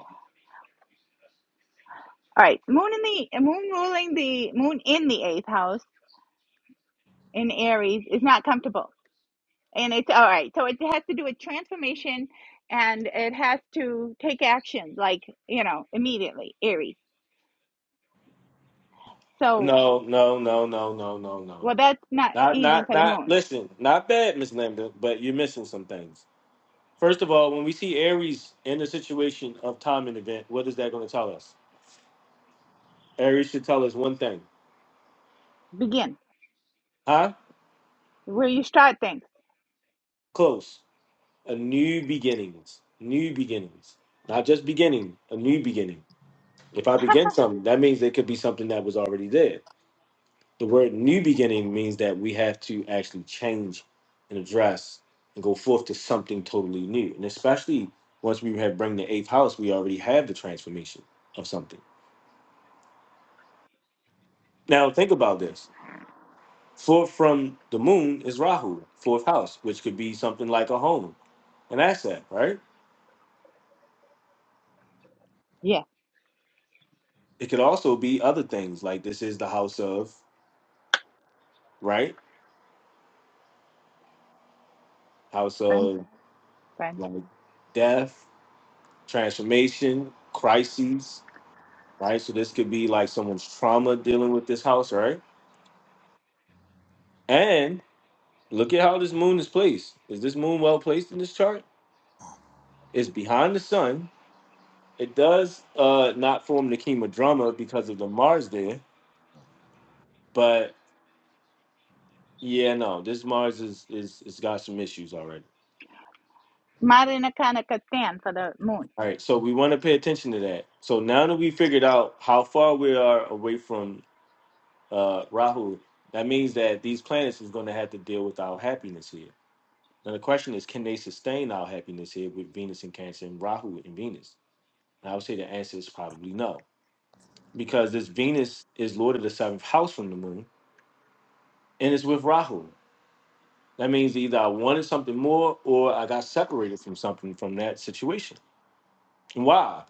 All right, moon in the uh, moon ruling the moon in the eighth house in Aries is not comfortable, and it's all right. So it has to do with transformation, and it has to take action like you know immediately Aries. So
No, no, no, no, no, no, no.
well, that's not
Not,
easy
not,
for the
not.
moon.
Listen, not bad, Miss Lambda, but you're missing some things. First of all, when we see Aries in the situation of time and event, what is that going to tell us? Aries should tell us one thing,
Begin
huh?
where you start things.
Close, a new beginnings, new beginnings, not just beginning, a new beginning. If I begin something, that means there could be something that was already there. The word new beginning means that we have to actually change and address and go forth to something totally new. And especially once we have bring the eighth house, we already have the transformation of something. Now think about this. Fourth from the moon is Rahu, fourth house, which could be something like a home, an asset, right?
yeah,
It could also be other things like this is the house of, right? House
friend,
of
friend.
like death, transformation, crises, right? So this could be like someone's trauma dealing with this house, right? And look at how this moon is placed. Is this moon well placed in this chart? It's behind the sun. It does uh not form the kima drama because of the Mars there, but yeah, no, this Mars is is it's got some issues already.
Marinakana for the moon.
All right, so we want to pay attention to that. So now that we figured out how far we are away from uh Rahu, that means that these planets is going to have to deal with our happiness here Now the question is, can they sustain our happiness here with Venus in Cancer and Rahu and Venus? And I would say the answer is probably no, because this Venus is Lord of the seventh house from the moon, and it's with Rahu. That means either I wanted something more or I got separated from something from that situation. Why?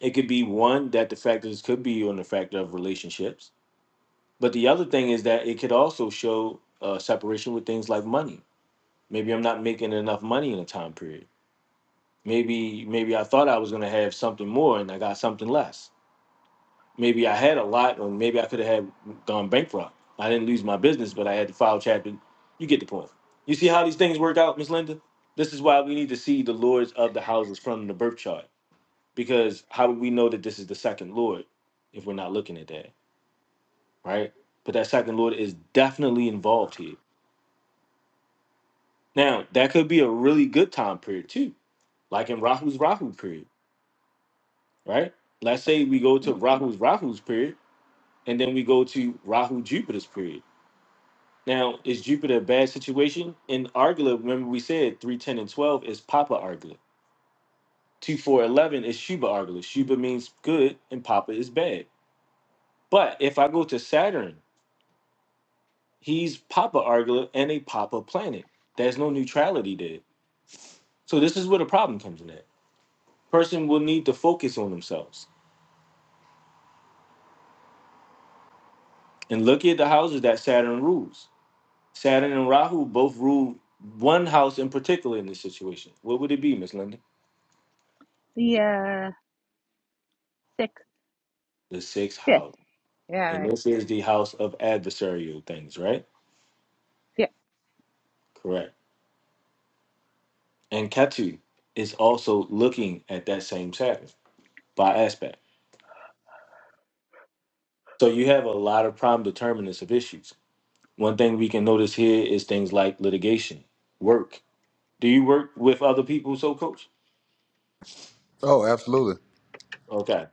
It could be one that the factors could be on the factor of relationships, but the other thing is that it could also show uh, separation with things like money. Maybe I'm not making enough money in a time period maybe maybe I thought I was gonna have something more and I got something less. Maybe I had a lot, or maybe I could have had gone bankrupt. I didn't lose my business, but I had to file chapter. You get the point. You see how these things work out, Miss Linda? This is why we need to see the lords of the houses from the birth chart. Because how do we know that this is the second lord if we're not looking at that, right? But that second lord is definitely involved here. Now, that could be a really good time period too, like in Rahu's Rahu period right? Let's say we go to Rahu's Rahu's period, and then we go to Rahu Jupiter's period. Now, is Jupiter a bad situation? In Argala, remember we said 310 and 12 is Papa Argala. two, four, eleven is Shuba Argala. Shuba means good and Papa is bad. But if I go to Saturn, he's Papa Argala and a Papa planet. There's no neutrality there. So this is where the problem comes in at. Person will need to focus on themselves and look at the houses that Saturn rules Saturn and Rahu both rule one house in particular in this situation. What would it be, Miss Linda?
The uh, sixth,
The sixth
fifth.
house.
Yeah,
And
right.
this is the house of adversarial things, right?
Yeah,
Correct. And Ketu is also looking at that same Saturn by aspect. So you have a lot of prime determinants of issues. One thing we can notice here is things like litigation, work. Do you work with other people, so coach?
Oh, absolutely.
Okay.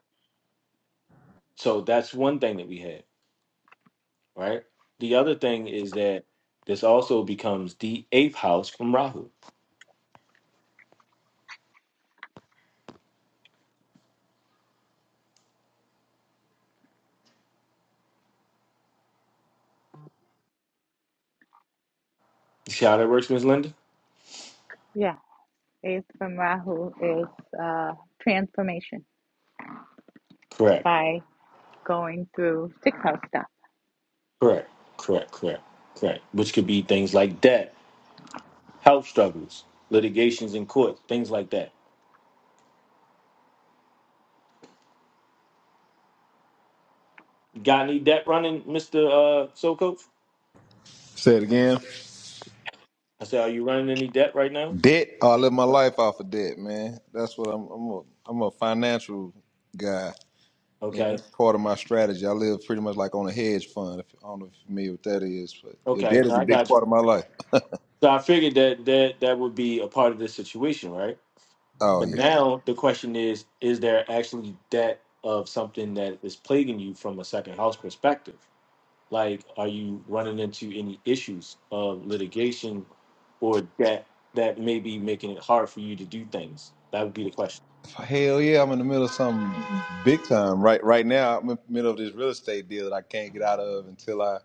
So that's one thing that we have. right? The other thing is that this also becomes the eighth house from Rahu. You see how that works, Ms. Linda?
yeah. Eighth from Rahu is uh, transformation
Correct,
by going through sixth house stuff.
correct, correct, correct, correct. Which could be things like debt, health struggles, litigations in court, things like that. You Got any debt running, Mr. Uh, Soul Coach?
Say it again.
I said, are you running any debt right now?
Debt. Oh, I live my life off of debt, man. That's what I'm. I'm a, I'm a financial guy. And that's
Okay,
part of my strategy. I live pretty much like on a hedge fund. If, I don't know if you're familiar with that is, but your
okay,
debt
no,
is a
I
big
got
part
you.
of my life.
So I figured that that that would be a part of this situation, right?
Oh
But
yeah,
now the question is, is there actually debt of something that is plaguing you from a second house perspective? Like, are you running into any issues of litigation or debt that may be making it hard for you to do things? That would be the question.
hell yeah! I'm in the middle of something big time right right now. I'm in the middle of this real estate deal that I can't get out of until I.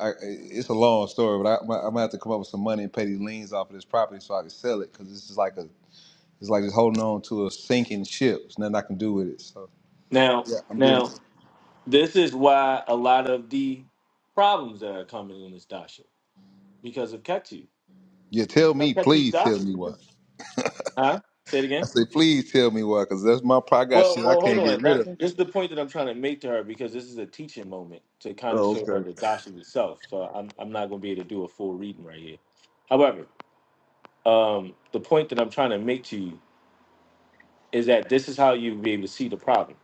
I it's a long story, but I, I'm gonna have to come up with some money and pay these liens off of this property so I can sell it because this is like a it's like just holding on to a sinking ship. There's nothing I can do with it. So
Now,
yeah, I'm dealing. With
now this is why a lot of the problems that are coming in this Dasha because of Ketu.
Yeah, tell
Of
me,
Ketu's
please tell
Dasha.
me
you
why.
can- Huh? Say it again.
I say, please tell me why, because that's my pro- I got
Well,
shit I
well, hold
can't
on.
get rid
That
of.
this is the point that I'm trying to make to her because this is a teaching moment to kind of
Oh,
show her
okay.
the doctrine itself. So I'm I'm not going to be able to do a full reading right here. However, um, the point that I'm trying to make to you is that this is how you will be able to see the problem,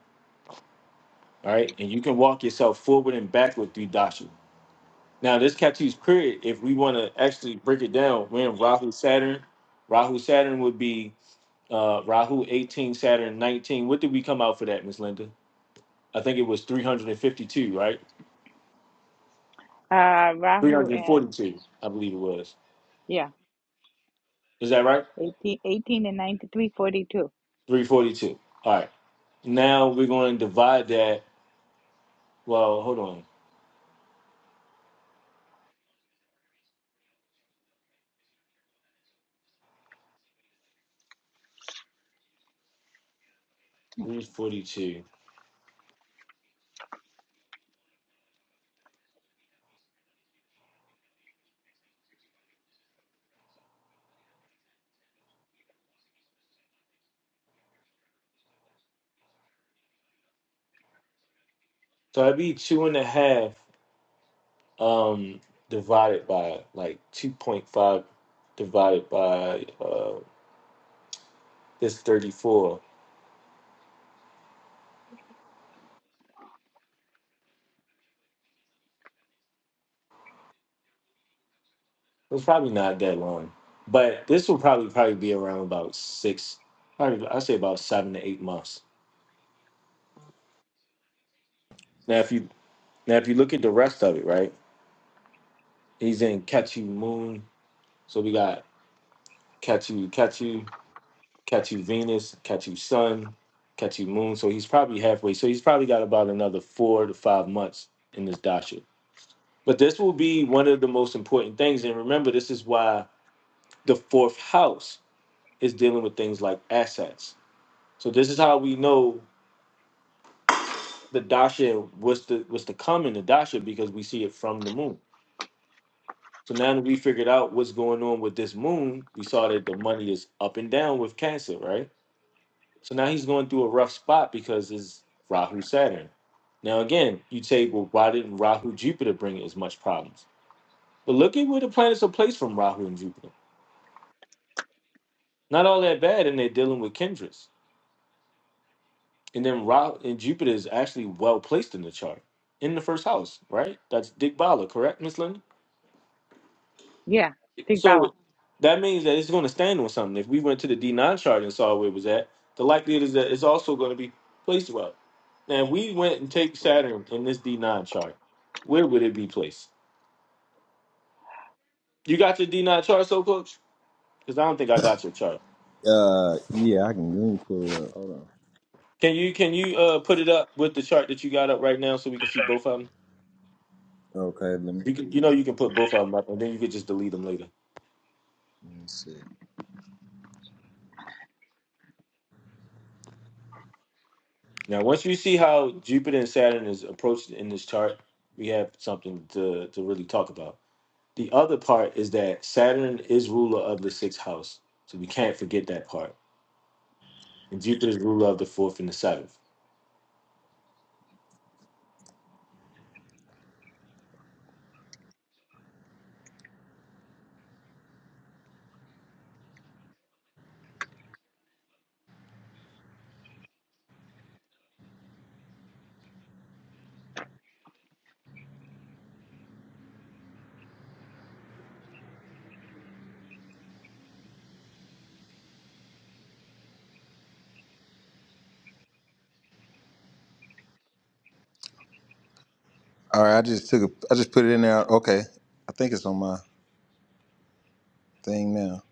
all right? And you can walk yourself forward and backward through dasha. Now, this Katu's period, if we want to actually break it down, we're in Rahu Saturn. Rahu Saturn would be uh, Rahu 18, Saturn 19. What did we come out for that, Miss Linda? I think it was 352, right?
Uh, Rahu and
342, I believe it was.
yeah,
Is that right?
eighteen, eighteen and 93 42.
342. All right. Now we're going to divide that. Well, hold on. 342. So that'd be two and a half um, divided by like 2.5 divided by uh, this 34. It's probably not that long. But this will probably probably be around about six, probably I say about seven to eight months. Now if you now if you look at the rest of it, right? He's in Catchy Moon. So we got Ketu, Ketu, Ketu, Venus, Ketu, Sun, Ketu, Moon. So he's probably halfway. So he's probably got about another four to five months in this dasha. But this will be one of the most important things. And remember, this is why the fourth house is dealing with things like assets. So this is how we know the dasha what's the what's to come in the dasha because we see it from the moon. So now that we figured out what's going on with this moon, we saw that the money is up and down with cancer, right? So now he's going through a rough spot because it's Rahu Saturn. Now again, you say, well, why didn't Rahu Jupiter bring as much problems? But look at where the planets are placed from Rahu and Jupiter. Not all that bad, and they're dealing with Kendras. And then Rahu and Jupiter is actually well placed in the chart, in the first house, right? That's Dick Bala, correct, Miss Linda?
Yeah, Big Bala.
So that means that it's going to stand on something. If we went to the D9 chart and saw where it was at, the likelihood is that it's also going to be placed well. Now, if we went and take Saturn in this D9 chart, where would it be placed? You got your D9 chart, so coach? Because I don't think I got your chart.
Uh, yeah, I can. Let me pull it up. Hold
Can you can you uh, put it up with the chart that you got up right now so we can see both of them?
on. Okay, let me, let
You can you know you can put both of them up and then you could just delete them later.
me see.
Now, once you see how Jupiter and Saturn is approached in this chart, we have something to to really talk about. The other part is that Saturn is ruler of the sixth house. So we can't forget that part. And Jupiter's ruler of the fourth and the seventh.
All right, I just took a. I just put it in there. Okay, I think it's on my thing now.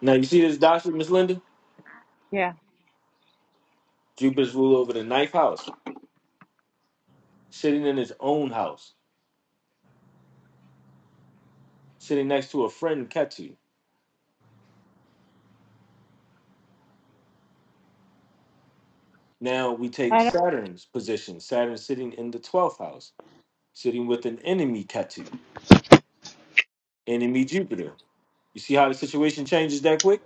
Now you see this doctrine, Miss Linda?
Yeah.
Jupiter's ruler over the ninth house, sitting in his own house, sitting next to a friend, Ketu. Now we take
I don't,
Saturn's position, Saturn sitting in the twelfth house, sitting with an enemy, Ketu, enemy Jupiter. You see how the situation changes that quick?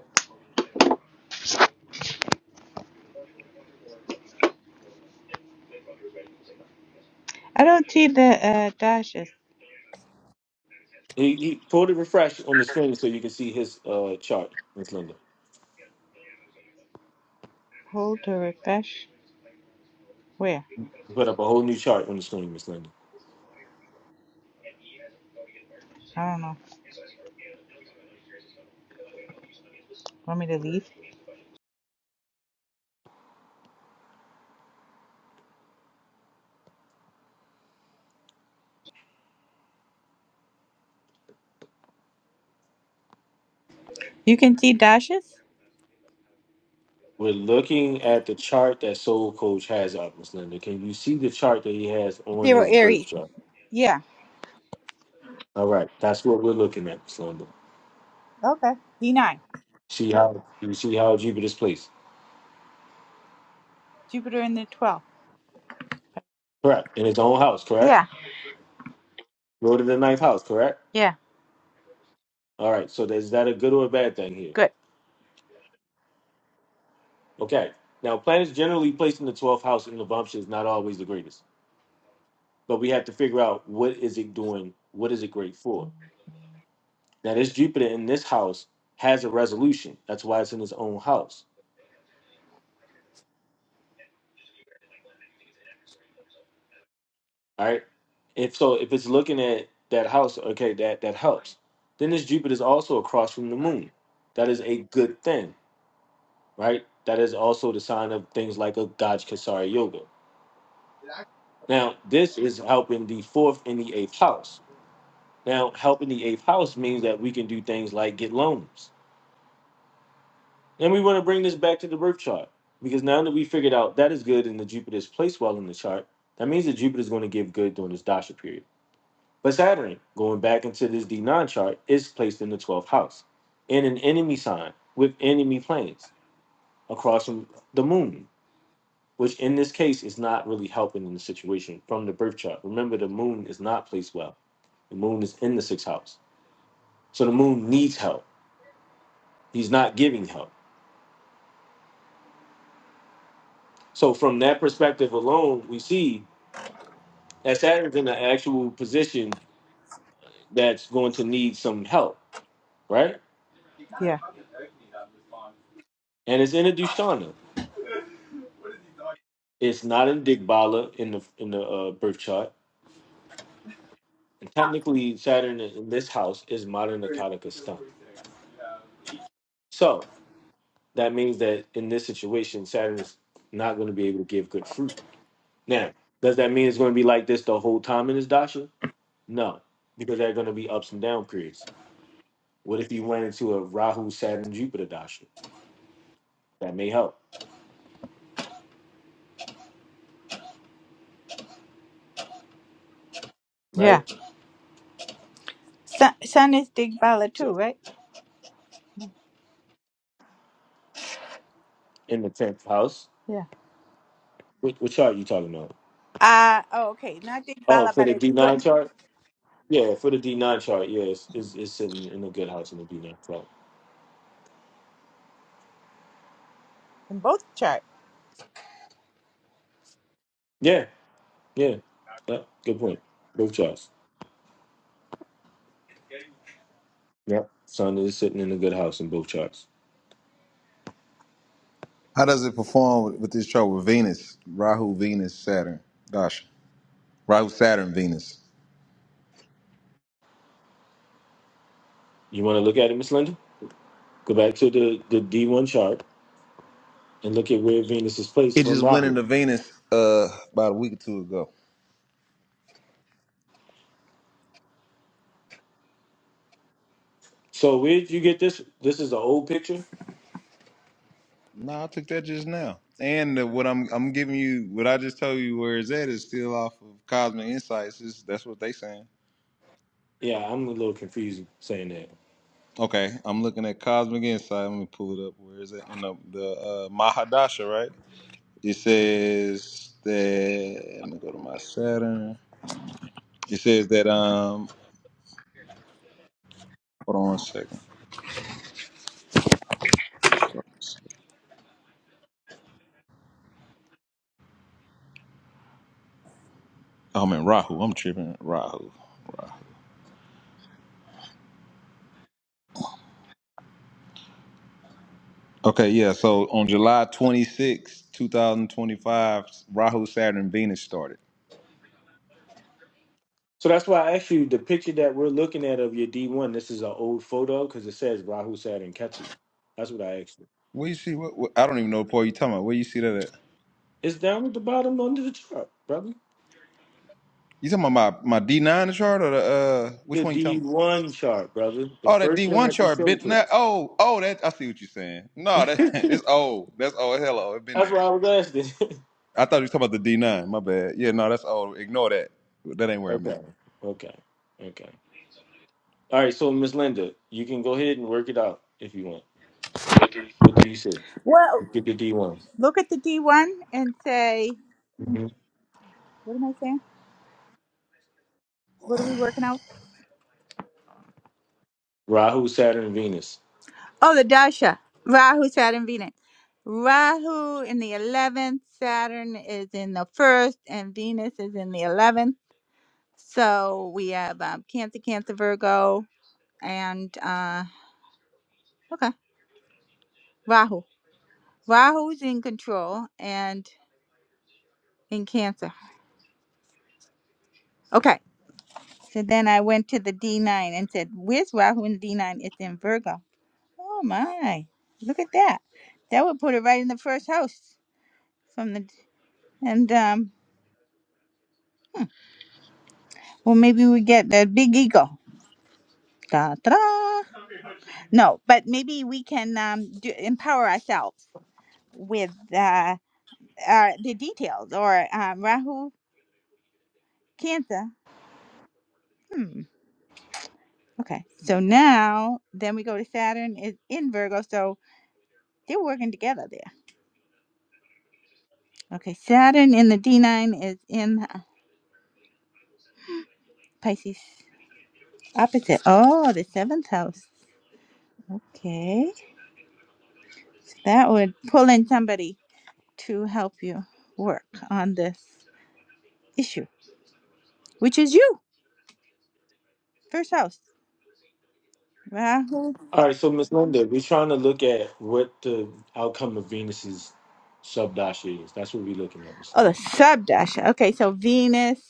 I don't see the uh, dashes.
He, he pulled it refresh on the screen so you can see his uh, chart, Miss Linda.
Hold to refresh. Where?
Put up a whole new chart on the screen, Miss Linda.
I don't know. Want me to leave? You can see dashes?
We're looking at the chart that Soul Coach has up, Miss Linda. Can you see the chart that he has on
Zero
his birth
Aries.
chart?
Yeah.
All right, that's what we're looking at, Miss Linda.
Okay. D9.
See how you see how Jupiter's placed,
Jupiter in the 12th.
correct? In his own house, correct?
Yeah,
Lord of the ninth house, correct?
yeah,
All right. So is that a good or a bad thing here?
good.
Okay. Now, planets generally placed in the twelfth house in the bump is not always the greatest, but we have to figure out what is it doing, what is it great for. Now, this Jupiter in this house has a resolution. That's why it's in his own house All right. If so, if it's looking at that house, okay, that that helps. Then this Jupiter is also across from the moon. That is a good thing, right? That is also the sign of things like a Gaj Kasari Yoga. Now, this is helping the fourth and the eighth house. Now, helping the eighth house means that we can do things like get loans. And we want to bring this back to the birth chart because now that we figured out that is good and the Jupiter is placed well in the chart, that means that Jupiter is going to give good during this Dasha period. But Saturn, going back into this D9 chart, is placed in the 12th house, in an enemy sign with enemy planets across from the moon, which in this case is not really helping in the situation from the birth chart. Remember, the moon is not placed well. The moon is in the sixth house. So the moon needs help. He's not giving help. So from that perspective alone, we see that Saturn's in an actual position that's going to need some help, right?
Yeah,
And it's in a Dushtana. It's not in Digbala in the in the uh, birth chart. And technically, Saturn in this house is modern Akataka stunt. So that means that in this situation, Saturn is not going to be able to give good fruit. Now, does that mean it's going to be like this the whole time in his dasha? No, because there are going to be ups and down periods. What if you went into a Rahu Saturn Jupiter dasha? That may help,
yeah.
right?
Sun, sun is Digbala
So,
too, right?
In the tenth house,
Yeah.
what, what chart are you talking about?
Uh, oh, okay. Not
Oh,
Digbala,
for
but
the
it's
D
good
nine chart. Yeah, for the D nine chart, yeah, it's, it's it's sitting in a good house in the D nine chart.
in both charts.
Yeah, yeah, yeah. Good point. Both charts. Yep. Sun is sitting in a good house in both charts.
How does it perform with, with this chart with Venus, Rahu, Venus, Saturn? Gosh, Rahu, Saturn, Venus.
You want to look at it, Miss Linda? Go back to the the D one chart and look at where Venus is placed
It
from
just went
Rahu.
into Venus uh about a week or two ago.
So where did you get this? This is an old picture.
No, I took that just now. And uh, what I'm I'm giving you, what I just told you where it's at is still off of Cosmic Insights. It's, that's what they saying.
Yeah, I'm a little confused saying that.
Okay, I'm looking at Cosmic Insight. Let me pull it up. Where is it? In the, the uh, Mahadasha, right? It says that. Let me go to my Saturn. It says that. Um, hold on one second. I'm in Rahu. I'm tripping. Rahu. Rahu. Okay, yeah. So on July 26, 2025, Rahu, Saturn, Venus started.
So that's why I asked you the picture that we're looking at of your D one. This is an old photo because it says Rahu, Saturn, Ketu. That's what I asked you.
Where you see what, what I don't even know, Paul. You talking about where you see that? At?
It's down at the bottom under the chart, brother.
You talking about my my D nine chart or the uh which
the
one you
D
talking? about?
one chart, brother. The
Oh, that D
first one
one
that you
chart
showed
been
to
that.
us.
Oh, oh, that I see what you're saying. No, that it's old. That's old. Hello, it been
That's
there.
why I was asking.
I thought you was talking about the D nine. My bad. Yeah, no, that's old. Ignore that. That ain't where I'm at.
okay. Okay. Okay. All right. So, Miss Linda, you can go ahead and work it out if you want. What do you say?
Well,
Get the D one.
look at the D1 and say,
hmm
what am I saying? What are we working out?
Rahu, Saturn, Venus.
Oh, the Dasha. Rahu, Saturn, Venus. Rahu in the 11th, Saturn is in the 1st, and Venus is in the 11th. So we have um, Cancer, Cancer, Virgo, and uh, okay, Rahu. Rahu's in control and in Cancer. Okay. So then I went to the D9 and said, Where's Rahu in the D9? It's in Virgo. Oh my. Look at that. That would put it right in the first house from the and um well maybe we get the big eagle. Da, da, da. No, but maybe we can um do, empower ourselves with uh, uh the details or um Rahu Cancer. Okay. So now then we go to Saturn is in Virgo. So They're working together there. Okay, Saturn in the D9 is in Pisces opposite. Oh, the seventh house. Okay. That would pull in somebody to help you work on this issue, which is you, first house. Rahu.
All right. So, Miss Linda, we're trying to look at what the outcome of Venus's subdasha is. That's what we're looking at, Miss
Oh, the
Linda.
subdasha. Okay, so Venus.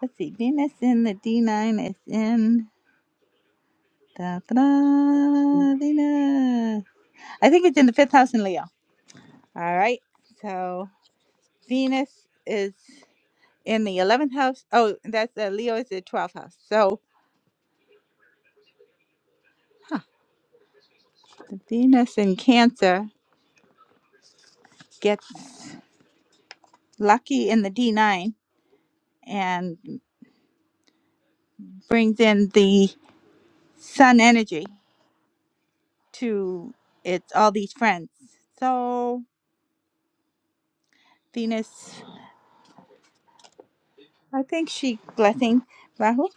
Let's see. Venus in the D9 is in. Da, da, Venus. I think it's in the fifth house in Leo. All right. So Venus is. in the 11th house. Oh, that's uh, Leo is the 12th house. So Venus in Cancer gets lucky in the D9 and brings in the sun energy to its all these friends. So Venus, I think she blessing Rahu,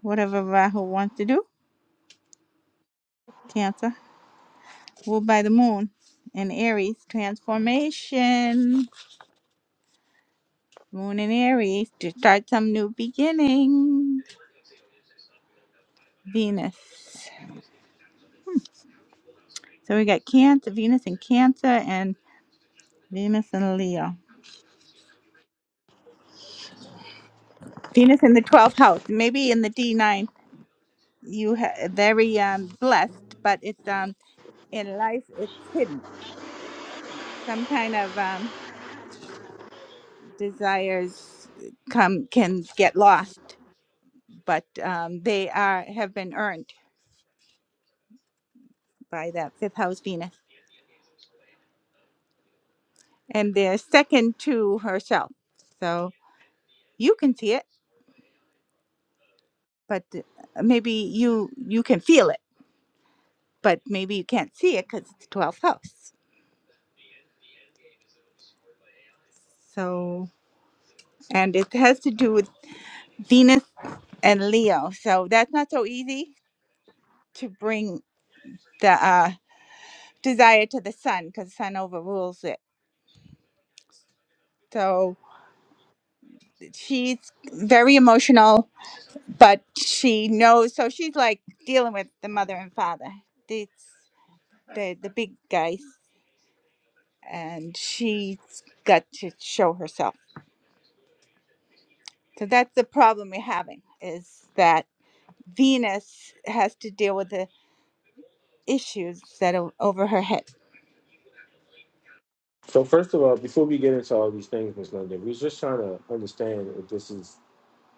whatever Rahu wants to do. Cancer ruled by the moon in Aries transformation. Moon in Aries to start some new beginning. Venus. So we got Cancer, Venus in Cancer, and Venus in Leo. Venus in the 12th house. Maybe in the D9, you ha- very um, blessed, but it's um in life it's hidden. Some kind of um, desires come can get lost, but um, they are have been earned by that fifth house Venus, and they're second to herself. So you can see it, but uh, maybe you you can feel it, but maybe you can't see it because it's the 12th house. So, and it has to do with Venus and Leo. So that's not so easy to bring the uh, desire to the sun because sun overrules it. So she's very emotional, but she knows. So she's like dealing with the mother and father. It's the the big guys, and she's got to show herself. So that's the problem we're having is that Venus has to deal with the issues that are over her head.
So, first of all, before we get into all these things, Miss Linda, we're just trying to understand if this is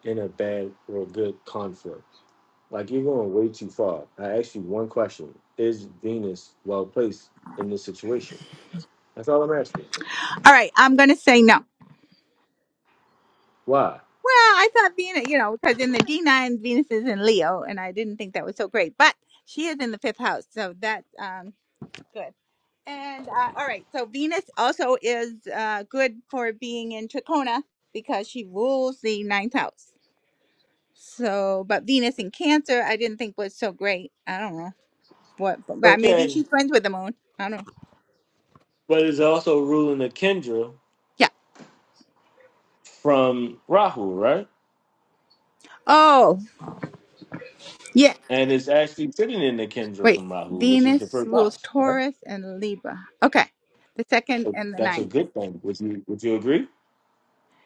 in a bad or a good conflict. Like you're going way too far. I asked you one question: Is Venus well placed in this situation? That's all I'm asking.
All right, I'm going to say no.
Why?
Well, I thought Venus, you know, because in the D9, Venus is in Leo, and I didn't think that was so great. But she is in the fifth house, so that's um, good. And uh, all right, so Venus also is uh, good for being in Trachona because she rules the ninth house. So, but Venus in Cancer, I didn't think was so great. I don't know what, but maybe
Okay,
she's friends with the moon. I don't know.
but it's also ruling the Kendra
Yeah.
from Rahu, right?
Oh, yeah.
And it's actually sitting in the Kendra
Wait,
from Rahu, which is the
Venus
first
rules
house, right?
Taurus and Libra. Okay, the second
So
and the
that's a
ninth.
good thing. Would you Would you agree?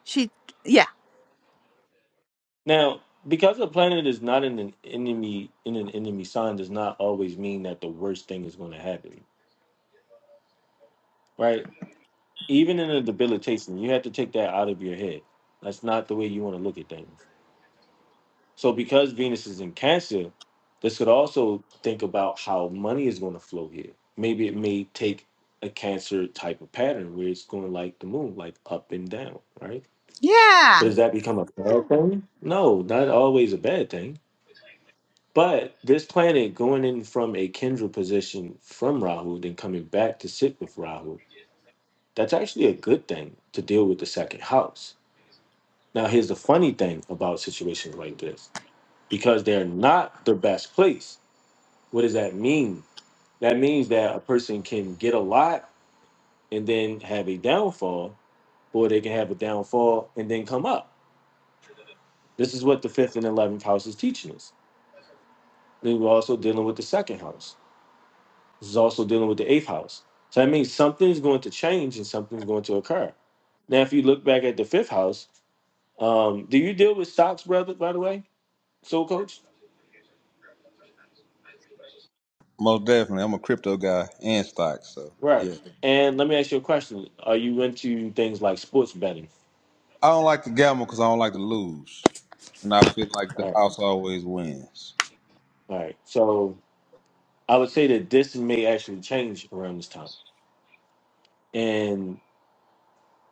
She, yeah,
Now, because a planet is not in an enemy in an enemy sign, does not always mean that the worst thing is going to happen, right? even in a debilitation, you have to take that out of your head. That's not the way you want to look at things. So because Venus is in Cancer, this could also think about how money is going to flow here. Maybe it may take a Cancer type of pattern where it's going like the moon, like up and down, right? But
yeah.
does that become a bad thing? No, not always a bad thing. But this planet going in from a Kendra position from Rahu, then coming back to sit with Rahu, that's actually a good thing to deal with the second house Now, here's the funny thing about situations like this because they're not the best place. What does that mean? That means that a person can get a lot and then have a downfall, or they can have a downfall and then come up. This is what the fifth and 11th house is teaching us. Then we're also dealing with the second house. This is also dealing with the eighth house. So that means something's going to change and something's going to occur. Now, if you look back at the fifth house, um, do you deal with stocks, brother, by the way? Soul coach?
Most definitely, I'm a crypto guy and stocks. So
Right.
yeah,
And let me ask you a question. Are you into things like sports betting?
I don't like to gamble because I don't like to lose, and I feel like
All
the
right.
house always wins.
All right. So I would say that this may actually change around this time. And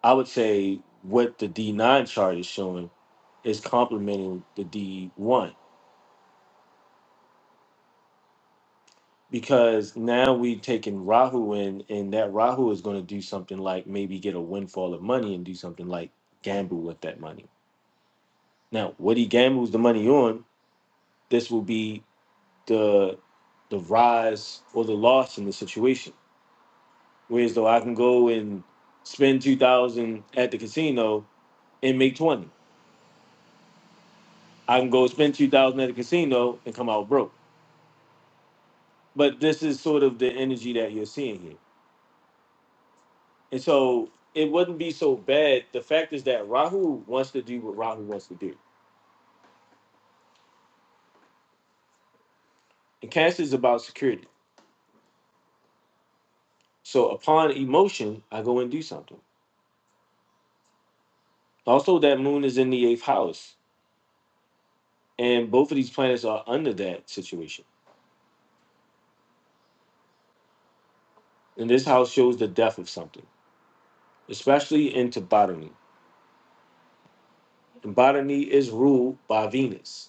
I would say what the D9 chart is showing is complementing the D1 because now we've taken Rahu in, and that Rahu is going to do something like maybe get a windfall of money and do something like gamble with that money. Now, what he gambles the money on, this will be. the the rise or the loss in the situation. Whereas though I can go and spend two thousand at the casino and make twenty. I can go spend two thousand at the casino and come out broke. But this is sort of the energy that you're seeing here. And so it wouldn't be so bad. The fact is that Rahu wants to do what Rahu wants to do. And Cancer is about security. So upon emotion, I go and do something. Also, that moon is in the eighth house. And both of these planets are under that situation. And this house shows the death of something, especially into botany. And botany is ruled by Venus.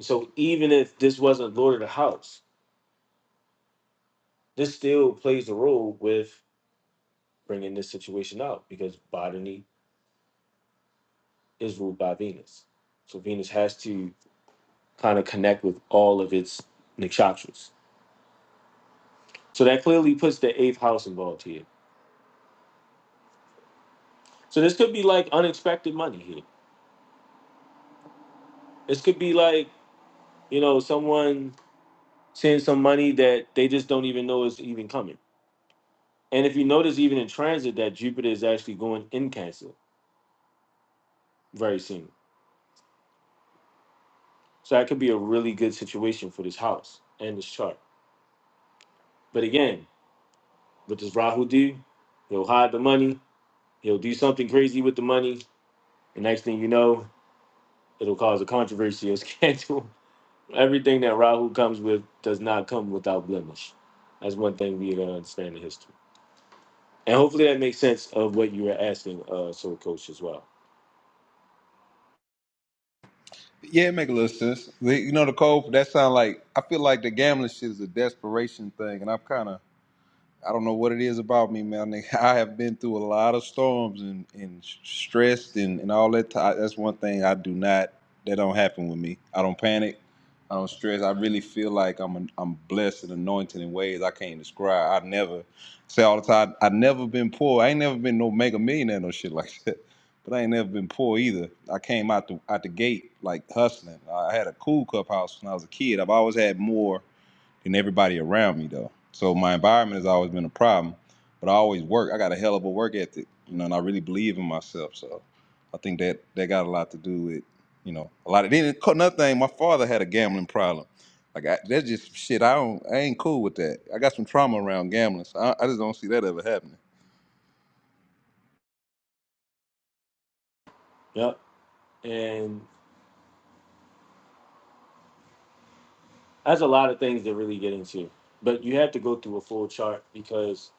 So even if this wasn't Lord of the House, this still plays a role with bringing this situation out because botany is ruled by Venus. So Venus has to kind of connect with all of its nakshatras. So that clearly puts the eighth house involved here. So this could be like unexpected money here. This could be like, you know, someone send some money that they just don't even know is even coming And if you notice, even in transit, that Jupiter is actually going in Cancer very soon. So that could be a really good situation for this house and this chart. But again, what does Rahu do? He'll hide the money, he'll do something crazy with the money. and next thing you know, it'll cause a controversy or scandal. Everything that Rahu comes with does not come without blemish. That's one thing we gotta understand in history. And hopefully that makes sense of what you were asking, uh, Soul Coach, as well.
Yeah, it make a little sense. The- You know, the code that sound like I feel like the gambling shit is a desperation thing, and I'm kind of I don't know what it is about me, man. Nigga, I have been through a lot of storms and, and stressed and, and all that. ti- That's one thing I do not, that don't happen with me. I don't panic. I don't stress. I really feel like I'm an, I'm blessed and anointed in ways I can't describe. I never say all the time, I never been poor. I ain't never been no mega millionaire, no shit like that. But I ain't never been poor either. I came out the, out the gate like hustling. I had a cool cup house when I was a kid. I've always had more and everybody around me though. So my environment has always been a problem, but I always work. I got a hell of a work ethic, you know, and I really believe in myself. So I think that that got a lot to do with, you know, a lot of then another thing. My father had a gambling problem. Like I, that's just some shit. I don't. I ain't cool with that. I got some trauma around gambling, so I, I just don't see that ever happening.
Yep. and. That's a lot of things to really get into, but you have to go through a full chart because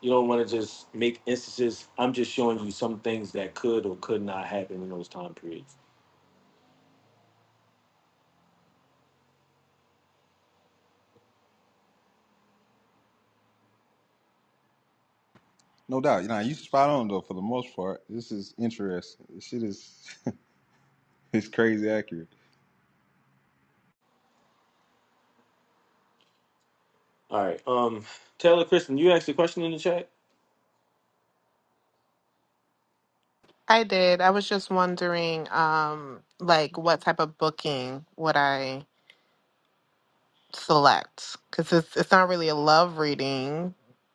you don't want to just make instances. I'm just showing you some things that could or could not happen in those time periods.
No doubt. You know, you spot on though for the most part. This is interesting. This shit is it's crazy accurate.
All right, um, Taylor Kristen, you asked a question in the chat.
I did. I was just wondering, um, like what type of booking would I select? Because it's it's not really a love reading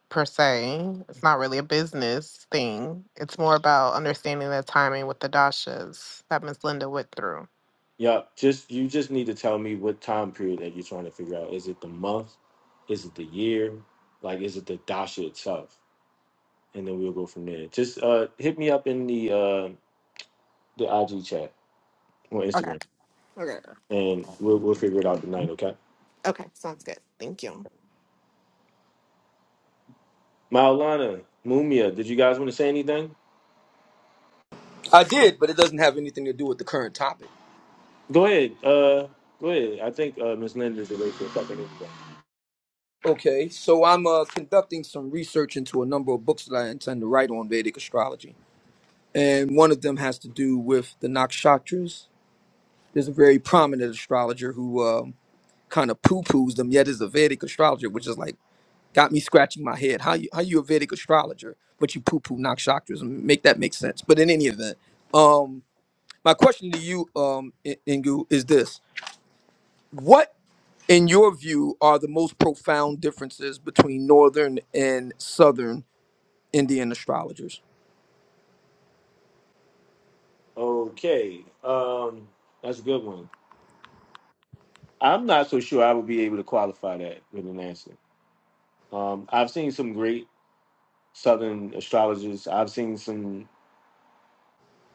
per se. It's not really a business thing. It's more about understanding the timing with the dashas that Miss Linda went through.
Yeah, just you just need to tell me what time period that you're trying to figure out. Is it the month? Is it the year? Like, is it the dasha itself? And then we'll go from there. Just uh, hit me up in the uh, the IG chat or
Okay.
Instagram,
Okay.
and we'll we'll figure it out tonight. Okay.
Okay. Sounds good. Thank you.
Maulana, Mumia, did you guys want to say anything?
I did, but it doesn't have anything to do with the current topic.
Go ahead. Uh, go ahead. I think uh, Miss Linda's the late for something. anyway.
Okay, so I'm uh, conducting some research into a number of books that I intend to write on Vedic astrology, and one of them has to do with the nakshatras. There's a very prominent astrologer who um, kind of poo poos them yet as a Vedic astrologer, which is like got me scratching my head. How you how you a Vedic astrologer, but you poo poo nakshakras? Make that make sense. But in any event, um, my question to you, um, I- Ingu, is this: What in your view are the most profound differences between northern and southern Indian astrologers?
Okay. Um, that's a good one. I'm not so sure I would be able to qualify that with an answer. Um, I've seen some great Southern astrologers. I've seen some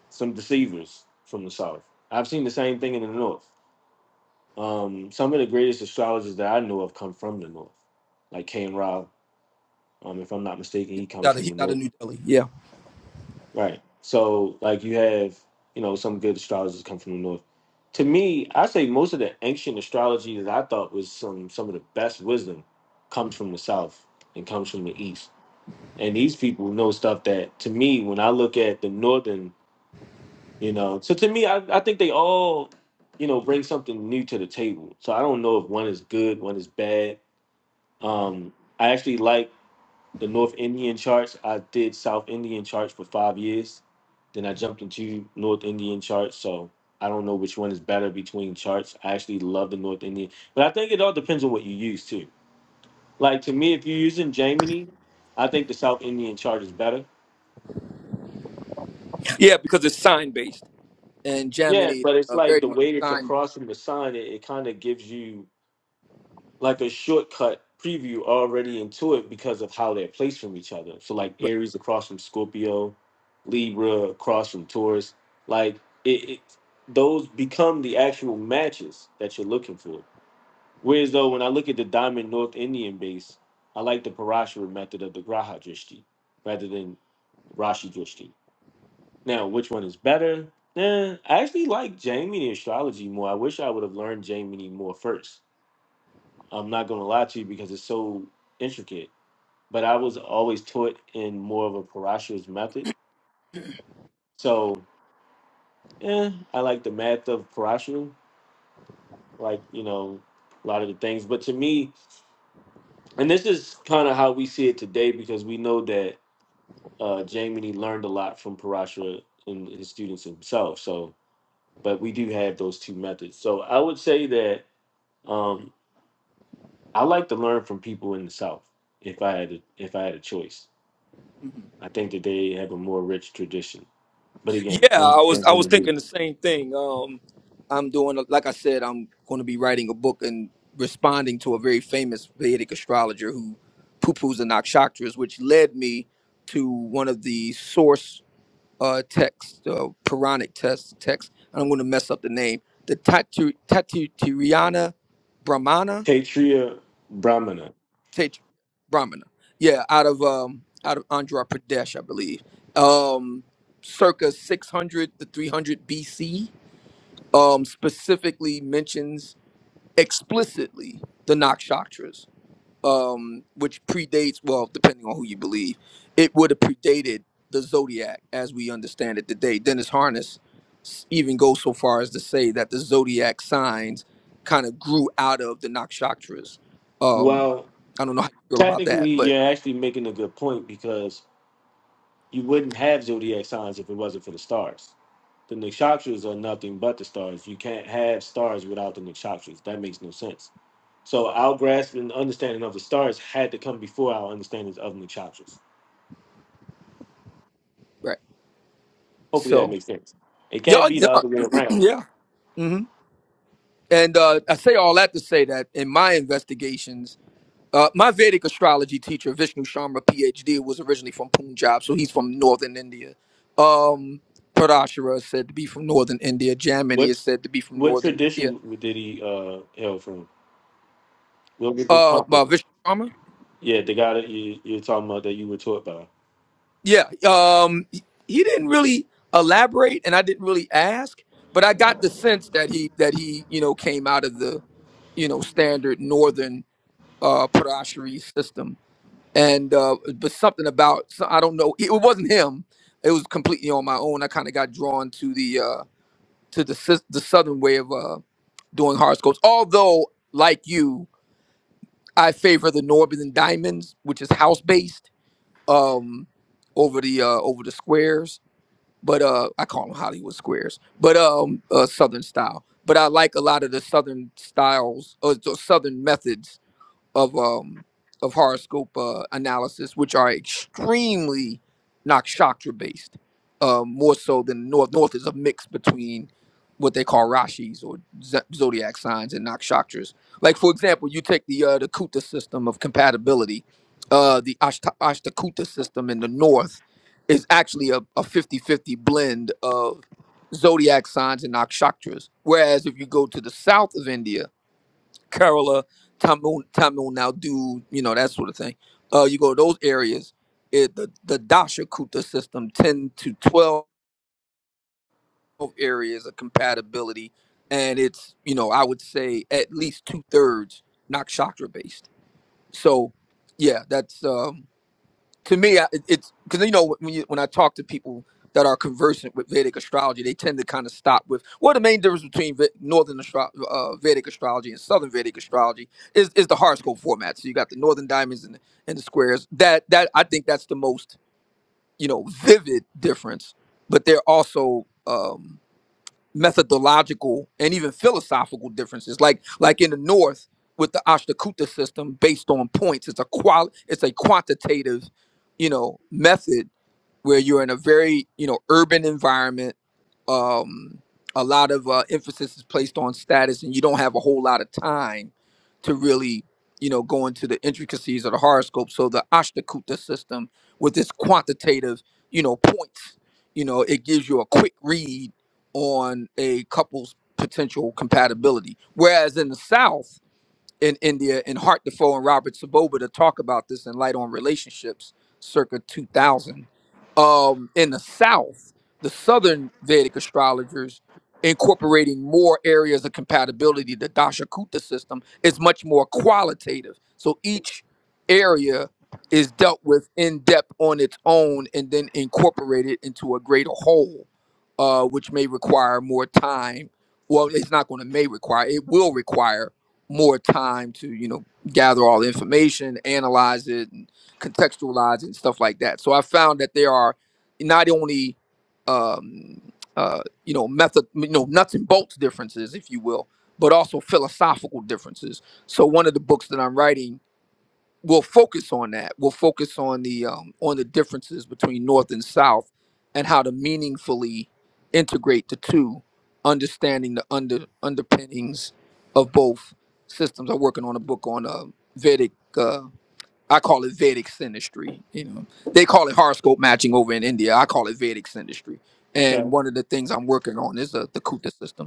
some deceivers from the South. I've seen the same thing in the North. Um, some of the greatest astrologers that I know of come from the North, like Cain Rao. Um, if I'm not mistaken,
He's
he comes
out of,
from
he's
the
out
North.
of New Delhi. Yeah,
Right. So like you have, you know, some good astrologers come from the north. To me, I say most of the ancient astrology that I thought was some some of the best wisdom comes from the south and comes from the east. And these people know stuff that to me, when I look at the northern, you know, so to me, I, I think they all, you know, bring something new to the table. So I don't know if one is good, one is bad. Um, I actually like the North Indian charts. I did South Indian charts for five years. Then I jumped into North Indian charts. So I don't know which one is better between charts. I actually love the North Indian, but I think it all depends on what you use too. Like to me, if you're using Gemini, I think the South Indian chart is better.
yeah, because it's sign based, and
Yeah,
Gemini
but it's
uh,
like
very
the
much
way it's
sign.
across from the sun, it, it kind of gives you like a shortcut preview already into it because of how they're placed from each other. So like Aries across from Scorpio, Libra across from Taurus, like it, it those become the actual matches that you're looking for. Whereas though when I look at the Diamond North Indian base, I like the Parashara method of the Graha Drishti rather than Rashi Drishti. Now, which one is better? Eh, I actually like Jaimini astrology more. I wish I would have learned Jaimini more first I'm not going to lie to you because it's so intricate. But I was always taught in more of a Parashas method. So, yeah, I like the math of Parashas, like, you know, a lot of the things. But to me, and this is kind of how we see it today because we know that uh, Jamie learned a lot from Parashah and his students himself. So, but we do have those two methods. So I would say that um, I like to learn from people in the South if I had a, if I had a choice
Mm-hmm.
I think that they have a more rich tradition. But
Yeah,
again, I'm
I was I
struggling
was
to do
thinking the same thing. Um, I'm doing like I said, I'm going to be writing a book and responding to a very famous Vedic astrologer who poo-poos the nakshatras, which led me to one of the source uh, text, uh, Puranic text, text. I'm going to mess up the name. The Tatu Tatu Brahmana,
Kshatriya Brahmana.
Tet- Brahmana. Yeah, out of um, out of Andhra Pradesh, I believe. Um, circa 600 to 300 BC. Um, specifically mentions explicitly the Nakshatras. um, which predates, well, depending on who you believe, it would have predated the zodiac as we understand it today. Dennis Harness s- even goes so far as to say that the zodiac signs kind of grew out of the nakshatras. Um,
Well,
I don't know how you feel about that,
technically,
but
you're actually making a good point because you wouldn't have zodiac signs if it wasn't for the stars. The nakshatras are nothing but the stars. You can't have stars without the nakshatras. That makes no sense. So our grasp and understanding of the stars had to come before our understandings of nakshatras.
right.
Hopefully, that
So
makes sense. It can't
yeah,
be the
yeah,
other way around.
yeah. hmm And uh, I say all that to say that in my investigations. Uh, my Vedic astrology teacher, Vishnu Sharma, PhD, was originally from Punjab, so he's from northern India. Um, Parashara is said to be from northern India. Jamini
What
is said to be from
what
northern India.
tradition did he uh, hail from? Will get this
Uh, uh,
popular?
Vishnu Sharma?
Yeah, the guy that you you're talking about that you were taught by.
Yeah. Um, he he didn't really elaborate, and I didn't really ask, but I got the sense that he that he you know came out of the you know standard northern uh Parashari system. and uh but something about so i don't know it wasn't him it was completely on my own i kind of got drawn to the uh to the sys- the southern way of uh doing horoscopes although like you i favor the northern diamonds which is house based um over the uh over the squares but uh i call them hollywood squares but um uh southern style but i like a lot of the southern styles or the southern methods of um of horoscope uh, analysis, which are extremely nakshatra based, um, more so than north. North is a mix between what they call rashis or z- zodiac signs and nakshatras. Like for example, you take the uh, the Kuta system of compatibility, uh, the Ashta, Ashtakuta system in the north is actually a, a 50-50 blend of zodiac signs and nakshatras. Whereas if you go to the south of India Kerala, Tamil, Tamil Nadu, you know, that sort of thing. Uh, you go to those areas, it, the, the Dashakuta system, 10 to 12 areas of compatibility. And it's, you know, I would say at least two thirds nakshatra based. So, yeah, that's, uh, to me, I- it- it's because you know when you, when I talk to people that are conversant with Vedic astrology, they tend to kind of stop with well, the main difference between Ve- Northern astro- uh, Vedic astrology and Southern Vedic astrology is is the horoscope format. So you got the Northern diamonds and the, and the squares. That that I think that's the most you know vivid difference. But they're also um, methodological and even philosophical differences. Like like in the North with the Ashtakuta system based on points, it's a qual it's a quantitative, you know, method where you're in a very you know urban environment. Um, a lot of uh, emphasis is placed on status, and you don't have a whole lot of time to really you know go into the intricacies of the horoscope. So the Ashtakuta system with this quantitative you know points, you know, it gives you a quick read on a couple's potential compatibility. Whereas in the South, in India and Hart Defoe and Robert Saboba to talk about this in Light on Relationships circa 2000. Um, in the South, the Southern Vedic astrologers incorporating more areas of compatibility, the Dashakuta system is much more qualitative. So each area is dealt with in depth on its own and then incorporated into a greater whole, uh, which may require more time. Well, it's not going to may require, it will require more time to you know gather all the information analyze it and contextualize it and stuff like that so i found that there are not only um uh you know method you know nuts and bolts differences if you will but also philosophical differences so one of the books that i'm writing we'll focus on that. We'll focus on the um, on the differences between North and South, and how to meaningfully integrate the two, understanding the under underpinnings of both systems. I'm working on a book on uh, Vedic. Uh, I call it Vedic synastry. You know, they call it horoscope matching over in India. I call it Vedic synastry. And
Okay.
one of the things I'm working on is uh, the Kuta system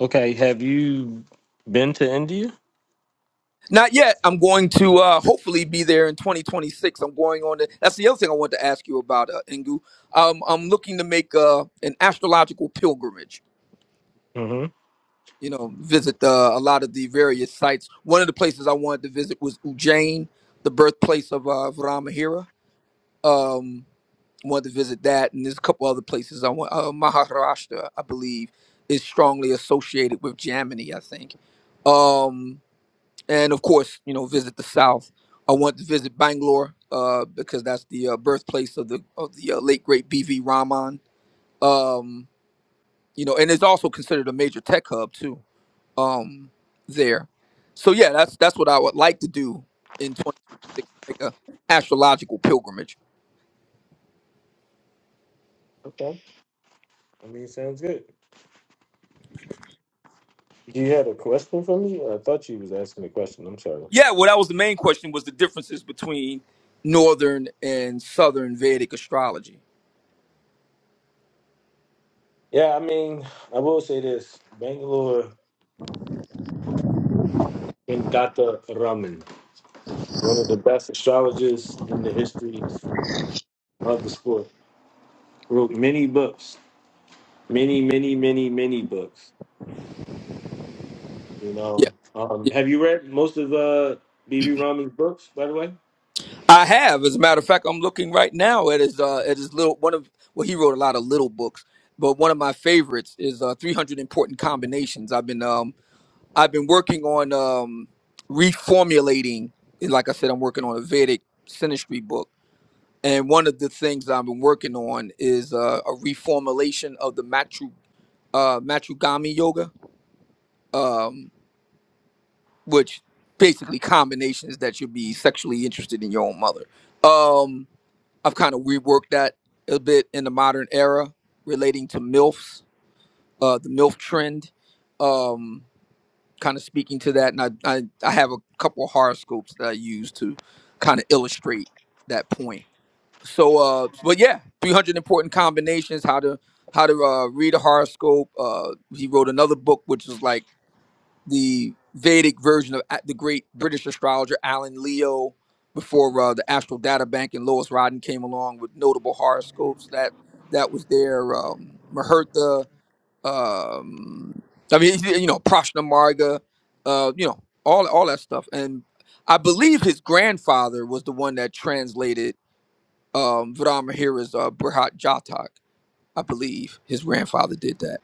Okay. Have you been to India?
Not yet. I'm going to uh, hopefully be there in 2026. I'm going on. To, that's the other thing I want to ask you about, uh, Ingu. Um, I'm looking to make uh, an astrological pilgrimage.
Mm-hmm.
You know, visit uh, a lot of the various sites. One of the places I wanted to visit was Ujjain, the birthplace of uh, Ramahira. Um, wanted to visit that, and there's a couple other places. I want uh, Maharashtra, I believe, is strongly associated with Jamini. I think. Um, and of course, you know, visit the South. I want to visit Bangalore uh, because that's the uh, birthplace of the of the uh, late great B.V. Raman. Um, you know, and it's also considered a major tech hub too um, there. So yeah, that's that's what I would like to do in 2026, make a astrological pilgrimage.
Okay. I mean, sounds good. You had a question for me? I thought you was asking a question. I'm sorry.
Yeah, well, that was the main question was the differences between northern and southern Vedic astrology.
Yeah, I mean, I will say this: Bangalore and Gata Raman, one of the best astrologers in the history of the sport. wrote many books, many, many, many, many books. You
Yeah,
know,
yeah.
um, have you read most of uh, B.B. Rahman's books, by the way?
I have, as a matter of fact, I'm looking right now at his uh, at his little one of well, he wrote a lot of little books, but one of my favorites is uh, 300 Important Combinations. I've been um I've been working on um reformulating. and Like I said, I'm working on a Vedic synastry book, and one of the things I've been working on is uh, a reformulation of the matru uh, matrugami yoga, um, which basically combinations that you'll be sexually interested in your own mother. Um, I've kind of reworked that a bit in the modern era relating to MILFs, uh, the MILF trend, um, kind of speaking to that. And I, I, I have a couple of horoscopes that I use to kind of illustrate that point. So, uh, but yeah, 300 important combinations, how to, how to uh, read a horoscope. Uh, he wrote another book, which is like, the Vedic version of a- the great British astrologer Alan Leo before uh, the Astral Data Bank and Lois Rodden came along with notable horoscopes. That that was there. Um, Mahertha, um, I mean, you know, Prashna Marga, uh, you know, all all that stuff. And I believe his grandfather was the one that translated um, Vramahira's uh, Brihat Jatak. I believe his grandfather did that.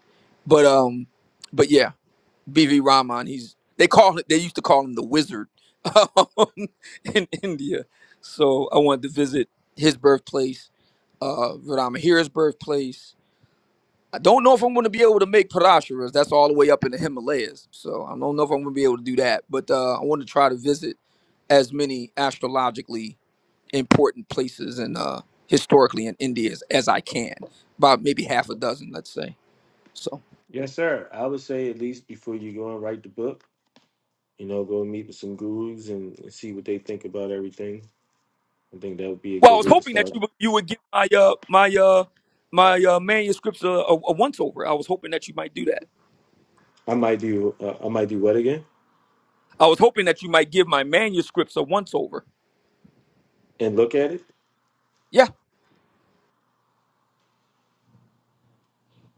But um, but yeah. BV Raman, He's they call it. They used to call him the Wizard um, in India. So I wanted to visit his birthplace, uh, Radama birthplace. I don't know if I'm going to be able to make Parashuras. That's all the way up in the Himalayas. So I don't know if I'm going to be able to do that. But uh, I want to try to visit as many astrologically important places and uh, historically in India as, as I can. About maybe half a dozen, let's say. So.
Yes, sir. I would say at least before you go and write the book, you know, go meet with some gurus and, and see what they think about everything. I think that would be a
Well, I
good
was
way to
hoping that
start.
you would- you would give my uh my uh my uh manuscripts a, a, a once over. I was hoping that you might do that.
I might do, uh, I might do what again
I was hoping that you might give my manuscripts a once over.
and look at it.
Yeah,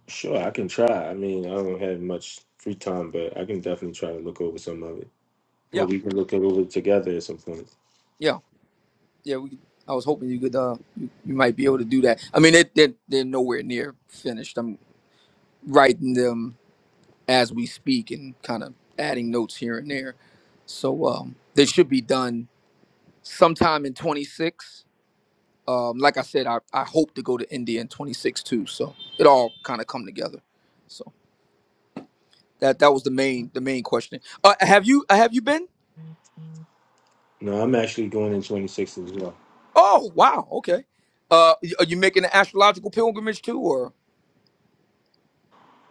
Sure, I can try. I mean, I don't have much free time, but I can definitely try to look over some of it, or
yeah,
we can look it over together at some point.
yeah, yeah. We, I was hoping you could uh you, you might be able to do that. I mean, it, they're they're nowhere near finished. I'm writing them as we speak and kind of adding notes here and there. So um, they should be done sometime in 26. Um, like I said, I, I hope to go to India in 26 too. So it all kind of come together. So that that was the main the main question. Uh, have you have you been?
No, I'm actually going in 26 as well.
Oh wow, okay. Uh, y- are you making an astrological pilgrimage too, or?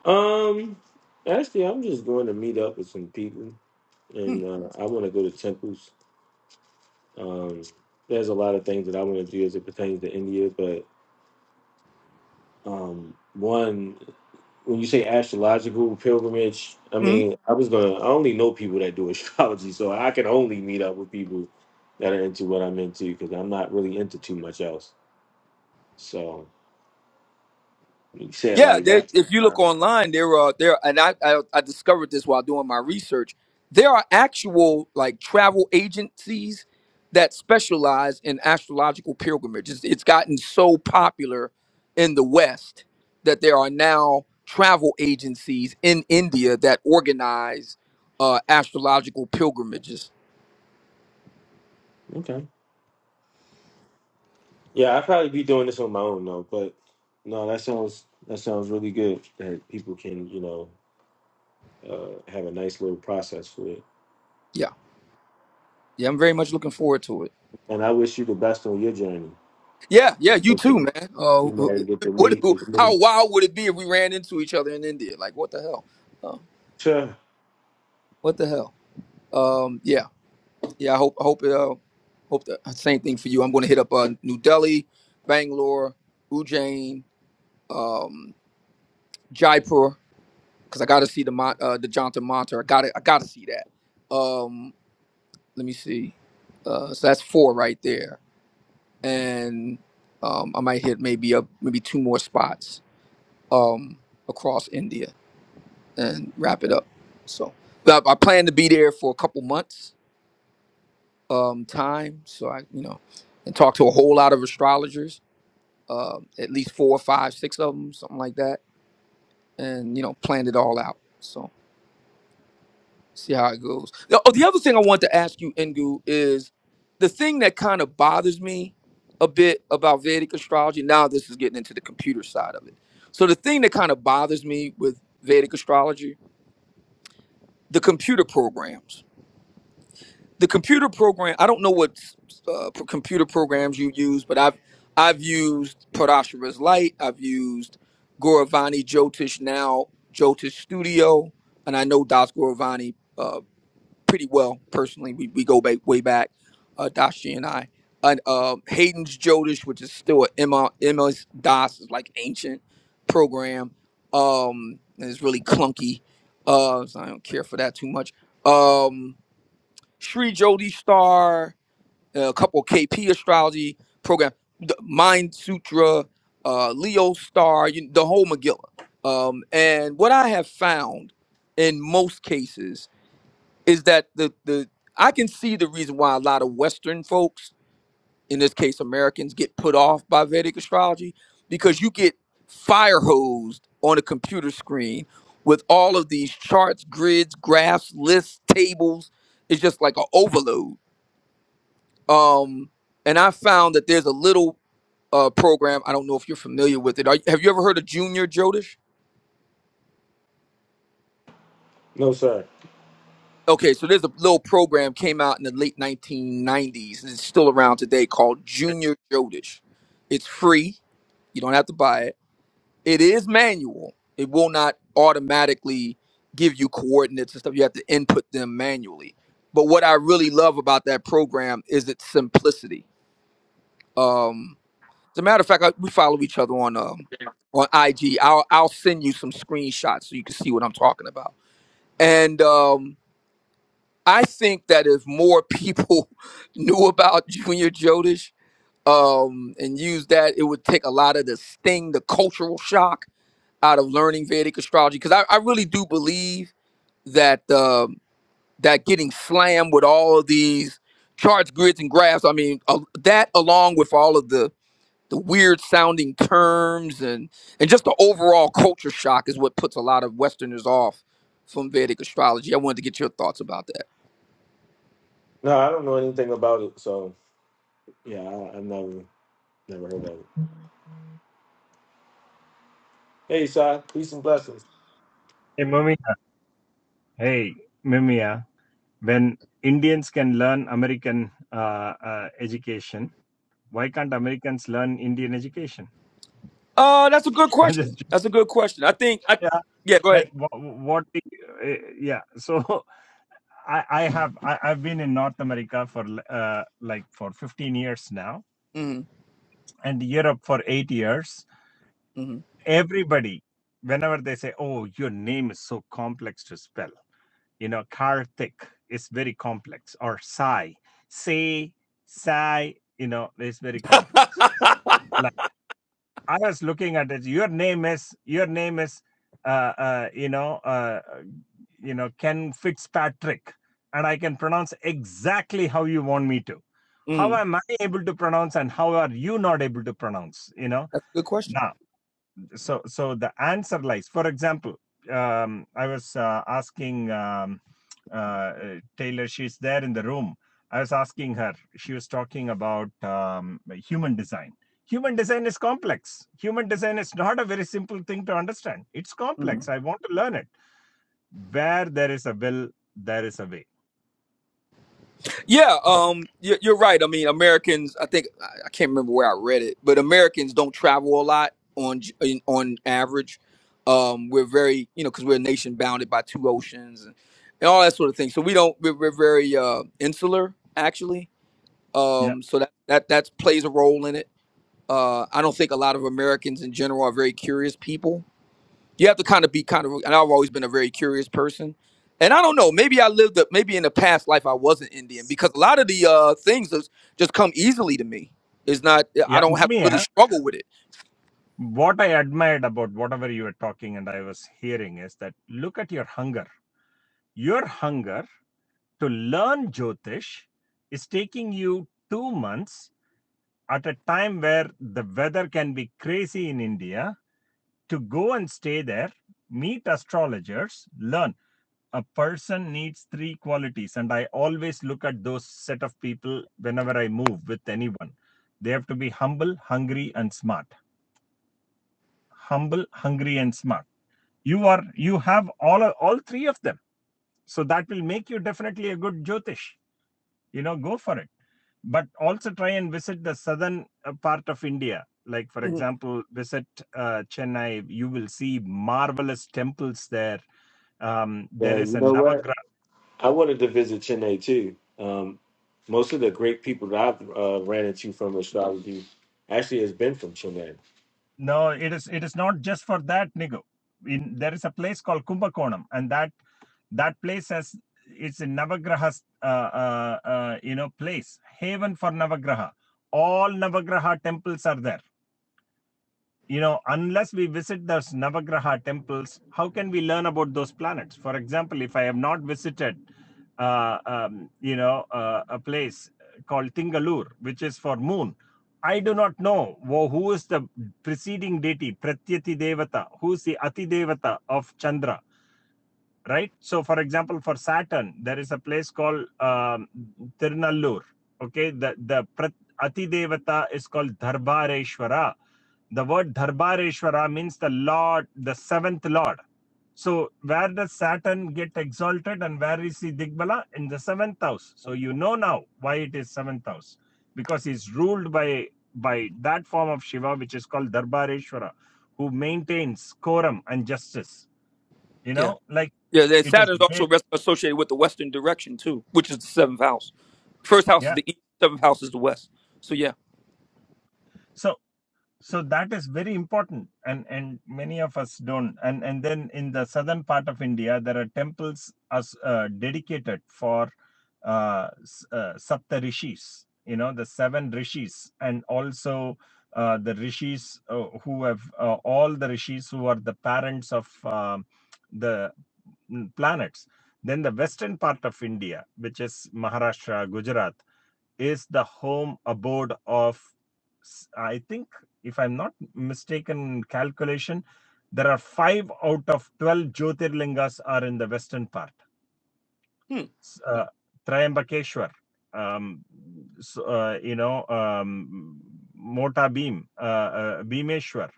Um, actually, I'm just going to meet up with some people, and uh, I want to go to temples. Um, there's a lot of things that I want to do as it pertains to India, but um, one, when you say astrological pilgrimage, I
Mm-hmm.
mean, I was gonna, I only know people that do astrology, so I can only meet up with people that are into what I'm into because I'm not really into too much else. So you said
Yeah,
like
there,
that.
if you
Uh,
look online, there are there, and I, I I discovered this while doing my research. There are actual like travel agencies that specialize in astrological pilgrimages. It's, gotten so popular in the West that there are now travel agencies in India that organize uh, astrological pilgrimages.
okay. Yeah, I'd probably be doing this on my own though. But no, that sounds that sounds really good that people can you know uh, have a nice little process for it.
Yeah, yeah, I'm very much looking forward to it.
And I wish you the best on your journey.
Yeah, yeah, you
Hope that
too, man. Uh,
You might get to
what,
meet. a little-
how wild would it be if we ran into each other in India? Like, what the hell? Uh,
Sure.
what the hell? Um, yeah, yeah. I hope, I hope, it, uh, hope the same thing for you. I'm going to hit up uh, New Delhi, Bangalore, Ujjain, um, Jaipur, because I got to see the Mon- uh, the Jonathan Monter. I got to, I got to see that. Um, let me see. Uh, so that's four right there, and um, I might hit maybe up maybe two more spots um, across India and wrap it up. So but I, I plan to be there for a couple months um, time. So I, you know, and talk to a whole lot of astrologers, um, at least four, five, six of them, something like that, and you know, plan it all out. So see how it goes. Now, oh, the other thing I want to ask you, Ngu, is the thing that kind of bothers me a bit about Vedic astrology. Now this is getting into the computer side of it. So the thing that kind of bothers me with Vedic astrology, the computer programs the computer program i don't know what uh, p- computer programs you use but i've i've used parashara's light i've used goravani jyotish now jyotish studio and i know das goravani uh, pretty well personally we, we go back way back uh, dashi and i and uh, hayden's jyotish which is still a ms MS das is like ancient program um and it's really clunky uh so i don't care for that too much um Sri Jodi Star, uh, a couple KP astrology program, the Mind Sutra, uh, Leo Star, you, the whole Megillah. Um, and what I have found in most cases is that the the I can see the reason why a lot of Western folks, in this case Americans, get put off by Vedic astrology because you get fire hosed on a computer screen with all of these charts, grids, graphs, lists, tables. It's just like an overload um, and I found that there's a little uh, program. I don't know if you're familiar with it. Are, have you ever heard of Junior Jodish?
No, sir.
Okay, so there's a little program came out in the late 1990s, and it's still around today called Junior Jodish. It's free. You don't have to buy it. It is manual. It will not automatically give you coordinates and stuff. You have to input them manually. But what I really love about that program is its simplicity. Um, As a matter of fact, I, we follow each other on um on IG. I'll I'll send you some screenshots so you can see what I'm talking about. And um, I think that if more people knew about Junior Jodish um, and used that, it would take a lot of the sting, the cultural shock out of learning Vedic astrology. Because I, I really do believe that um, that getting slammed with all of these charts, grids, and graphs. I mean, uh, that along with all of the the weird sounding terms and and just the overall culture shock is what puts a lot of westerners off from vedic astrology i wanted to get your thoughts about that
No, I don't know anything about it. So yeah, I, I've never never heard of it. Hey, Si, peace and blessings.
Hey, Mumia. Hey, Mumia. When Indians can learn American uh, uh, education, why can't Americans learn Indian education?
Uh, that's a good
I'm
question.
just joking.
That's a good question. I think I
yeah,
yeah. Go
like
ahead.
what? what the, uh, yeah. So I, I have I, I've been in North America for l- uh, like for 15 years now,
mm-hmm,
and Europe for eight years.
mm-hmm.
Everybody, whenever they say, "Oh, your name is so complex to spell," you know, Karthik is very complex, or Sai, say, Sai, you know, is very complex. Like I was looking at it, your name is, your name is, uh, uh, you know, uh, you know, Ken Fitzpatrick, and I can pronounce exactly how you want me to. How
Mm,
am I able to pronounce, and how are you not able to pronounce? You know,
that's a good question.
now so so the answer lies for example um, i was uh, asking um, uh, uh, taylor she's there in the room i was asking her she was talking about um, human design human design is complex human design is not a very simple thing to understand it's
Mm-hmm.
complex i want to learn it where there is a will there is a way
Yeah,
oh,
um, you're, you're right. I mean, Americans. I think I I can't remember where I read it, but Americans don't travel a lot on j- in- on average. Um, we're very, you know, because we're a nation bounded by two oceans and, and all that sort of thing. So we don't. We're, we're very uh, insular, actually.
yeah
Um, so that that that plays a role in it. Uh, I don't think a lot of Americans in general are very curious people you have to kind of be kind of and i've always been a very curious person and i don't know maybe i lived up maybe in a past life i wasn't indian because a lot of the uh things is- just come easily to me it's not i
yeah
don't have to really
mia
struggle with it
what i admired about whatever you were talking and i was hearing is that look at your hunger your hunger to learn Jyotish is taking you two months at a time where the weather can be crazy in India to go and stay there, meet astrologers, learn. A person needs three qualities, and I always look at those set of people whenever I move with anyone. They have to be humble, hungry, and smart. Humble, hungry, and smart. You are you have all all three of them, so that will make you definitely a good Jyotish. You know, go for it. but also try and visit the southern uh, part of India. Like, for
hmm
example, visit uh, Chennai, you will see marvelous temples there. Um, there
Yeah,
is
you
a
know what?
Navagraha.
I wanted to visit Chennai too. Um, most of the great people that I've uh, ran into from astrology actually has been from Chennai.
No, it is it is not just for that, Nigo. In, there is a place called Kumbakonam, and that that place has it's a Navagraha, uh, uh, uh, you know, place haven for Navagraha. All Navagraha temples are there you know, unless we visit those Navagraha temples, how can we learn about those planets? For example, if I have not visited, uh, um, you know, uh, a place called Tingalur, which is for moon, I do not know wo- who is the preceding deity, Pratyati Devata, who is the Ati Devata of Chandra right? So, for example, for Saturn, there is a place called um, Tirunallur. Okay, the the Prat- Ati Devata is called Dharbareshwara. The word Dharbareshwara means the Lord, the seventh Lord. So, where does Saturn get exalted and where is he Digbala? In the seventh house. So, you know now why it is seventh house because he's ruled by by that form of Shiva, which is called Dharbareshwara, who maintains quorum and justice you
yeah
know like
yeah then
it is
Saturn is also
great
res- associated with the western direction too which is the seventh house first house is
yeah
the east seventh house is the west so yeah
so so that is very important and and many of us don't and and then in the southern part of india there are temples as uh, dedicated for uh, s- uh sapta rishis you know the seven rishis and also uh, the rishis uh, who have uh, all the rishis who are the parents of um the mm, planets then the western part of india which is maharashtra gujarat is the home abode of, I think, if I'm not mistaken calculation, there are five out of 12 Jyotirlingas are in the western part.
hmm.
S- Uh, Triambakeshwar, um, s- uh, you know, um, Mota Beam, uh, uh, Bhimeshwar,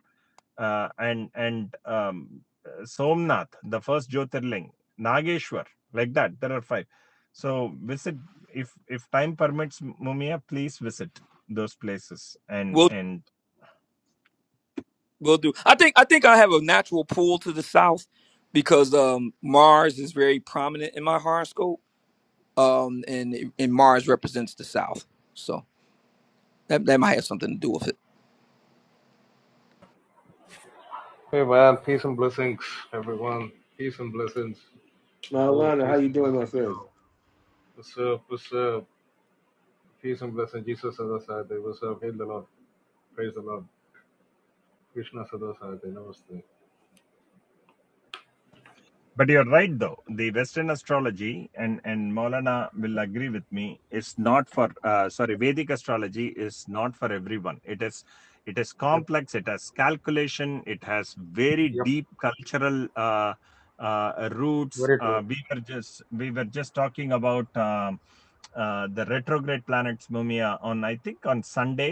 uh, and and um, uh, Somnath, the first Jyotirling, Nageshwar, like that. There are five. So visit if if time permits, M- Mumia. Please visit those places and
we'll
and
we'll do i think i think i have a natural pull to the south because um mars is very prominent in my horoscope um, and and Mars represents the South. So that that might have something to do with it.
Hey man, peace and blessings, everyone. Peace and blessings,
Now,
Nagu.
Alana, how
Peace
you
and
doing, my
blessings,
friend?
y'all. What's up? What's up? Peace and blessings, Jesus Sadasade. What's up? Hail the Lord. Praise the Lord. Krishna Sadasade. Namaste.
But you're right, though. The Western astrology, and, and Maulana will agree with me, It's not for, uh, sorry, Vedic astrology is not for everyone. It is it is
Yep,
complex, it has calculation, it has very
yep.
deep cultural uh, uh, roots.
Very
Uh,
true.
we were just we were just talking about um, uh, the retrograde planets Mumia on I think on Sunday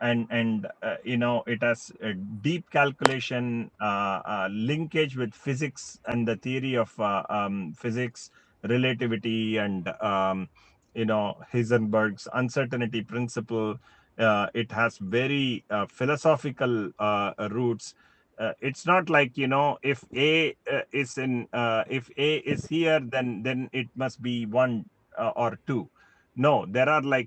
and and uh, you know it has a deep calculation uh, uh, linkage with physics and the theory of uh, um, physics relativity and um, you know heisenberg's uncertainty principle uh, it has very uh, philosophical uh, uh, roots uh, it's not like you know if a uh, is in uh, if a is here then then it must be one uh, or two no there are like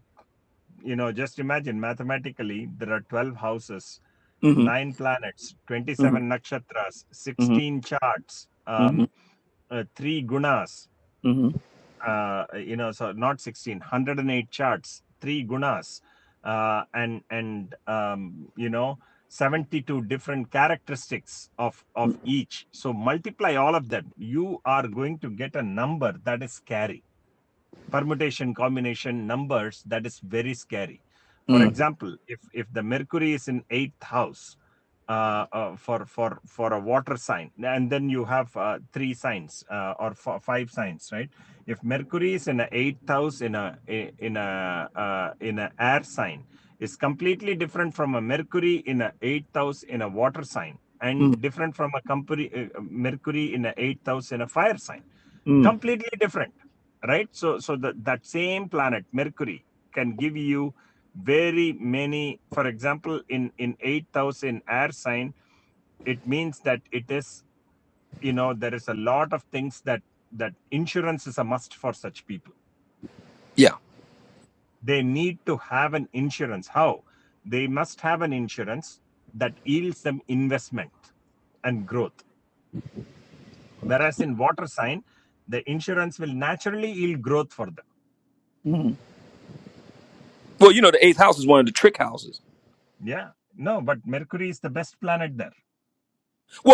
you know, just imagine mathematically, there are 12 houses,
Mm-hmm.
nine planets, 27
Mm-hmm.
nakshatras, 16 charts,
Mm-hmm.
um, uh, three gunas,
Mm-hmm. Mm-hmm.
uh, you know, so not 16, one hundred eight charts, three gunas, uh, and, and, um, you know, 72 different characteristics of, of each. So multiply all of them. You are going to get a number that is scary permutation combination numbers that is very scary. For
Mm-hmm.
example, if if the Mercury is in eighth house uh, uh, for for for a water sign, and then you have uh, three signs uh, or f- five signs, right? If Mercury is in a eighth house in a in a uh, in a air sign, is completely different from a Mercury in a eighth house in a water sign, and different from a uh, Mercury in a eighth house in a fire sign
Mm-hmm.
completely different right so so that that same planet mercury can give you very many for example in in 8000 air sign it means that it is you know there is a lot of things that that insurance is a must for such people
Yeah.
they need to have an insurance how they must have an insurance that yields them investment and growth whereas in water sign the insurance will naturally yield growth for them
Mm-hmm. Well, you know, the eighth house is one of the trick houses.
Yeah. No, but Mercury is the best planet there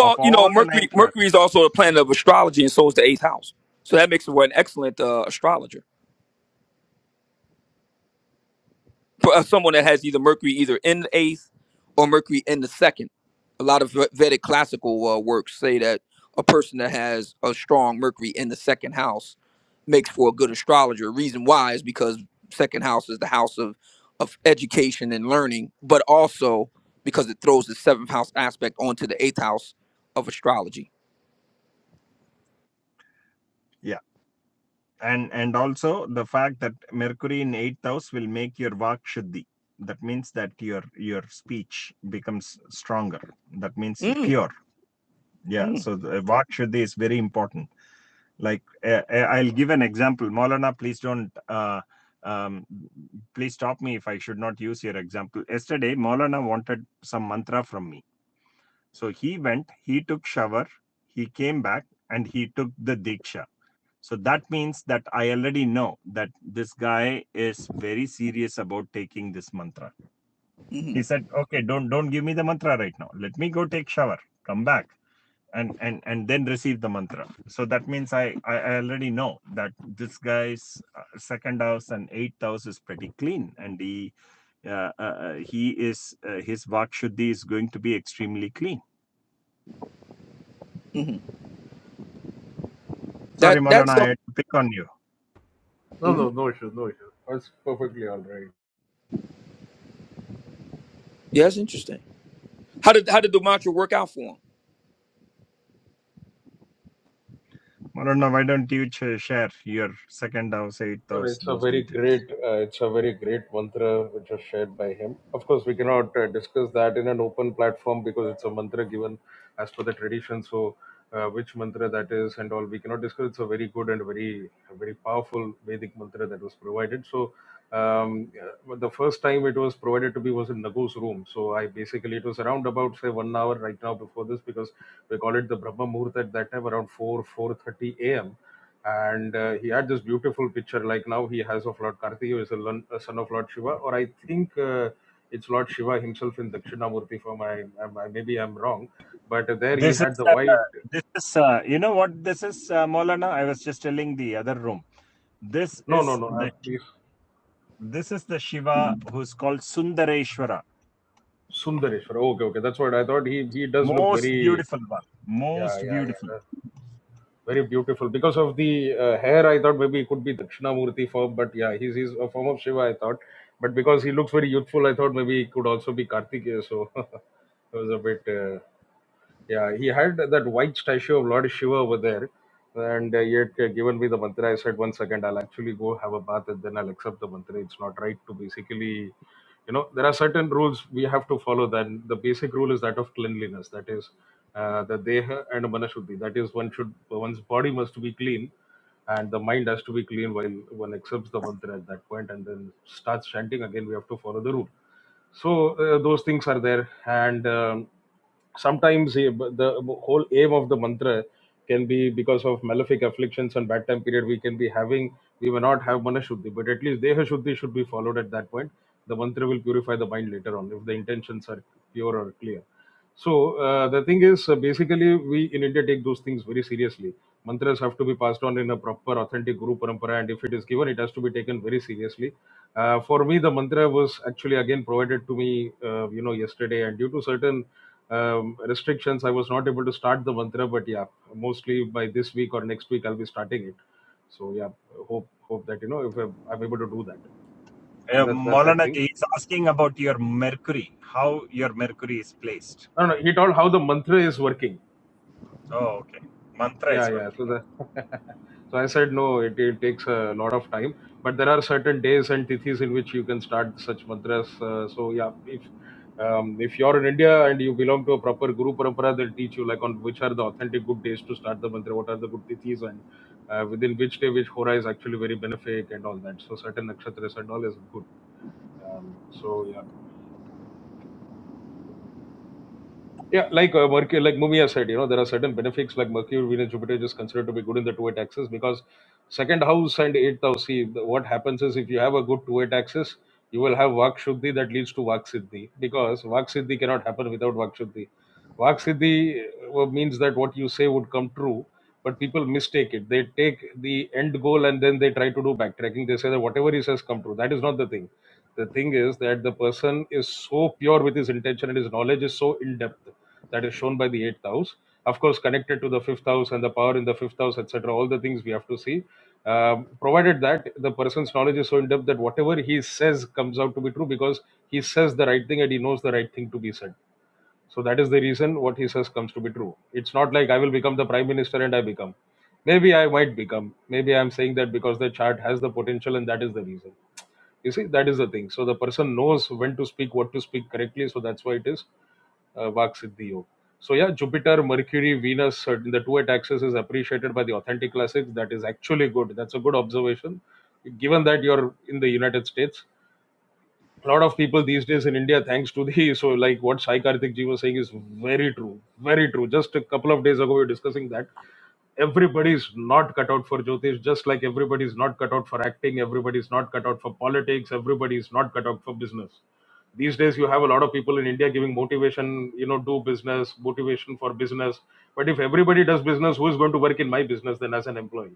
of
you know,
all the nine
Mercury
planets.
Mercury is also a planet of astrology, and so is the eighth house. So that makes her an excellent uh, astrologer. for uh, someone that has either Mercury either in the eighth or Mercury in the second. A lot of Vedic classical uh, works say that a person that has a strong Mercury in the second house makes for a good astrologer. Reason why is because second house is the house of of education and learning, but also because it throws the seventh house aspect onto the eighth house of astrology.
Yeah. And and also the fact that Mercury in eighth house will make your vak shuddhi. That means that your your speech becomes stronger. That means you-
Mm,
pure. Yeah.
mm,
So the vak shuddhi is very important. Like uh, uh, I'll give an example. Maulana, please don't. Uh, um, please stop me if I should not use your example. Yesterday, Maulana wanted some mantra from me. So he went, he took shower, he came back, and he took the diksha. So that means that I already know that this guy is very serious about taking this mantra.
hmm
He said, "Okay, don't don't give me the mantra right now. Let me go take shower, come back, and and and then receive the mantra." So that means I I already know that this guy's uh, second house and eighth house is pretty clean, and he uh, uh, uh, he is uh, his vakshuddhi is going to be extremely clean
hmm
Sorry,
That
Maulana,
that's
I had to pick on you.
No,
mm
no, no issues, no issues. That's perfectly all right.
yeah, that's interesting. How did how did the mantra work out for
Maulana, why don't you share your second house, eighth
Well,
house,
it's a
those
very
details?
great, uh, it's a very great mantra which was shared by him. Of course, we cannot uh, discuss that in an open platform because it's a mantra given as per the tradition. So, uh, which mantra that is and all, we cannot discuss. It's a very good and very, very powerful Vedic mantra that was provided. So, um, uh, the first time it was provided to me was in Nagu's room. So, I basically it was around about say one hour right now before this because we call it the Brahma Muhurt at that time around four four thirty a.m and uh, he had this beautiful picture like now he has of lord karti who is a, lon- a son of lord shiva or i think uh, it's lord shiva himself in dakshinamurti form I, I, I maybe i'm wrong but there he
This
had
is,
the
uh,
white
this is, uh, you know what this is, uh, Maulana? I was just telling the other room. This
no no
is
no uh,
the
this
this is the Shiva who's called Sundareshwara,
sundareshwar Oh, okay okay that's what i thought he he does look
most
very
beautiful one,
yeah
most
yeah
beautiful.
yeah uh, very beautiful because of the uh, hair i thought maybe it could be dakshinamurti form but yeah he's, he's a form of shiva i thought but because he looks very youthful i thought maybe he could also be kartikeya so it was a bit uh, Yeah, he had that white statue of Lord Shiva over there, and uh, yet uh, given me the mantra, I said, one second, I'll actually go have a bath and then I'll accept the mantra. It's not right to basically, you know, there are certain rules we have to follow. Then the basic rule is that of cleanliness, that is uh, the deha and manashuddhi. That is, one should one's body must be clean, and the mind has to be clean while one accepts the mantra at that point, and then starts chanting again. We have to follow the rule so uh, those things are there and um, sometimes eh, b- the whole aim of the mantra can be because of malefic afflictions and bad time period we can be having we may not have mana shuddhi, but at least deha shuddhi should be followed at that point the mantra will purify the mind later on if the intentions are pure or clear so uh, the thing is, uh, basically, we in India take those things very seriously. Mantras have to be passed on in a proper, authentic Guru Parampara, and if it is given, it has to be taken very seriously. Uh, for me, the mantra was actually again provided to me, uh, you know, yesterday, and due to certain um, restrictions, I was not able to start the mantra. But yeah, mostly by this week or next week, I'll be starting it. So yeah, hope hope that you know if I'm I'm able to do that.
Uh,
That that that
Maulana,
thing.
he's asking about your Mercury, how your Mercury is placed.
I don't know. He told how the mantra is working.
Oh, okay. Mantra
Yeah,
is
yeah.
working
So
on.
the so I said no. It, it takes a lot of time, but there are certain days and tithis in which you can start such mantras. Uh, so yeah, if um, if you're in India and you belong to a proper guru parampara, they'll teach you like on which are the authentic good days to start the mantra, what are the good tithis, and uh, within which day which hora is actually very benefic and all that. So certain nakshatras and all is good. Um, so yeah. Yeah, like uh, Mercury, like Mumia said, you know, there are certain benefits like Mercury, Venus, Jupiter is considered to be good in the two-eight axis because second house and eighth house. See, the- what happens is if you have a good two-eight axis, you will have Vak Shuddhi that leads to Vak Siddhi because Vak Siddhi cannot happen without Vak Shuddhi. Vak Siddhi uh, means that what you say would come true, but people mistake it. They take the end goal and then they try to do backtracking. They say that whatever he says come true. That is not the thing. The thing is that the person is so pure with his intention and his knowledge is so in depth that is shown by the eighth house of course connected to the fifth house and the power in the fifth house etc all the things we have to see Um provided that the person's knowledge is so in depth that whatever he says comes out to be true because he says the right thing and he knows the right thing to be said so that is the reason what he says comes to be true it's not like i will become the prime minister and i become maybe i might become maybe i'm saying that because the chart has the potential and that is the reason you see that is the thing so the person knows when to speak what to speak correctly so that's why it is uh, Vak Siddhi Yog. So yeah, Jupiter, Mercury, Venus, uh, in the two at axis is appreciated by the authentic classics. That is actually good. That's a good observation. Given that you're in the United States, a lot of people these days in India, thanks to the so like what Sai Karthik Ji was saying is very true, very true. Just a couple of days ago, we were discussing that everybody's not cut out for Jyotish, just like everybody's not cut out for acting, everybody's not cut out for politics, everybody's not cut out for business. These days, you have a lot of people in India giving motivation, you know, do business, motivation for business. But if everybody does business, who is going to work in my business then as an employee?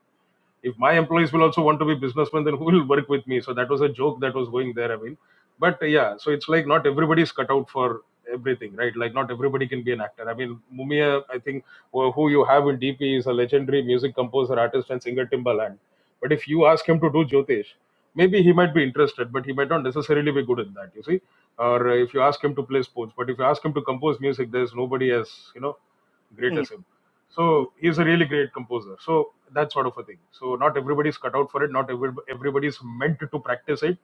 if my employees will also want to be businessmen then who will work with me so that was a joke that was going there i mean but uh, yeah so it's like not everybody's cut out for everything right like not everybody can be an actor i mean mumia i think who you have in dp is a legendary music composer artist and singer timbaland but if you ask him to do jyotish maybe he might be interested but he might not necessarily be good at that you see or uh, if you ask him to play sports but if you ask him to compose music there's nobody as you know great
him?
as him.
Mhm,
So he's a really great composer. So that sort of a thing. So not everybody's cut out for it. Not every, everybody's meant to practice it.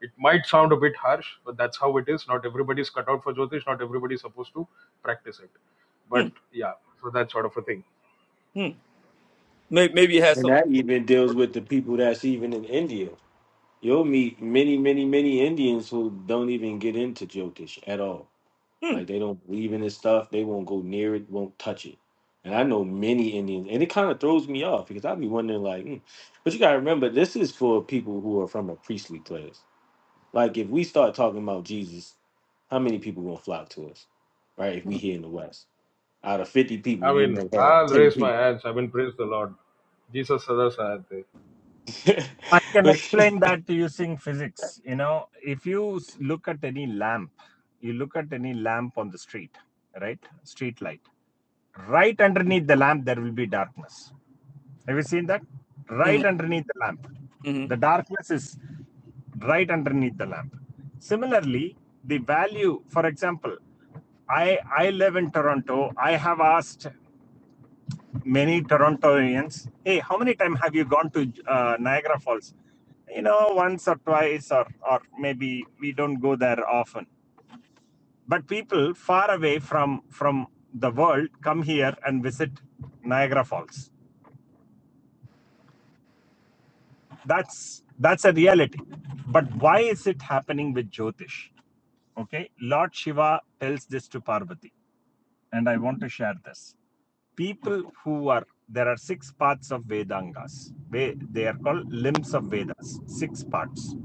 It might sound a bit harsh, but that's how it is. Not everybody's cut out for Jyotish. Not everybody's supposed to practice it. But
mhm,
yeah, so that sort of a thing.
mhm. Maybe, maybe it has
And
something.
that even deals with the people that's even in India. You'll meet many, many, many Indians who don't even get into Jyotish at all.
Hmm.
Like they don't believe in this stuff. They won't go near it. Won't touch it. And I know many Indians, and it kind of throws me off because I'd be wondering, like, hmm. but you gotta remember, this is for people who are from a priestly class. Like, if we start talking about Jesus, how many people gonna flock to us, right? If we here in the West, out of fifty
I
people, you
mean,
may have
I'll
ten
raise
people.
my hands. I mean, praise the Lord. Jesus Sada Sahate.
I can explain
That's
that using physics. You know, if you look at any lamp, you look at any lamp on the street, right? Street light. Right underneath the lamp, there will be darkness. Have you seen that?
hmm
Right underneath the lamp.
hmm
The darkness is right underneath the lamp. Similarly, the value, for example, I, I live in Toronto. I have asked many Torontoians, hey, how many times have you gone to uh, Niagara Falls? You know, once or twice, or or maybe we don't go there often. But people far away from from the world come here and visit Niagara Falls. That's that's a reality. But why is it happening with Jyotish? Okay, Lord Shiva tells this to Parvati, and I want to share this. people who are there are six parts of Vedangas. They are called limbs of Vedas. Six parts.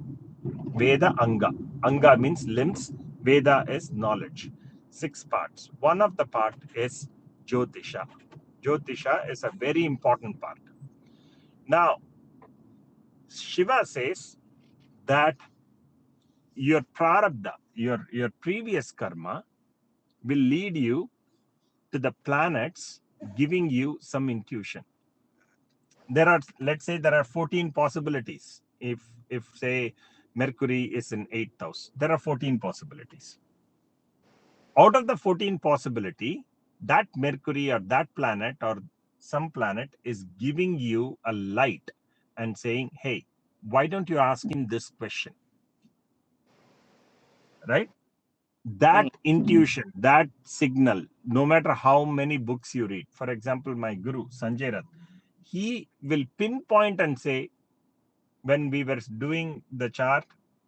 Veda Anga. Anga means limbs. Veda is knowledge. Six parts. One of the part is Jyotisha. Jyotisha is a very important part. Now Shiva says that your prarabdha, your your previous karma, will lead you to the planets, giving you some intuition there are let's say there are 14 possibilities if if say mercury is in eighth house, there are 14 possibilities out of the 14 possibility that mercury or that planet or some planet is giving you a light and saying hey why don't you ask him this question right that
hmm
intuition that signal no matter how many books you read for example my guru sanjay Rath, he will pinpoint and say when we were doing the chart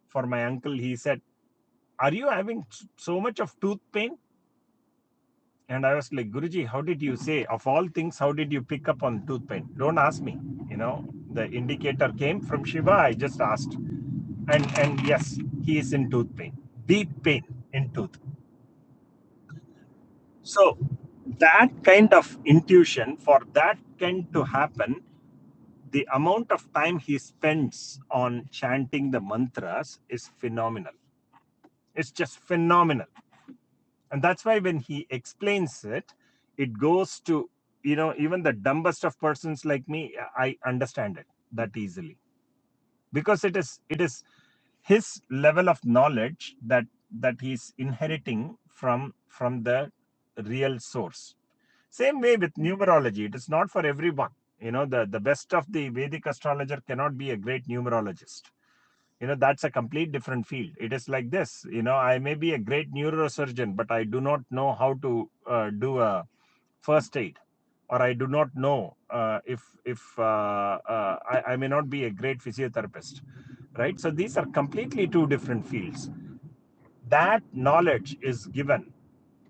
for my uncle, he said, Are you having so much of tooth pain? And I was like, Guruji, how did you say, of all things, how did you pick up on tooth pain? Don't ask me. You know, the indicator came from Shiva. I just asked. And, and yes, he is in tooth pain, deep pain in tooth. So that kind of intuition, for that kind to happen, the amount of time he spends on chanting the mantras is phenomenal It's just phenomenal. And that's why when he explains it, it goes to, you know, even the dumbest of persons like me, I understand it that easily because it is, it is his level of knowledge that, that he's inheriting from, from the real source. Same way with numerology. It is not for everyone. You know, the, the best of the Vedic astrologer cannot be a great numerologist you know that's a complete different field it is like this you know i may be a great neurosurgeon but i do not know how to uh, do a first aid or i do not know uh, if if uh, uh, I, I may not be a great physiotherapist right so these are completely two different fields that knowledge is given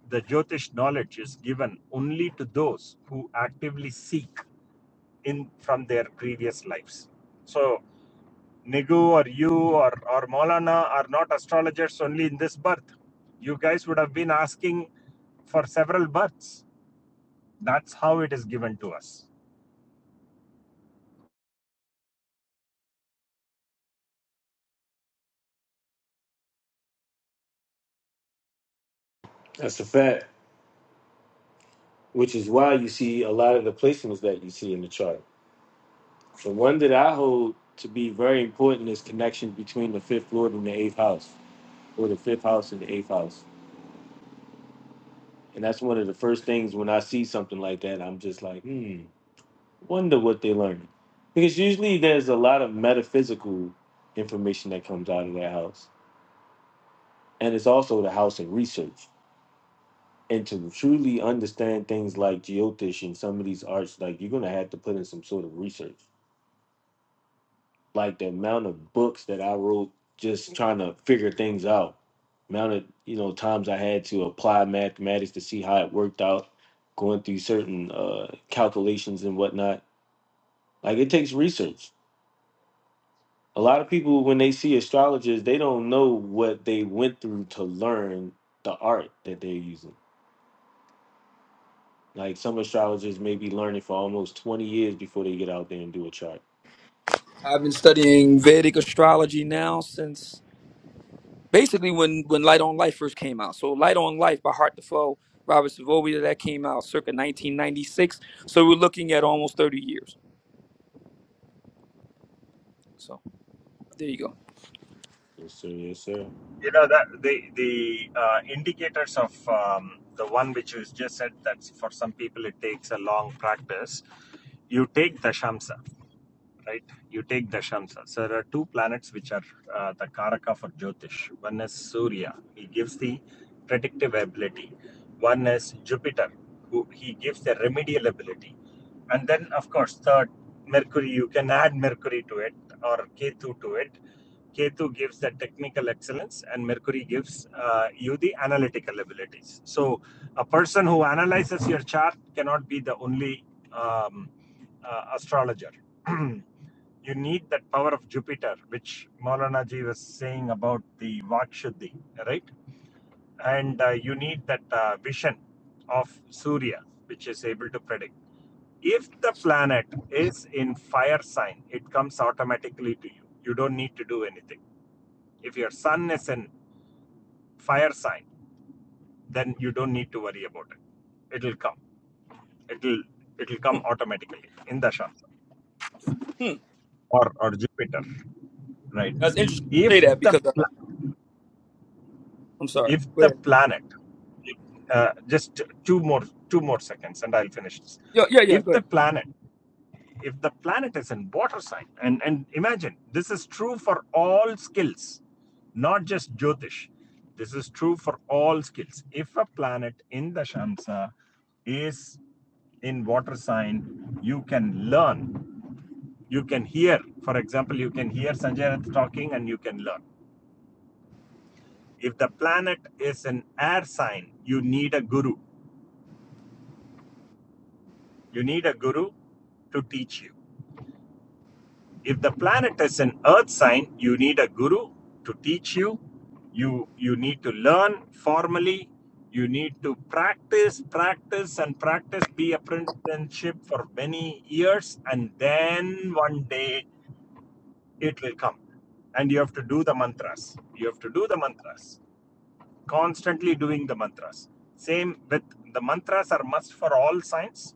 the jyotish knowledge is given only to those who actively seek in from their previous lives so Nigu or you or, or Maulana are not astrologers only in this birth. You guys would have been asking for several births. That's how it is given to us.
a fact, which is why you see a lot of the placements that you see in the chart. The one that I hold to be very important is connection between the fifth lord and the eighth house, or the fifth house and the eighth house. And that's one of the first things when I see something like that, I'm just like, hmm, wonder what they're learning. Because usually there's a lot of metaphysical information that comes out of that house. And it's also the house of research. and to truly understand things like geotish and some of these arts, like you're gonna have to put in some sort of research. Like the amount of books that I wrote just trying to figure things out. Amount of you know times I had to apply mathematics to see how it worked out, going through certain uh, calculations and whatnot. Like it takes research. A lot of people when they see astrologers, they don't know what they went through to learn the art that they're using Like some astrologers may be learning for almost 20 years before they get out there and do a chart.
I've been studying Vedic astrology now since basically when, when Light on Life first came out. So Light on Life by Heart Defoe, Robert Savovia, that came out circa 1996. So we're looking at almost 30 years. So there you go.
Yes, sir. Yes, sir.
You know that the the uh, indicators of um, the one which you just said that for some people it takes a long practice. You take dashamsa. right? You take Dashamsa. So there are two planets which are uh, the Karaka for Jyotish. One is Surya, he gives the predictive ability. One is Jupiter, who he gives the remedial ability. And then, of course, third, Mercury, you can add Mercury to it or Ketu to it. Ketu gives the technical excellence, and Mercury gives uh, you the analytical abilities. So, a person who analyzes your chart cannot be the only um, uh, astrologer. you need that power of Jupiter, which Maulana ji was saying about the Vakshuddhi, right? And uh, you need that uh, vision of Surya, which is able to predict. If the planet is in fire sign, it comes automatically to you. You don't need to do anything if your sun is in fire sign, then you don't need to worry about it. It'll come. It'll it'll come
Hmm.
automatically in the Shastra
Hmm.
or, or Jupiter, right?
That's interesting to say
If
that
the
because uh, I'm sorry.
if
Go
the
ahead.
planet, uh, just two more two more seconds, and I'll finish this.
Yeah, yeah, yeah.
If
Go
the
ahead.
planet if the planet is in water sign, and, and imagine this is true for all skills, not just Jyotish. This is true for all skills. If a planet in the Shamsa is in water sign, you can learn. You can hear, for example, you can hear Sanjay Rath talking and you can learn. If the planet is an air sign, you need a guru. You need a guru to teach you If the planet is an earth sign, you need a guru to teach you. You you need to learn formally. You need to practice, practice, and practice. Be apprenticeship for many years, and then one day it will come. And you have to do the mantras. You have to do the mantras constantly doing the mantras. Same with the mantras are must for all signs,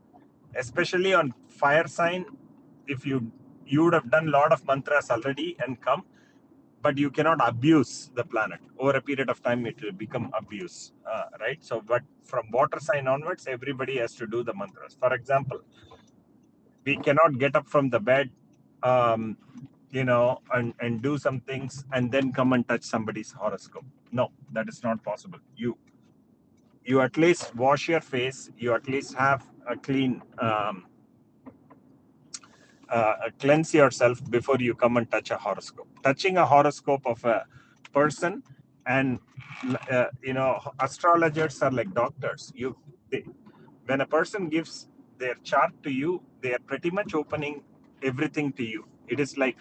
especially on fire sign. If you you would have done a lot of mantras already and come, but you cannot abuse the planet. Over a period of time, it will become abuse, uh, right? So, but from water sign onwards, everybody has to do the mantras. For example, we cannot get up from the bed. Um, you know, and, and do some things and then come and touch somebody's horoscope. No, that is not possible. You you at least wash your face you at least have a clean um, uh, cleanse yourself before you come and touch a horoscope touching a horoscope of a person and uh, you know astrologers are like doctors you they, when a person gives their chart to you they are pretty much opening everything to you it is like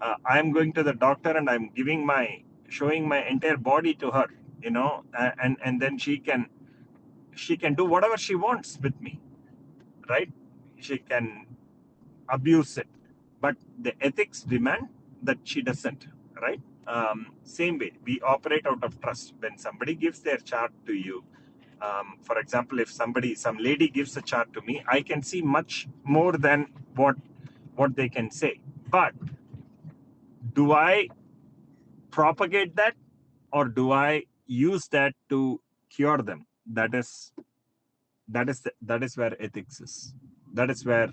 uh, i'm going to the doctor and i'm giving my showing my entire body to her you know and and then she can she can do whatever she wants with me, right? She can abuse it, but the ethics demand that she doesn't, right? Um, same way, we operate out of trust. When somebody gives their chart to you, um, for example, if somebody, some lady gives a chart to me, I can see much more than what what they can say. But do I propagate that, or do I use that to cure them? That is that is the, that is where ethics is that is where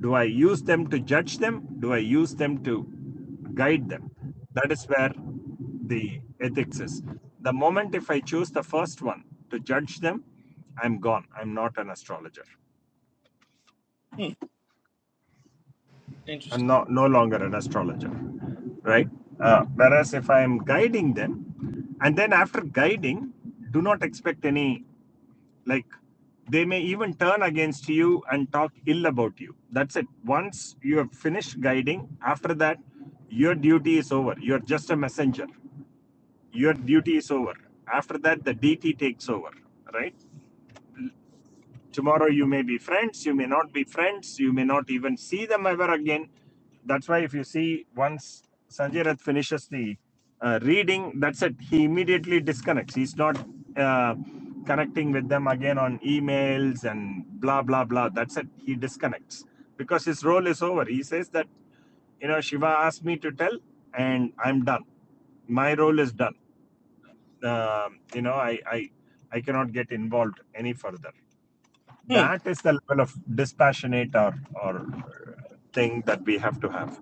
do i use them to judge them do i use them to guide them that is where the ethics is the moment if i choose the first one to judge them i'm gone i'm not an astrologer
Hmm.
i'm
Interesting.
not no longer an astrologer right uh, whereas if i am guiding them and then after guiding do not expect any Like they may even turn against you and talk ill about you. That's it. Once you have finished guiding, after that, your duty is over. You're just a messenger. Your duty is over. After that, the DT takes over, right? Tomorrow you may be friends, you may not be friends, you may not even see them ever again. That's why if you see once Sanjay Rath finishes the uh, reading, that's it. He immediately disconnects. He's not uh, connecting with them again on emails and blah blah blah. That's it. He disconnects because his role is over. He says that you know Shiva asked me to tell, and I'm done my role is done. Um, you know, I, I I cannot get involved any further
Hmm.
that is the level of dispassionate or or thing that we have to have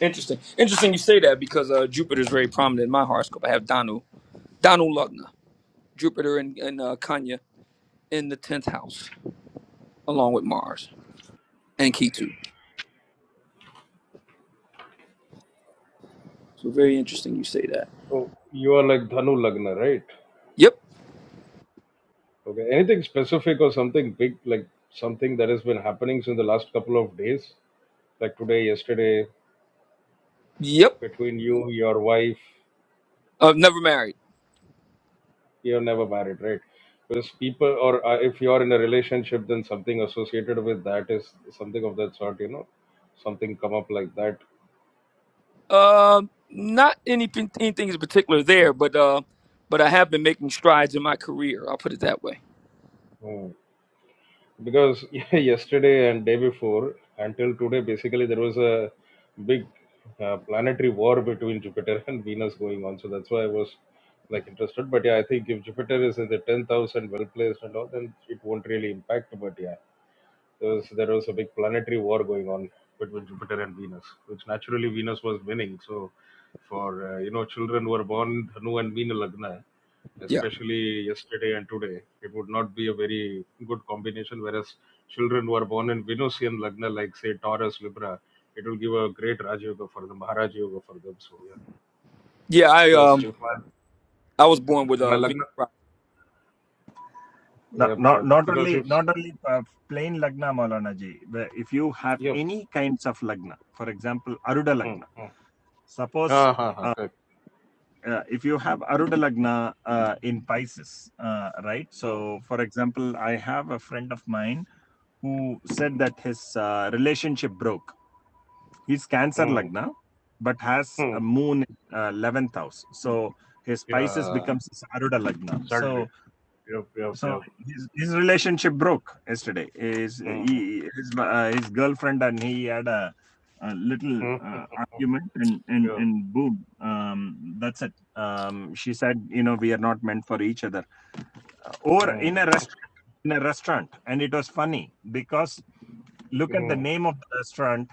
Interesting. Interesting you say that because uh, Jupiter is very prominent in my horoscope. I have Danu, Danu Lugna, Jupiter and, and uh, Kanya in the 10th house along with Mars and Ketu. So very interesting you say that.
So you are like Dhanu Lagna, right?
Yep.
Okay. Anything specific or something big, like something that has been happening since the last couple of days, like today, yesterday?
Yep.
between you, your wife,
I've never married.
you're never married, right? Because people, or uh, if you're in a relationship, then something associated with that is something of that sort, you know, something come up like that.
Um not anything anything in particular there, but uh but I have been making strides in my career. I'll put it that way.
Hmm. Because yesterday and day before, until today, basically there was a big uh, planetary war between Jupiter and Venus going on. So that's why I was like interested. But yeah, I think if Jupiter is in the 10th house and well placed and all, then it won't really impact. But yeah. because there was a big planetary war going on between Jupiter and Venus, which naturally Venus was winning. So, for uh, you know, children who are born Dhanu and Meena Lagna,
Yeah.
especially yesterday and today, it would not be a very good combination. Whereas children who are born in Venusian Lagna, like say Taurus, Libra, it will give a great Raj Yoga for them, Maharaj Yoga for them. So yeah,
Yeah, I
because
um
if my,
I was born with
if my
a
Lagna,
Venus
not
yep,
not,
yep,
not
because
only
if
not only uh, plain lagna maulana ji if you have
yep,
any kinds of lagna for example aruda
hmm,
lagna
hmm.
suppose
Ah, ha, ha, correct.
uh, if you have aruda lagna uh, in pisces uh, right
Hmm,
so for example i have a friend of mine who said that his uh, relationship broke he's Cancer
hmm,
Lagna, but has
hmm.
a moon in uh, 11th house. So his Pisces
yeah,
becomes Saruda Lagna.
sadly.
So
Yep, yep,
so
yep.
his, his relationship broke yesterday. His
Mm,
he, his, uh, his girlfriend and he had a, a little
mm,
uh, argument and and
yep,
and boom, um, that's it. Um, she said, you know, we are not meant for each other. Or in
mm,
a restaurant, in a restaurant, and it was funny because look at the
mm.
name of the restaurant.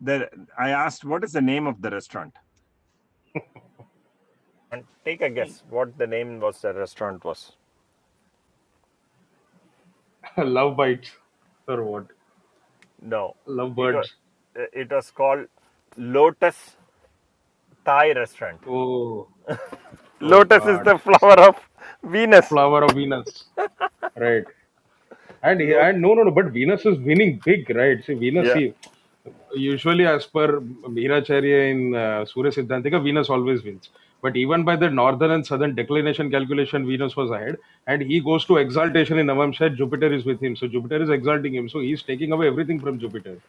The, I asked, what is the name of the restaurant? And take a
Mm,
guess what the name was the restaurant was.
Love bites or what?
No,
Love
it was
birds.
it was called Lotus Thai Restaurant.
Oh, oh
Lotus is
God.
the flower of Venus.
Flower of Venus. Right. And he-
Lot.
and no, no, no. But Venus is winning big, right? See, Venus,
Yeah.
see, usually as per Bhiracharya in uh, Surya Siddhantika, Venus always wins. But even by the northern and southern declination calculation, Venus was ahead. And he goes to exaltation in Navamsha, Jupiter is with him. So Jupiter is exalting him. So he's taking away everything from Jupiter.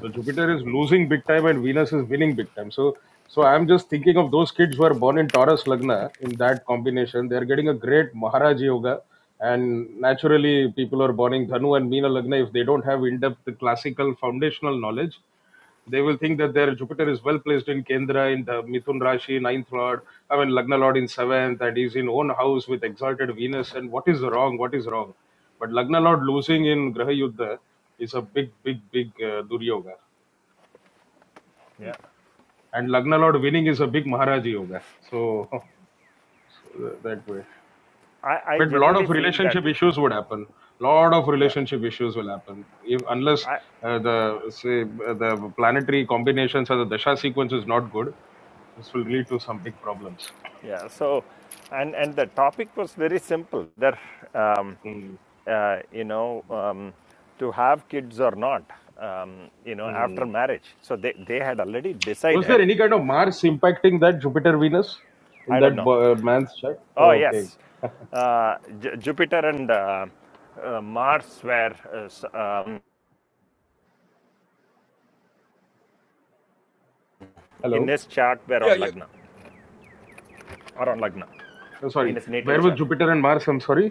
So Jupiter is losing big time and Venus is winning big time. So so I'm just thinking of those kids who are born in Taurus Lagna in that combination. They are getting a great Maharaja Yoga and naturally people are burning dhanu and meena lagna if they don't have in-depth classical foundational knowledge they will think that their jupiter is well placed in kendra in the mithun rashi ninth lord i mean lagna lord in seventh and he's in own house with exalted venus and what is wrong what is wrong but lagna lord losing in graha yuddha is a big big big uh, duryoga
Yeah,
mm.
and lagna lord winning is a big maharaji yoga so that way
I, I
but a lot of
generally feel that.
relationship issues would happen lot of
Yeah.
relationship issues will happen if unless
I
uh, the say uh, the planetary combinations or the dasha sequence is not good this will lead to some big problems
Yeah. So, and and the topic was very simple. There, um,
Hmm.
uh, you know, um, to have kids or not, um, you know,
Hmm.
after marriage. So they, they had already
was there
decided.
any kind of mars impacting that jupiter venus in
I don't
that
know.
bo- uh, man's chart
Oh,
okay
yes. Uh, J- Jupiter and uh, uh, Mars were uh, um, in
hello
his chart were
Yeah,
on
yeah,
Lagna or on Lagna
Oh,
in
sorry
his natal
where was
chart.
jupiter and mars i'm sorry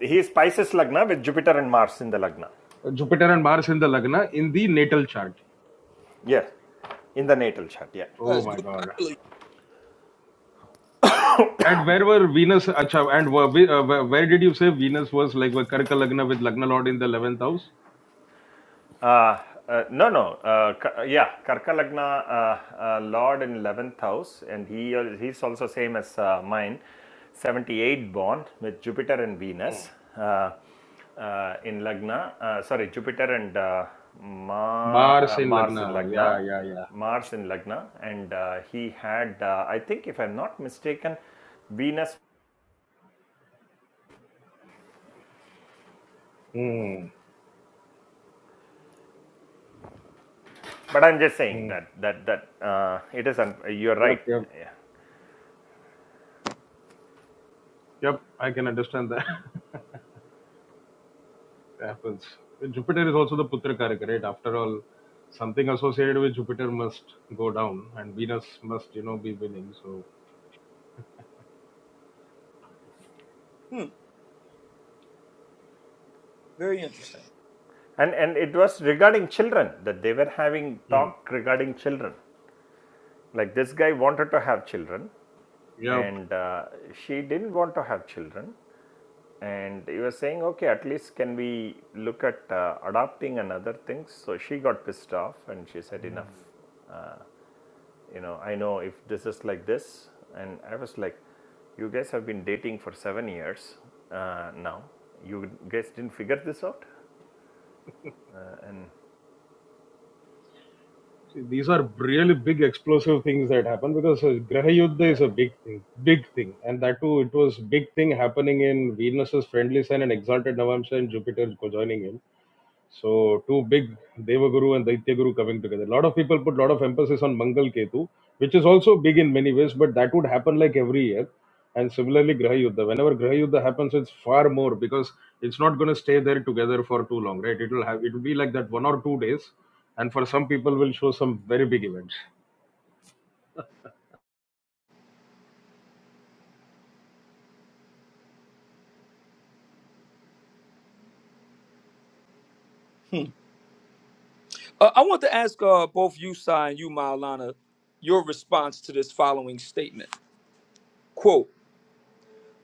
He is Pisces Lagna with Jupiter and Mars in the Lagna.
Uh, jupiter and mars in the lagna in the natal chart
Yes, in the natal chart. Yeah.
oh
that's
my
good.
god
Actually,
And where were Venus? Acha, and where, where, uh, where did you say Venus was like where Karka Lagna with Lagna Lord in the 11th house?
Uh, uh, no, no. Uh, Ka- yeah, Karka Lagna, uh, uh, Lord in 11th house, and he uh, he's also same as uh, mine, 78 born with Jupiter and
Mm.
Venus uh, uh, in Lagna. Uh, sorry, Jupiter and uh, Ma-
Mars
uh,
in
Mars in
Lagna.
Lagna.
Yeah, yeah, yeah.
Mars in Lagna, and uh, he had, uh, I think, if I'm not mistaken, Venus.
Hmm.
But I'm just saying
Hmm.
that that that uh, it is. Un- you're right.
Yep, yep.
Yeah.
Yep, I can understand that. happens. Jupiter is also the Putra Karaka, right? After all, something associated with Jupiter must go down and Venus must, you know, be winning. So,
hmm, very interesting.
And and it was regarding children that they were having
hmm.
talk regarding children. Like this guy wanted to have children,
yeah,
and uh, she didn't want to have children. And he was saying, okay, at least can we look at uh, adopting and other things? So she got pissed off, and she said, enough. You know, I know if this is like this, and I was like, you guys have been dating for seven years uh, now. You guys didn't figure this out, uh, and
See, these are really big explosive things that happen because uh, Graha Yuddha is a
yeah.
big thing, big thing, and that too it was big thing happening in Venus's friendly sign and exalted Navamsa and Jupiter co- joining in. So two big Devaguru and Daityaguru coming together. A lot of people put a lot of emphasis on Mangal Ketu, which is also big in many ways, but that would happen like every year. And similarly, Graha Yuddha. Whenever Graha Yuddha happens, it's far more because it's not going to stay there together for too long, right? It will have it will be like that one or two days, and for some people, will show some very big events.
Uh, I want to ask uh, both you, Sai, and you, Maulana, your response to this following statement. Quote,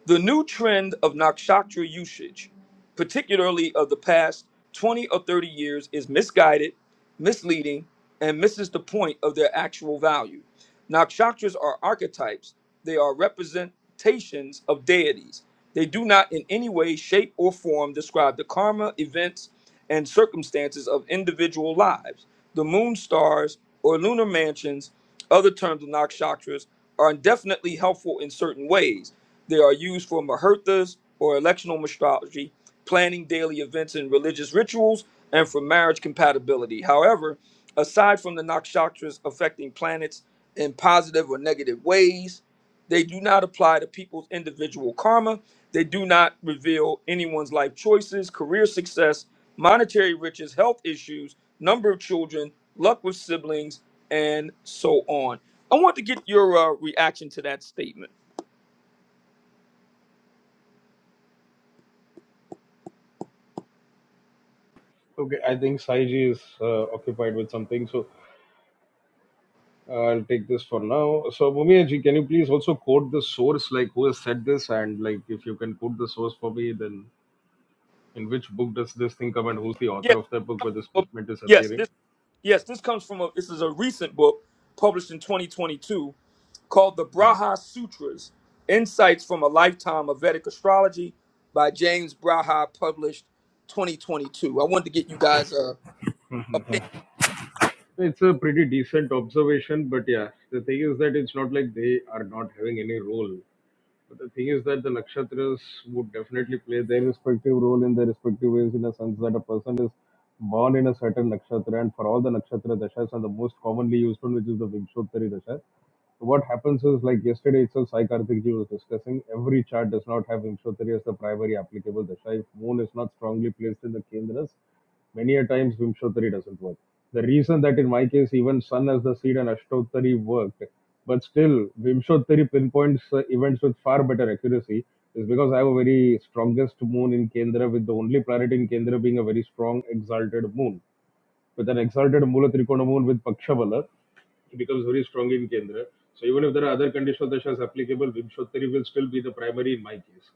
The new trend of nakshatra usage, particularly of the past 20 or 30 years, is misguided, misleading, and misses the point of their actual value. Nakshatras are archetypes, they are representations of deities. They do not in any way, shape, or form describe the karma, events, and circumstances of individual lives. The moon stars or lunar mansions, other terms of nakshatras, are definitely helpful in certain ways they are used for muhurtas or electional astrology, planning daily events and religious rituals, and for marriage compatibility. However, aside from the nakshatras affecting planets in positive or negative ways, they do not apply to people's individual karma. They do not reveal anyone's life choices, career success, monetary riches, health issues, number of children, luck with siblings, and so on. I want to get your uh, reaction to that statement.
Okay, I think Saiji is uh, occupied with something, so I'll take this for now. So, Bhumia can you please also quote the source, like who has said this, and like if you can quote the source for me, then in which book does this thing come, and who's the
Yeah,
author of that book where this
Well,
statement is
yes,
appearing?
this yes, this comes from a this is a recent book published in 2022 called The Braha Sutras: Insights from a Lifetime of Vedic Astrology by James Braha, published 2022. I wanted to get you guys a opinion.
It's a pretty decent observation, but yeah, the thing is that it's not like they are not having any role. But the thing is that the nakshatras would definitely play their respective role in their respective ways in a sense that a person is born in a certain nakshatra and for all the nakshatra dashas and the most commonly used one which is the Vingshottari dasha. So What happens is like yesterday itself Sai Karthikji was discussing every chart does not have Vingshottari as the primary applicable dasha if moon is not strongly placed in the kendras Many a times Vimshottari doesn't work. The reason that in my case even Sun as the seed and Ashtottari worked, but still Vimshottari pinpoints uh, events with far better accuracy is because I have a very strongest moon in Kendra with the only planet in Kendra being a very strong exalted moon. With an exalted Mula Trikona moon with Pakshabala, he becomes very strong in Kendra. So even if there are other conditional dashas applicable, Vimshottari will still be the primary in my case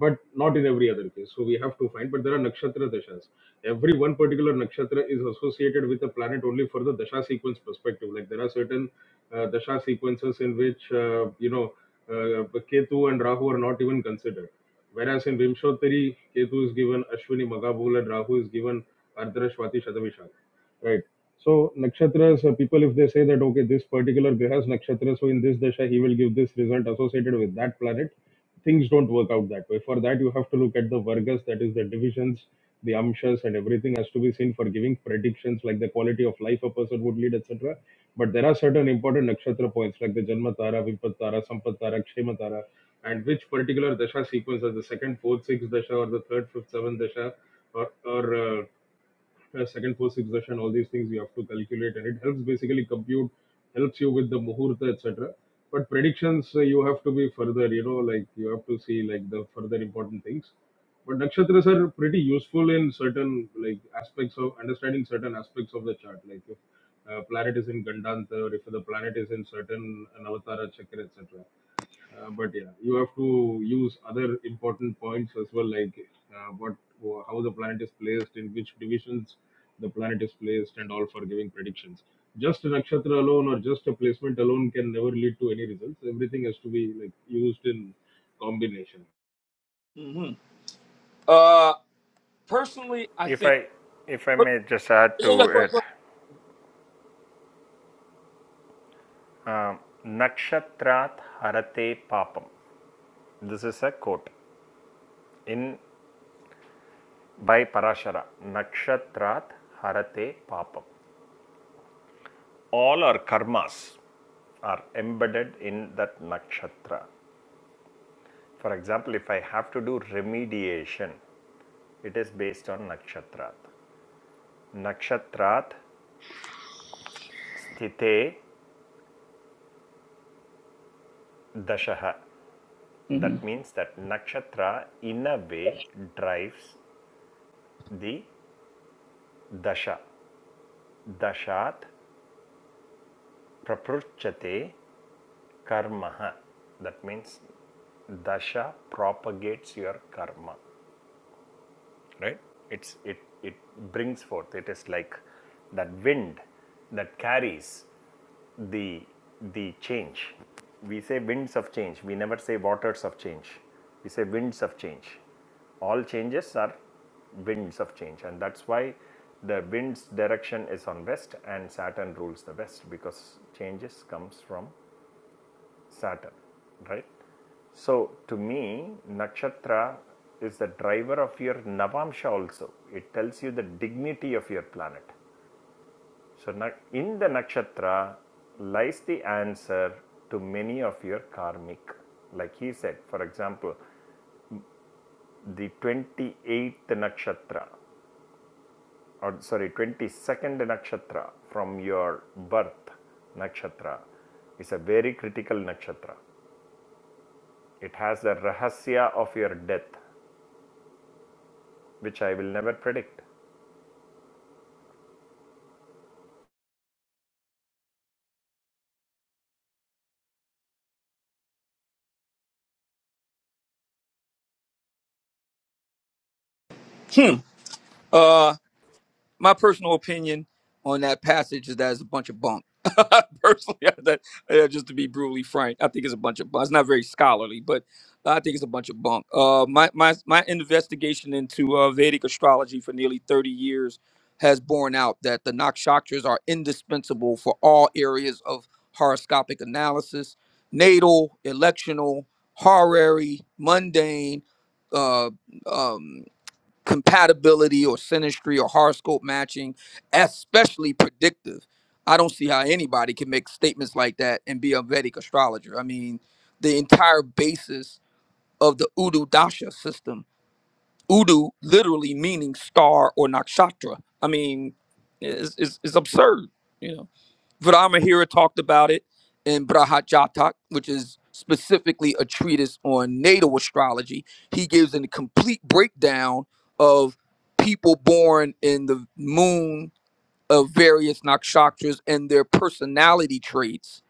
but not in every other case. So we have to find. But there are nakshatra dashas. Every one particular nakshatra is associated with a planet only for the dasha sequence perspective. Like there are certain uh, dasha sequences in which uh, you know uh, Ketu and Rahu are not even considered. Whereas in Vimshottari, Ketu is given Ashwini Magabhul and Rahu is given Ardhara Shvati Shadavishak. Right. So nakshatras, uh, people if they say that okay, this particular graha's nakshatra, so in this dasha he will give this result associated with that planet, things don't work out that way. For that you have to look at the vargas, that is the divisions, the amshas, and everything has to be seen for giving predictions like the quality of life a person would lead, etc. But there are certain important nakshatra points like the Janma Tara, Vipat Tara, Sampat Tara, Kshema Tara, and which particular dasha sequence as the second, fourth, sixth dasha or the third, fifth, seventh dasha or, or uh, uh, second first succession all these things you have to calculate and it helps basically compute helps you with the muhurta etc but predictions uh, you have to be further you know like you have to see like the further important things but nakshatras are pretty useful in certain like aspects of understanding certain aspects of the chart like if uh, planet is in Gandanta or if the planet is in certain Navatara Chakra, etc. Uh, but yeah, you have to use other important points as well, like uh, what how the planet is placed, in which divisions the planet is placed, and all for giving predictions. Just a nakshatra alone or just a placement alone can never lead to any results. Everything has to be like used in combination.
Mhm. Uh, personally, I
If
think.
I if I
per-
may just add
Yeah, yeah,
to
go ahead,
it,
go
Nakshatrat Harate Papam. This is a quote in by Parashara. Nakshatrat Harate Papam. All our karmas are embedded in that nakshatra. For example, if I have to do remediation, it is based on nakshatrat. Nakshatrat sthite dashaha.
ahead.
That means that nakshatra in a way drives the Dasha. Dashat prapruchate karma. That means dasha propagates your karma. right it's it it brings forth it is like that wind that carries the the change we say winds of change we never say waters of change we say winds of change all changes are winds of change and that's why the wind's direction is on west and saturn rules the west because changes comes from Saturn, right? So to me, nakshatra is the driver of your navamsha also. It tells you the dignity of your planet. So in the nakshatra lies the answer to many of your karmic. Like he said, for example, the 28th nakshatra, or sorry, 22nd nakshatra from your birth nakshatra is a very critical nakshatra. It has the rahasya of your death which I will never predict.
hmm Hmm. my personal opinion on that passage is that it's a bunch of bunk. Personally, I- that, uh, just to be brutally frank, I think it's a bunch of bunk. It's not very scholarly, but I think it's a bunch of bunk. Uh, my my my investigation into uh, Vedic astrology for nearly thirty years has borne out that the nakshatras are indispensable for all areas of horoscopic analysis: natal, electional, horary, mundane. Uh, um, compatibility or synastry or horoscope matching, especially predictive. I don't see how anybody can make statements like that and be a Vedic astrologer. I mean, the entire basis of the Udu Dasha system, Udu literally meaning star or nakshatra. I mean, it's, it's, it's absurd. You know. Viramahira talked about it in Brahajatak, which is specifically a treatise on natal astrology. He gives a complete breakdown of people born in the moon of various nakshatras and their personality traits.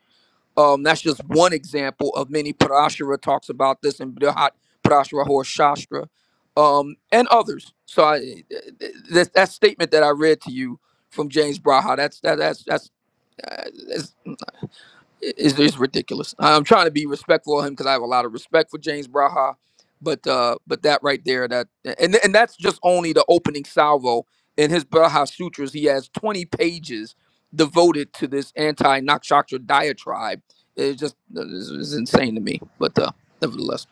Um, that's just one example of many. Parashara talks about this in Brahat Parashara Hor Shastra um, and others. So I, th- th- that, that statement that I read to you from James Braha, that's that, that's that's is is ridiculous. I'm trying to be respectful of him because I have a lot of respect for James Braha, but uh, but that right there, that and and that's just only the opening salvo. In his Braha Sutras, he has 20 pages devoted to this anti-nakshatra diatribe. It's just it's, it's insane to me, but uh, nevertheless.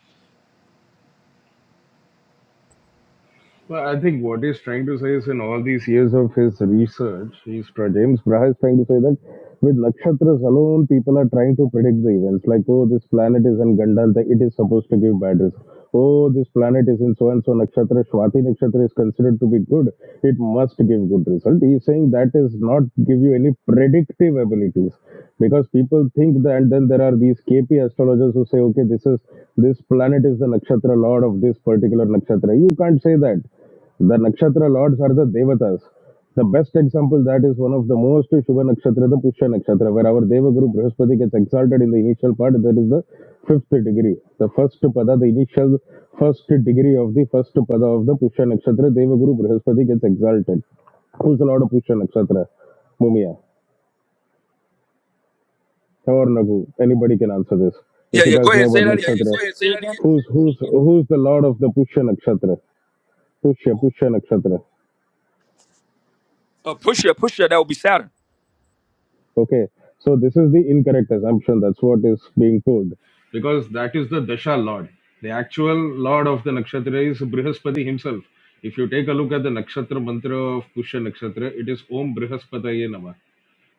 Well, I think what he's trying to say is in all these years of his research, he's try- James Braha is trying to say that with nakshatras alone, people are trying to predict the events. Like, oh, this planet is in Gandanta, it is supposed to give bad results. Oh, this planet is in so and so nakshatra, Swati nakshatra is considered to be good, it must give good result. He's saying that is not give you any predictive abilities because people think that, and then there are are these KP astrologers who say, okay, this is this planet is the nakshatra lord of this particular nakshatra. You can't say that. The nakshatra lords are the devatas. The best example that is one of the most Shubha Nakshatra, the Pushya Nakshatra, where our deva Devaguru Brihaspati gets exalted in the initial part, that is the fifth degree. The first pada, the initial first degree of the first pada of the Pushya Nakshatra, deva Devaguru Brihaspati gets exalted. Who's the Lord of Pushya Nakshatra? Mumia or Nagu. Anybody can answer this.
Yeah,
If you
yeah.
guys
Go ahead,
know
and
about
say that
Yeah, yeah,
again.
Nakshatra, go
Say,
ahead.
say
Say that
again.
again. who's who's who's the lord of the Pushya Nakshatra? Pushya Pushya Nakshatra.
Uh, Pusha, Pusha, that would be Saturn.
Okay. So this is the incorrect assumption. That's what is being told. Because that is the Dasha Lord. The actual Lord of the Nakshatra is Brihaspati himself. If you take a look at the Nakshatra mantra of Pushya Nakshatra, it is Om Brihaspataye Namah.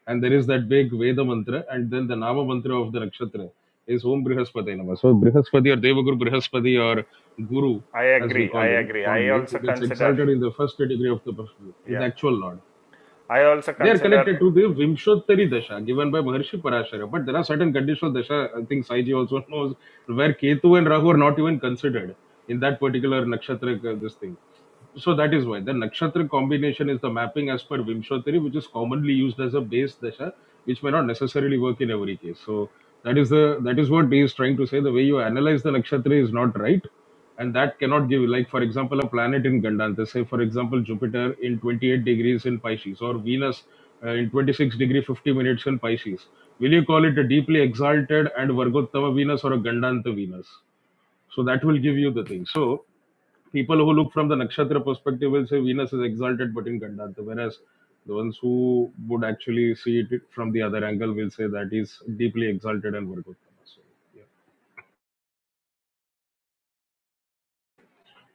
and there is that big Veda mantra, and then the Nama mantra of the nakshatra is Om Brihaspati Nama. So Brihaspati or Devaguru Brihaspati or Guru,
I
as we
agree.
call
I
him
agree. I
fondly, who
also
gets
consider,
exalted in the first category of the Brahman, is the
yeah,
actual Lord.
I also
They are connected to
consider
the Vimshottari Dasha given by Maharshi Parashara. But there are certain conditional Dasha, I think Saiji also knows, where Ketu and Rahu are not even considered in that particular nakshatra, uh, this thing. So that is why the nakshatra combination is the mapping as per Vimshotari, which is commonly used as a base dasha, which may not necessarily work in every case. So that is the that is what he is trying to say. The way you analyze the nakshatra is not right, and that cannot give. Like for example, a planet in Gandanta. say for example Jupiter in 28 degrees in Pisces or Venus uh, in 26 degree 50 minutes in Pisces. Will you call it a deeply exalted and Vargottama Venus or a Gandanta Venus? So that will give you the thing. So people who look from the nakshatra perspective will say Venus is exalted but in Gandharva, whereas the ones who would actually see it from the other angle will say that he's deeply exalted and Virgo. So, yeah.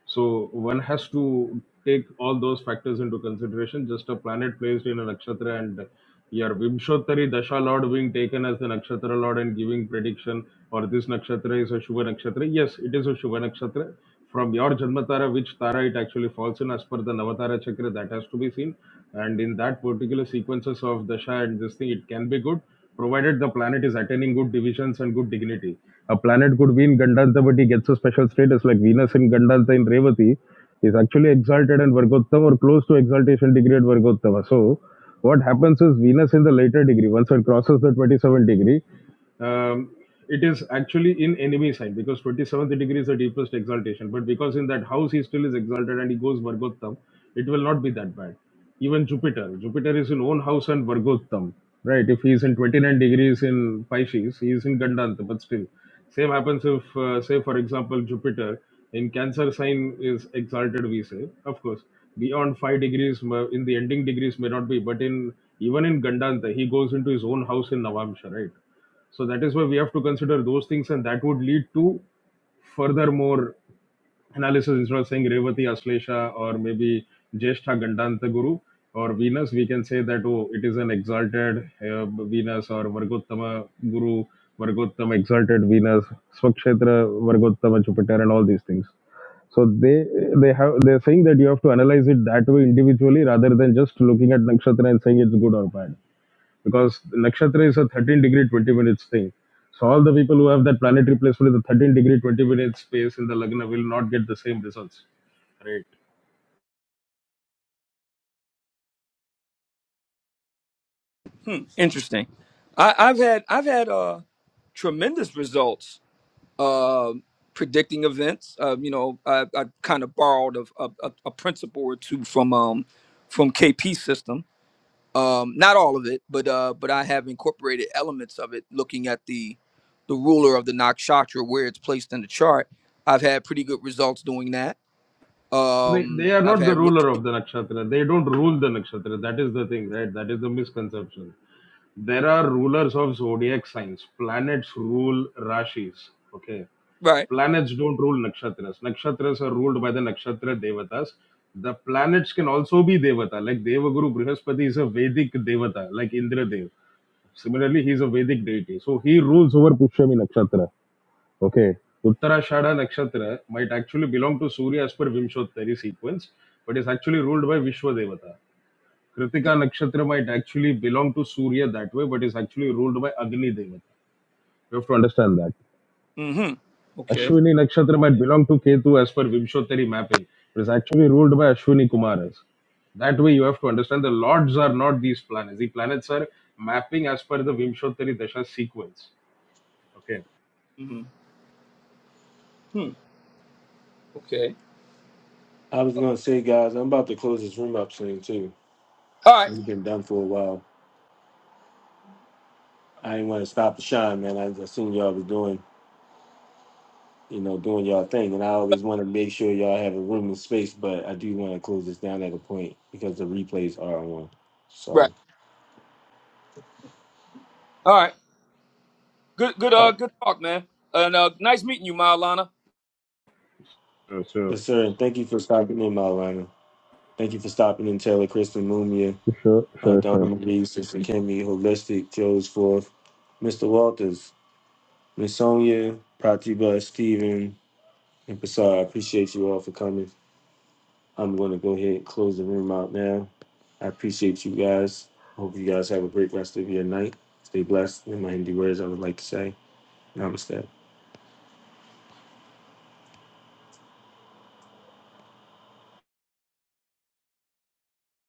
So one has to take all those factors into consideration. Just a planet placed in a nakshatra and your Vimshottari Dasha Lord being taken as the nakshatra Lord and giving prediction or this nakshatra is a Shubha nakshatra. Yes, it is a Shubha nakshatra. From your Janmatara, which Tara it actually falls in as per the Navatara Chakra, that has to be seen. And in that particular sequences of Dasha and this thing, it can be good, provided the planet is attaining good divisions and good dignity a planet could be in Gandanta, but he gets a special status like Venus in Gandanta in Revati is actually exalted and Vargottama or close to exaltation degree at Vargottama. So what happens is Venus in the later degree, once it crosses the 27 degree, um, it is actually in enemy sign because 27th degree is the deepest exaltation. But because in that house he still is exalted and he goes Vargottam, it will not be that bad. Even Jupiter, Jupiter is in own house and Vargottam, right? If he is in 29 degrees in Pisces, he is in Gandanta, but still. Same happens if, uh, say, for example, Jupiter in Cancer sign is exalted, we say. Of course, beyond 5 degrees, ma- in the ending degrees may not be, but in even in Gandanta, he goes into his own house in Navamsha, right? So that is why we have to consider those things, and that would lead to further more analysis. Instead of saying Revati Aslesha or maybe Jeshtha Gandanta Guru or Venus, we can say that oh, it is an exalted uh, Venus or Vargottama Guru, Vargottama exalted Venus, Swakshetra Vargottama Jupiter, and all these things. So they they have they're saying that you have to analyze it that way individually rather than just looking at nakshatra and saying it's good or bad because nakshatra is a 13 degree 20 minutes thing. So all the people who have that planetary placement in the 13 degree 20 minutes space in the lagna will not get the same results. Right.
Hmm, interesting. I, I've had I've had uh tremendous results um predicting events. Um, you know, I, I kind of borrowed a, a, a a principle or two from um, from KP system. Um, not all of it, but uh, but I have incorporated elements of it. Looking at the the ruler of the nakshatra where it's placed in the chart, I've had pretty good results doing that.
They,
Um,
they are
I've
not the
had re-
ruler of
pretty,
the nakshatra. They don't rule the nakshatra. That is the thing, right? That is the misconception. There are rulers of zodiac signs. Planets rule rashis. Okay.
right.
Planets don't rule nakshatras. Nakshatras are ruled by the nakshatra devatas. The planets can also be devata. Like Devaguru Brihaspati is a Vedic devata, like Indra Dev. Similarly, he is a Vedic deity. So he rules over Pushyami Nakshatra. Okay. Uttarashadha Nakshatra might actually belong to Surya as per Vimshottari sequence, but is actually ruled by Vishwadevata. Kritika Nakshatra might actually belong to Surya that way, but is actually ruled by Agni Devata. You have to understand that.
Mm-hmm. Okay.
Ashwini Nakshatra might belong to Ketu as per Vimshottari mapping, but is actually ruled by Ashwini Kumaras. That way you have to understand the lords are not these planets. The planets are mapping as per the Vimshottari Dasha sequence. Okay
Mm-hmm. Hmm. Okay.
I was going to say, guys, I'm about to close this room up soon, too.
All right.
We've been done for a while. I didn't want to stop the shine, man. I, I seen y'all was doing, you know, doing y'all thing. And I always want to make sure y'all have a room and space, but I do want to close this down at a point because the replays are on.
Right.
So,
All right. Good. Good.
uh,
Uh. Good talk, man. And uh, nice meeting you, Maulana.
Sure, sure.
yes, sir. And thank you for stopping in, Malana. Thank you for stopping in, Taylor, Kristen, Mumia.
Sure,
Uh,
sure, sure.
Donna McGee, Sister Kimmy, Holistic, Joe's Forth, Mr. Walters, Miss Sonia, Pratiba, Steven, and Pasar. I appreciate you all for coming. I'm going to go ahead and close the room out now. I appreciate you guys. Hope you guys have a great rest of your night. Stay blessed. In my Hindi words, I would like to say, Namaste.